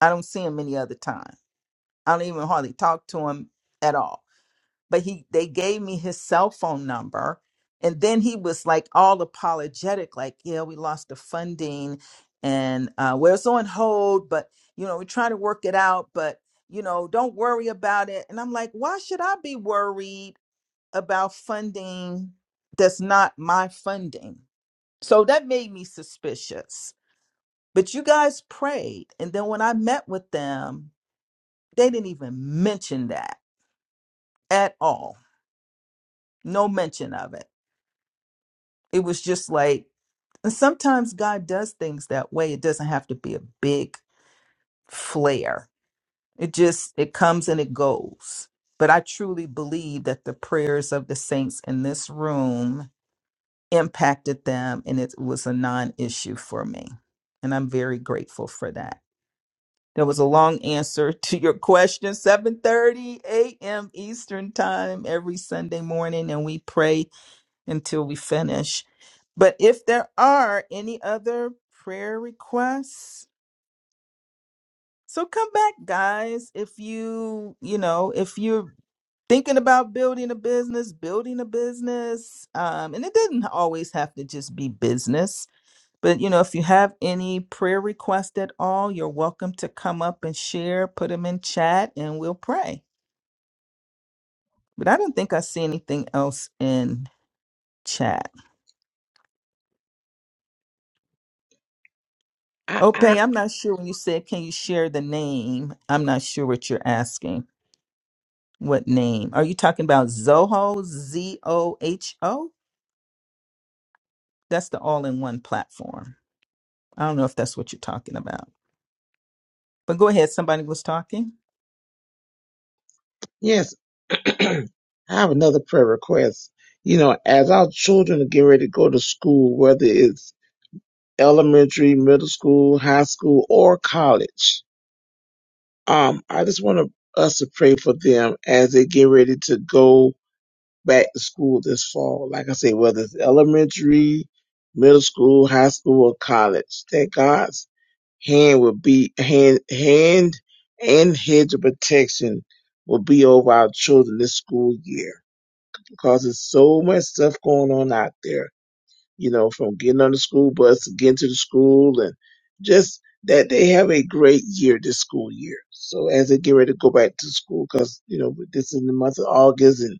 S1: I don't see him any other time. I don't even hardly talk to him at all but he they gave me his cell phone number and then he was like all apologetic like yeah we lost the funding and uh are so on hold but you know we're trying to work it out but you know don't worry about it and i'm like why should i be worried about funding that's not my funding so that made me suspicious but you guys prayed and then when i met with them they didn't even mention that at all no mention of it It was just like, and sometimes God does things that way. It doesn't have to be a big flare. It just, it comes and it goes. But I truly believe that the prayers of the saints in this room impacted them and it was a non issue for me. And I'm very grateful for that. That was a long answer *laughs* to your question. 7:30 a.m. Eastern Time every Sunday morning and we pray until we finish. But if there are any other prayer requests, so come back, guys. If you, you know, if you're thinking about building a business, building a business, um, and it didn't always have to just be business. But you know, if you have any prayer requests at all, you're welcome to come up and share, put them in chat, and we'll pray. But I don't think I see anything else in chat.
S3: I, I
S1: Okay, I'm not sure when you said, can you share the name? I'm not sure what you're asking. What name? Are you talking about Zoho? Z O H O? That's the all in one platform. I don't know if that's what you're talking about. But go ahead. Somebody was talking.
S3: yes, *clears throat* I have another prayer request. You know, as our children are getting ready to go to school, whether it's elementary, middle school, high school, or college, Um, I just want to, us to pray for them as they get ready to go back to school this fall. Like I say, whether it's elementary, middle school, high school, or college, that God's hand will be hand, hand and hedge of protection will be over our children this school year because there's so much stuff going on out there you know, from getting on the school bus, getting to the school, and just that they have a great year this school year. So as they get ready to go back to school, because you know this is in the month of August, and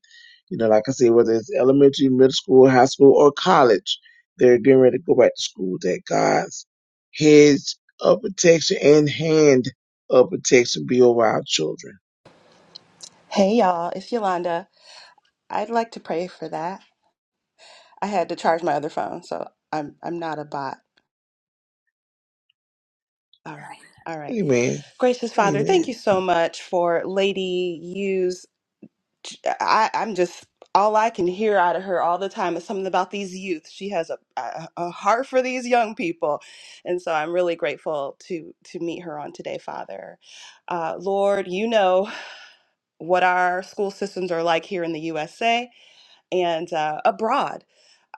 S3: you know, like I say, whether it's elementary, middle school, high school, or college, they're getting ready to go back to school. That God's hedge of protection and hand of protection be over our children.
S7: Hey y'all, it's Yolanda. I'd like to pray for that. I had to charge my other phone, so I'm I'm not a bot. All right. All right.
S3: Amen.
S7: Gracious Father, thank
S3: Amen.
S7: you so much for Lady U's I I'm just all I can hear out of her all the time is something about these youth. She has a, a a heart for these young people. And so I'm really grateful to to meet her on today, Father. Uh, Lord, you know what our school systems are like here in the USA and uh, abroad.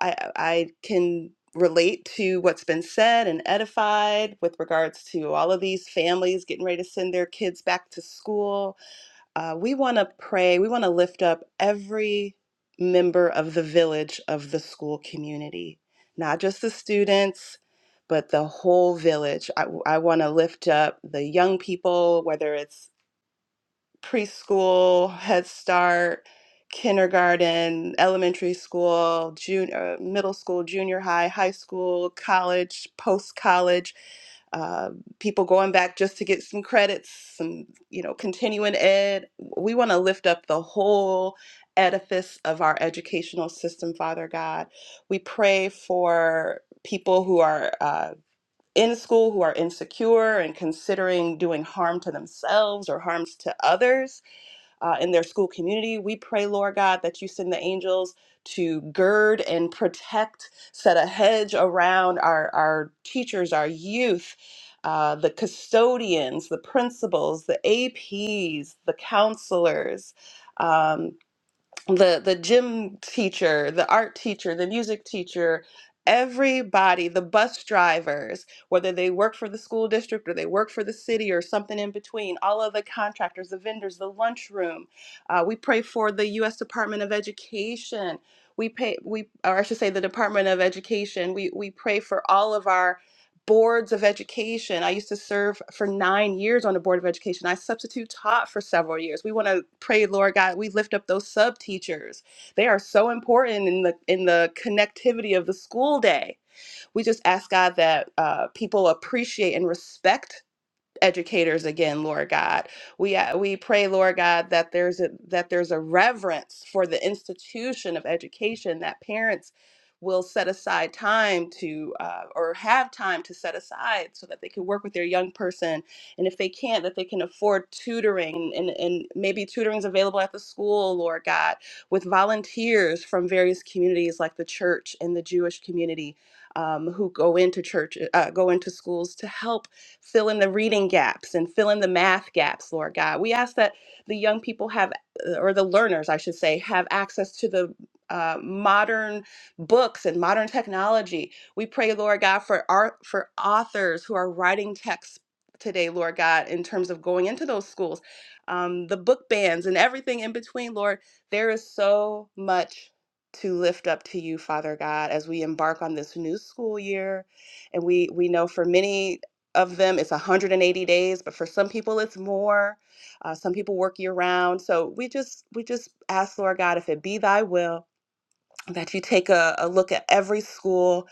S7: I, uh, I can relate to what's been said and edified with regards to all of these families getting ready to send their kids back to school. Uh, we want to pray, we want to lift up every member of the village of the school community, not just the students. But the whole village. I, I want to lift up the young people, whether it's preschool, Head Start, kindergarten, elementary school, junior, middle school, junior high, high school, college, post college, uh, people going back just to get some credits, some you know continuing ed. We want to lift up the whole edifice of our educational system, Father God. We pray for people who are. Uh, in school, who are insecure and considering doing harm to themselves or harms to others uh, in their school community. We pray, Lord God, that you send the angels to gird and protect, set a hedge around our, our teachers, our youth. Uh, the custodians, the principals, the APs, the counselors, um, the the gym teacher, the art teacher, the music teacher, everybody, the bus drivers, whether they work for the school district or they work for the city or something in between, all of the contractors, the vendors, the lunchroom. Uh, we pray for the U.S. Department of Education. We pay we, or I should say, the Department of Education. We we pray for all of our boards of education. I used to serve for nine years on the board of education. I substitute taught for several years. We want to pray, Lord God, we lift up those sub teachers. They are so important in the in the connectivity of the school day. We just ask God that uh, people appreciate and respect educators again, Lord God. We uh, we pray, Lord God, that there's a that there's a reverence for the institution of education that parents will set aside time to uh, or have time to set aside so that they can work with their young person and if they can't that they can afford tutoring and, and maybe tutoring's available at the school lord god with volunteers from various communities like the church and the jewish community um, who go into church uh, go into schools to help fill in the reading gaps and fill in the math gaps, Lord God. We ask that the young people have, uh, or the learners, I should say, have access to the uh, modern books and modern technology. We pray, Lord God, for art, for authors who are writing texts today, Lord God, in terms of going into those schools, um, the book bans and everything in between, Lord. There is so much to lift up to you, Father God, as we embark on this new school year. And we we know for many of them is 180 days but for some people it's more uh, some people work year round so we just we just ask lord god if it be thy will that you take a, a look at every school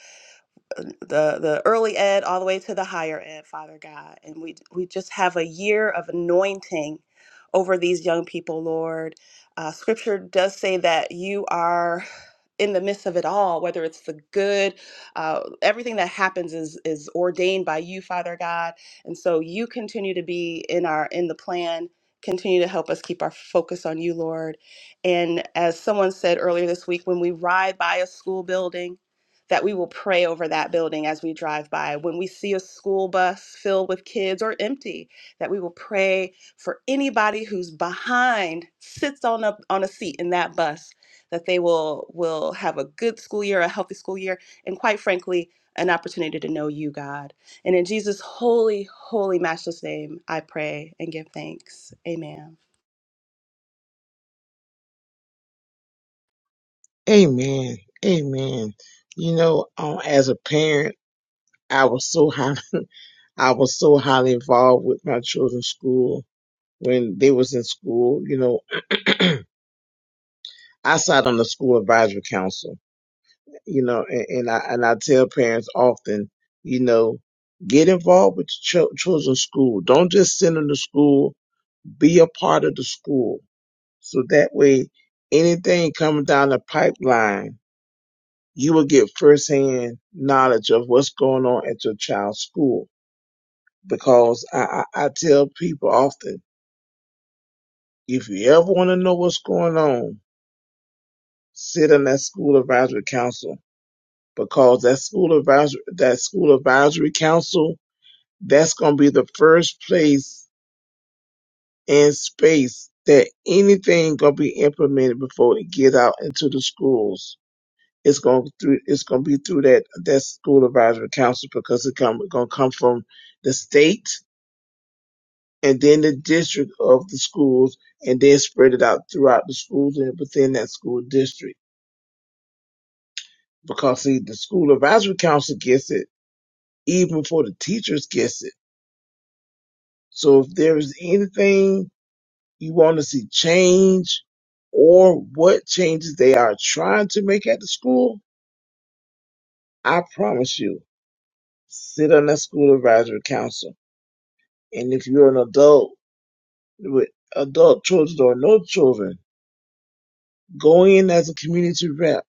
S7: the the early ed all the way to the higher ed, Father God. And we we just have a year of anointing over these young people, Lord. Uh, scripture does say that you are in the midst of it all, whether it's the good, uh, everything that happens is is ordained by you, Father God. And so you continue to be in our in the plan. Continue to help us keep our focus on you, Lord. And as someone said earlier this week, when we ride by a school building, that we will pray over that building as we drive by. When we see a school bus filled with kids or empty, that we will pray for anybody who's behind, sits on a on a seat in that bus, that they will will have a good school year, a healthy school year, and quite frankly, an opportunity to know you, God. And in Jesus' holy, holy, matchless name, I pray and give thanks. Amen.
S3: Amen. Amen. You know, um, as a parent, I was so high I was so highly involved with my children's school when they was in school. You know, I sat on the school advisory council. You know, and, and I and I tell parents often, you know, get involved with your ch- children's school. Don't just send them to school. Be a part of the school, so that way, anything coming down the pipeline, you will get firsthand knowledge of what's going on at your child's school. Because I, I, I tell people often If you ever want to know what's going on, sit in that school advisory council because that school advisory that school advisory council that's going to be the first place in space that anything going to be implemented before it get out into the schools. It's going through. It's going to be through that that school advisory council because it's come going to come from the state and then the district of the schools and then spread it out throughout the schools and within that school district. because see the school advisory council gets it even before the teachers gets it so if there is anything you want to see change or what changes they are trying to make at the school i promise you sit on that school advisory council and if you're an adult with adult children or no children go in as a community rep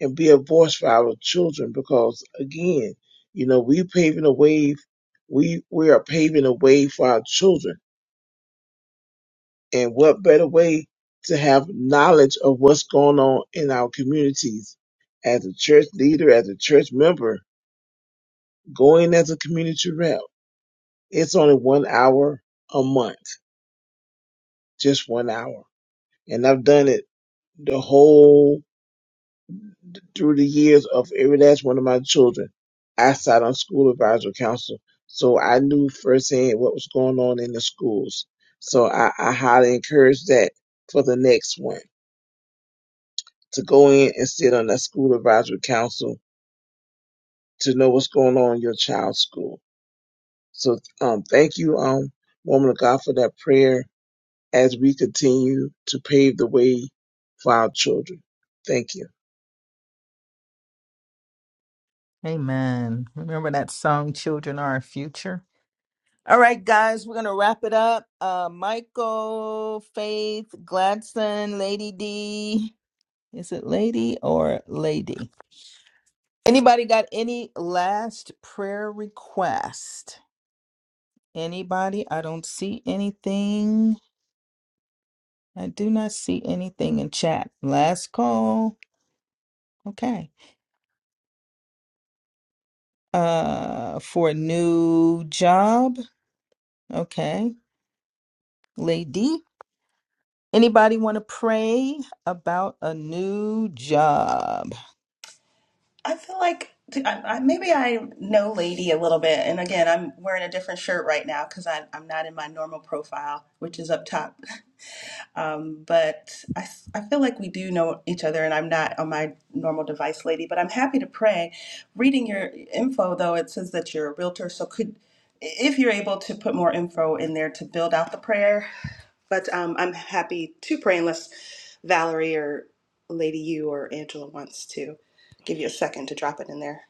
S3: and be a voice for our children because again, you know, we paving a way we we are paving a way for our children. And what better way to have knowledge of what's going on in our communities as a church leader, as a church member, going as a community rep. It's only one hour a month, just one hour. And I've done it the whole Through the years of every last one of my children, I sat on school advisory council. So I knew firsthand what was going on in the schools. So I, I highly encourage that for the next one to go in and sit on that school advisory council to know what's going on in your child's school. So um, thank you, um, woman of God, for that prayer as we continue to pave the way for our children. Thank you.
S1: Amen. Remember that song, Children Are Our Future? All right, guys, we're going to wrap it up. Uh, Michael, Faith, Gladson, Lady D. Is it lady or lady? Anybody got any last prayer request? Anybody? I don't see anything. I do not see anything in chat. Last call. Okay. Uh for a new job. Okay. Lady, anybody want to pray about a new job?
S7: I feel like I, I, maybe I know Lady a little bit. And again, I'm wearing a different shirt right now because I'm not in my normal profile, which is up top. Um, but I, s- I feel like we do know each other, and I'm not on my normal device, Lady. But I'm happy to pray. Reading your info, though, it says that you're a realtor. So could if you're able to put more info in there to build out the prayer, but um, I'm happy to pray unless Valerie or Lady U or Angela wants to give you a second to drop it in there.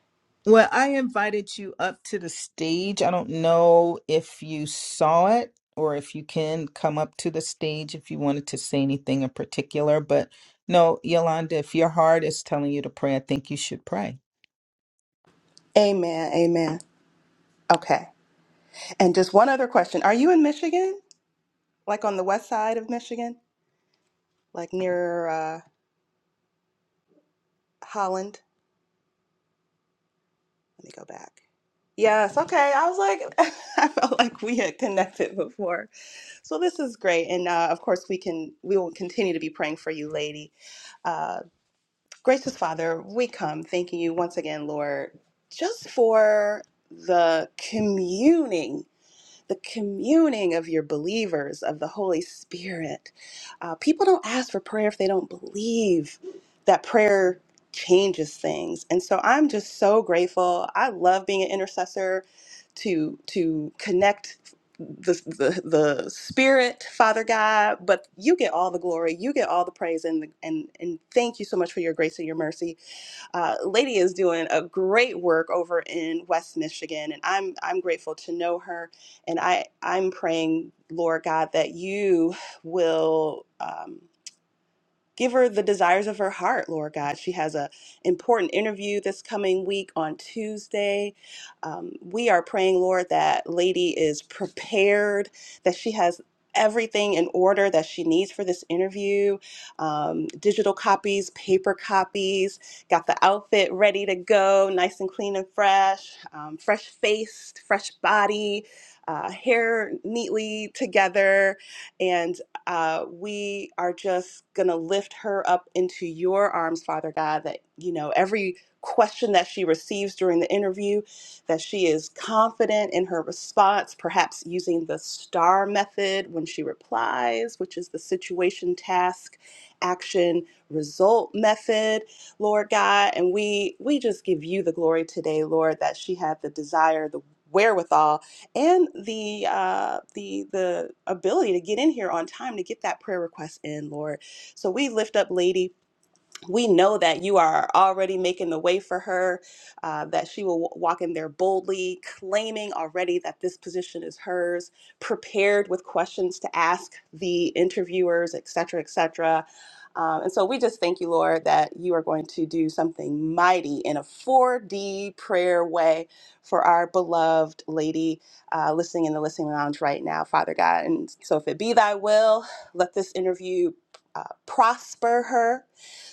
S1: Well, I invited you up to the stage. I don't know if you saw it or if you can come up to the stage if you wanted to say anything in particular. But no, Yolanda, if your heart is telling you to pray, I think you should pray.
S7: Amen. Amen. Okay. And just one other question. Are you in Michigan? Like on the west side of Michigan? Like near uh, Holland? Let me go back. Yes. Okay. I was like, *laughs* I felt like we had connected before. So this is great. And uh, of course, we can, we will continue to be praying for you, lady. Uh, Gracious Father, we come thanking you once again, Lord, just for the communing the communing of your believers, of the Holy Spirit. Uh, people don't ask for prayer if they don't believe that prayer changes things. And so I'm just so grateful. I love being an intercessor to to connect the, the the spirit father god but you get all the glory you get all the praise and and and thank you so much for your grace and your mercy uh, Lady is doing a great work over in West Michigan, and I'm I'm grateful to know her. And I I'm praying, Lord God, that you will. Um, Give her the desires of her heart, Lord God. She has a important interview this coming week on Tuesday. Um, we are praying, Lord, that Lady is prepared, that she has everything in order that she needs for this interview um, digital copies, paper copies, got the outfit ready to go, nice and clean and fresh, um, fresh faced, fresh body, uh, hair neatly together uh, we are just going to lift her up into your arms, Father God, that, you know, every question that she receives during the interview, that she is confident in her response, perhaps using the STAR method when she replies, which is the situation, task, action, result method, Lord God. And we, we just give you the glory today, Lord, that she had the desire, the wherewithal and the uh, the the ability to get in here on time to get that prayer request in, Lord. So we lift up Lady we know that you are already making the way for her, uh, that she will w- walk in there boldly, claiming already that this position is hers, prepared with questions to ask the interviewers, et cetera, et cetera. Um, and so we just thank you, Lord, that you are going to do something mighty in a 4D prayer way for our beloved lady uh, listening in the listening lounge right now, Father God. And so if it be thy will, let this interview uh, prosper her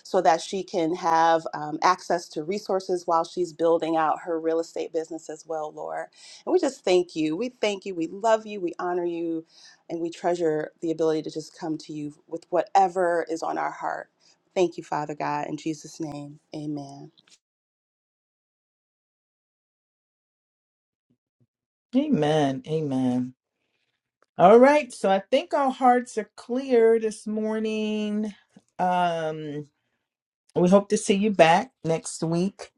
S7: so that she can have um, access to resources while she's building out her real estate business as well, Lord. And we just thank you. We thank you. We love you. We honor you. And we treasure the ability to just come to you with whatever is on our heart. Thank you, Father God. In Jesus' name, amen.
S1: Amen. Amen. All right, so I think our hearts are clear this morning. Um, we hope to see you back next week.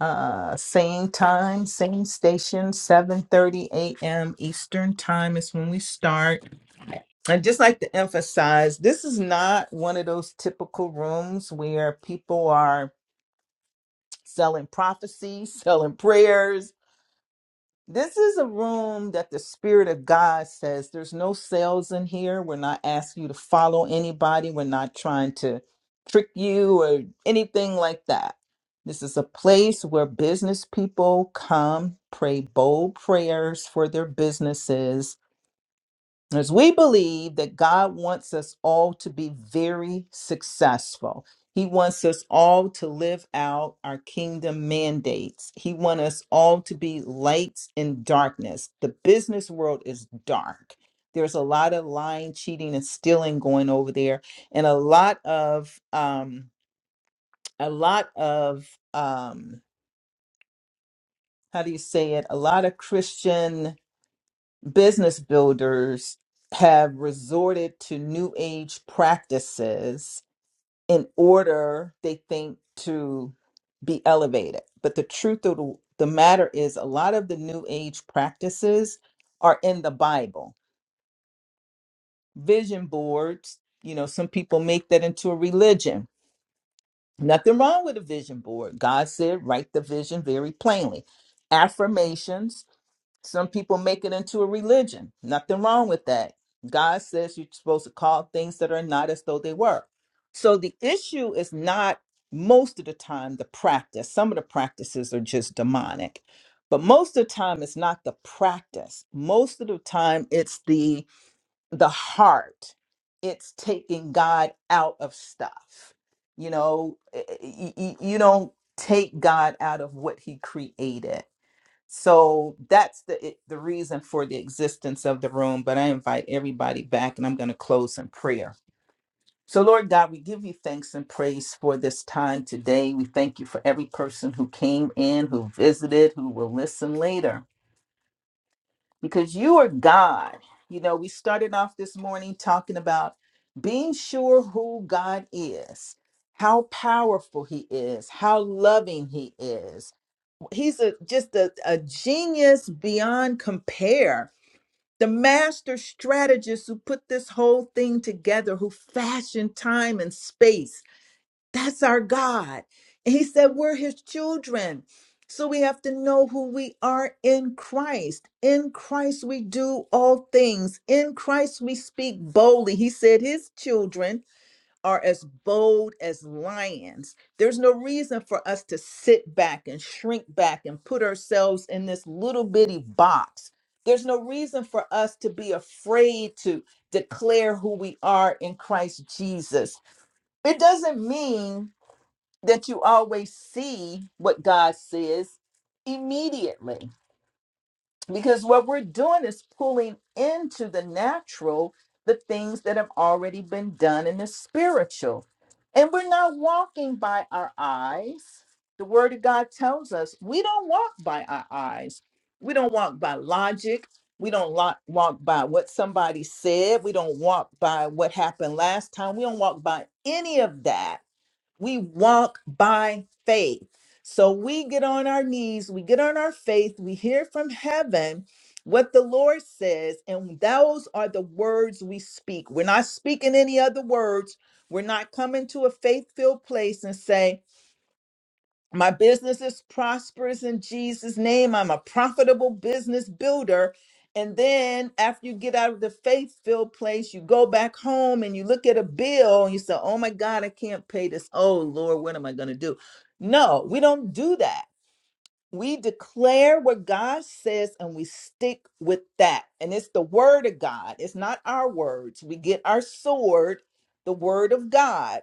S1: Uh, same time, same station, 7:30 a.m. Eastern time is when we start. I'd just like to emphasize this is not one of those typical rooms where people are selling prophecies, *laughs* selling prayers, This is a room that the Spirit of God says there's no sales in here. We're not asking you to follow anybody. We're not trying to trick you or anything like that. This is a place where business people come, pray bold prayers for their businesses, as we believe that God wants us all to be very successful. He wants us all to live out our kingdom mandates. He wants us all to be lights in darkness. The business world is dark. There's a lot of lying, cheating, and stealing going over there, and a lot of um, a lot of um, how do you say it? A lot of Christian business builders have resorted to new age practices in order they think to be elevated but the truth of the, the matter is a lot of the new age practices are in the bible vision boards you know some people make that into a religion nothing wrong with a vision board god said write the vision very plainly affirmations Some people make it into a religion. Nothing wrong with that. God says you're supposed to call things that are not as though they were. So the issue is not most of the time the practice. Some of the practices are just demonic. But most of the time it's not the practice. Most of the time it's the the heart. It's taking God out of stuff. You know, y- y- y- you don't take God out of what he created so that's the it- the reason for the existence of the room but i invite everybody back and i'm going to close in prayer so lord god we give you thanks and praise for this time today we thank you for every person who came in who visited who will listen later because you are god you know we started off this morning talking about being sure who god is how powerful he is how loving he is he's a just a, a genius beyond compare the master strategist who put this whole thing together who fashioned time and space that's our god and he said we're his children so we have to know who we are in christ in christ we do all things in christ we speak boldly he said his children are as bold as lions. There's no reason for us to sit back and shrink back and put ourselves in this little bitty box. There's no reason for us to be afraid to declare who we are in Christ Jesus. It doesn't mean that you always see what God says immediately because what we're doing is pulling into the natural the things that have already been done in the spiritual. And we're not walking by our eyes. The Word of God tells us we don't walk by our eyes. We don't walk by logic. We don't lo- walk by what somebody said. We don't walk by what happened last time. We don't walk by any of that we walk by faith. So we get on our knees, we get on our faith, we hear from heaven what the Lord says, and those are the words we speak. We're not speaking any other words. We're not coming to a faith filled place and say, my business is prosperous in Jesus' name. I'm a profitable business builder. And then after you get out of the faith filled place, you go back home and you look at a bill and you say, Oh my God, I can't pay this. Oh Lord, what am I going to do? No, we don't do that. We declare what God says and we stick with that. And it's the word of God, it's not our words. We get our sword, the word of God,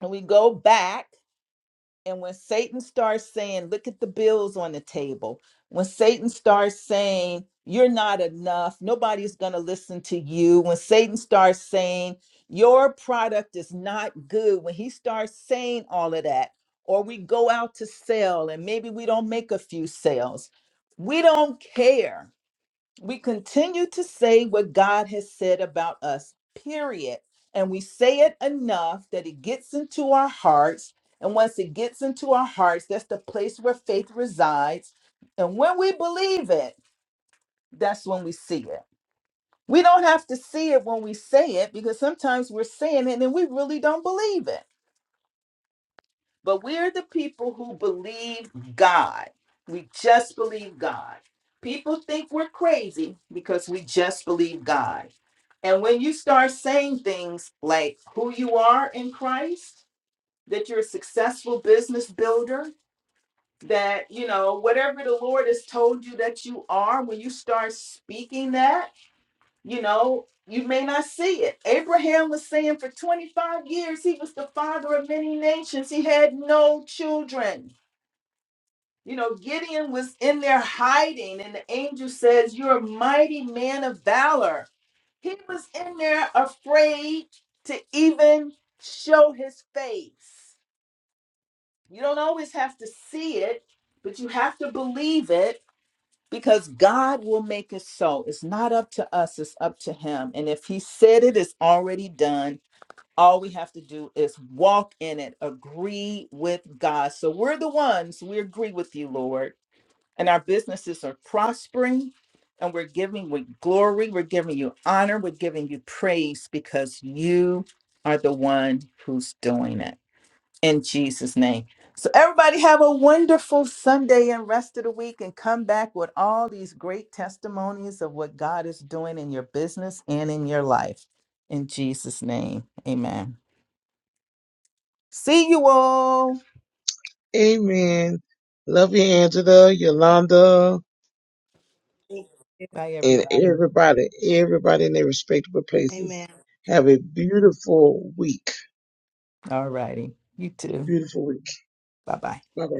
S1: and we go back. And when Satan starts saying, look at the bills on the table, when Satan starts saying, you're not enough, nobody's going to listen to you, when Satan starts saying, your product is not good, when he starts saying all of that, or we go out to sell and maybe we don't make a few sales, we don't care we continue to say what God has said about us, period. And we say it enough that it gets into our hearts. And once it gets into our hearts, that's the place where faith resides. And when we believe it, that's when we see it. We don't have to see it when we say it because sometimes we're saying it and then we really don't believe it. But we're the people who believe God. We just believe God. People think we're crazy because we just believe God. And when you start saying things like who you are in Christ, that you're a successful business builder, that, you know, whatever the Lord has told you that you are, when you start speaking that, you know, you may not see it. Abraham was saying for 25 years he was the father of many nations, he had no children. You know, Gideon was in there hiding, and the angel says, You're a mighty man of valor. He was in there afraid to even show his face. You don't always have to see it, but you have to believe it because God will make it so. It's not up to us, it's up to Him. And if He said it, it's already done. All we have to do is walk in it, agree with God. So we're the ones, we agree with you, Lord and our businesses are prospering and we're giving you glory, we're giving you honor, we're giving you praise because you are the one who's doing it in Jesus' name. So, everybody, have a wonderful Sunday and rest of the week and come back with all these great testimonies of what God is doing in your business and in your life. In Jesus' name, amen. See you all.
S3: Amen. Love you, Angela, Yolanda.
S1: Bye,
S3: and
S1: everybody.
S3: everybody, everybody in their respectable
S7: Amen.
S3: places. Have a beautiful week.
S1: All righty. You too.
S3: Beautiful week.
S1: Bye bye.
S3: Bye bye.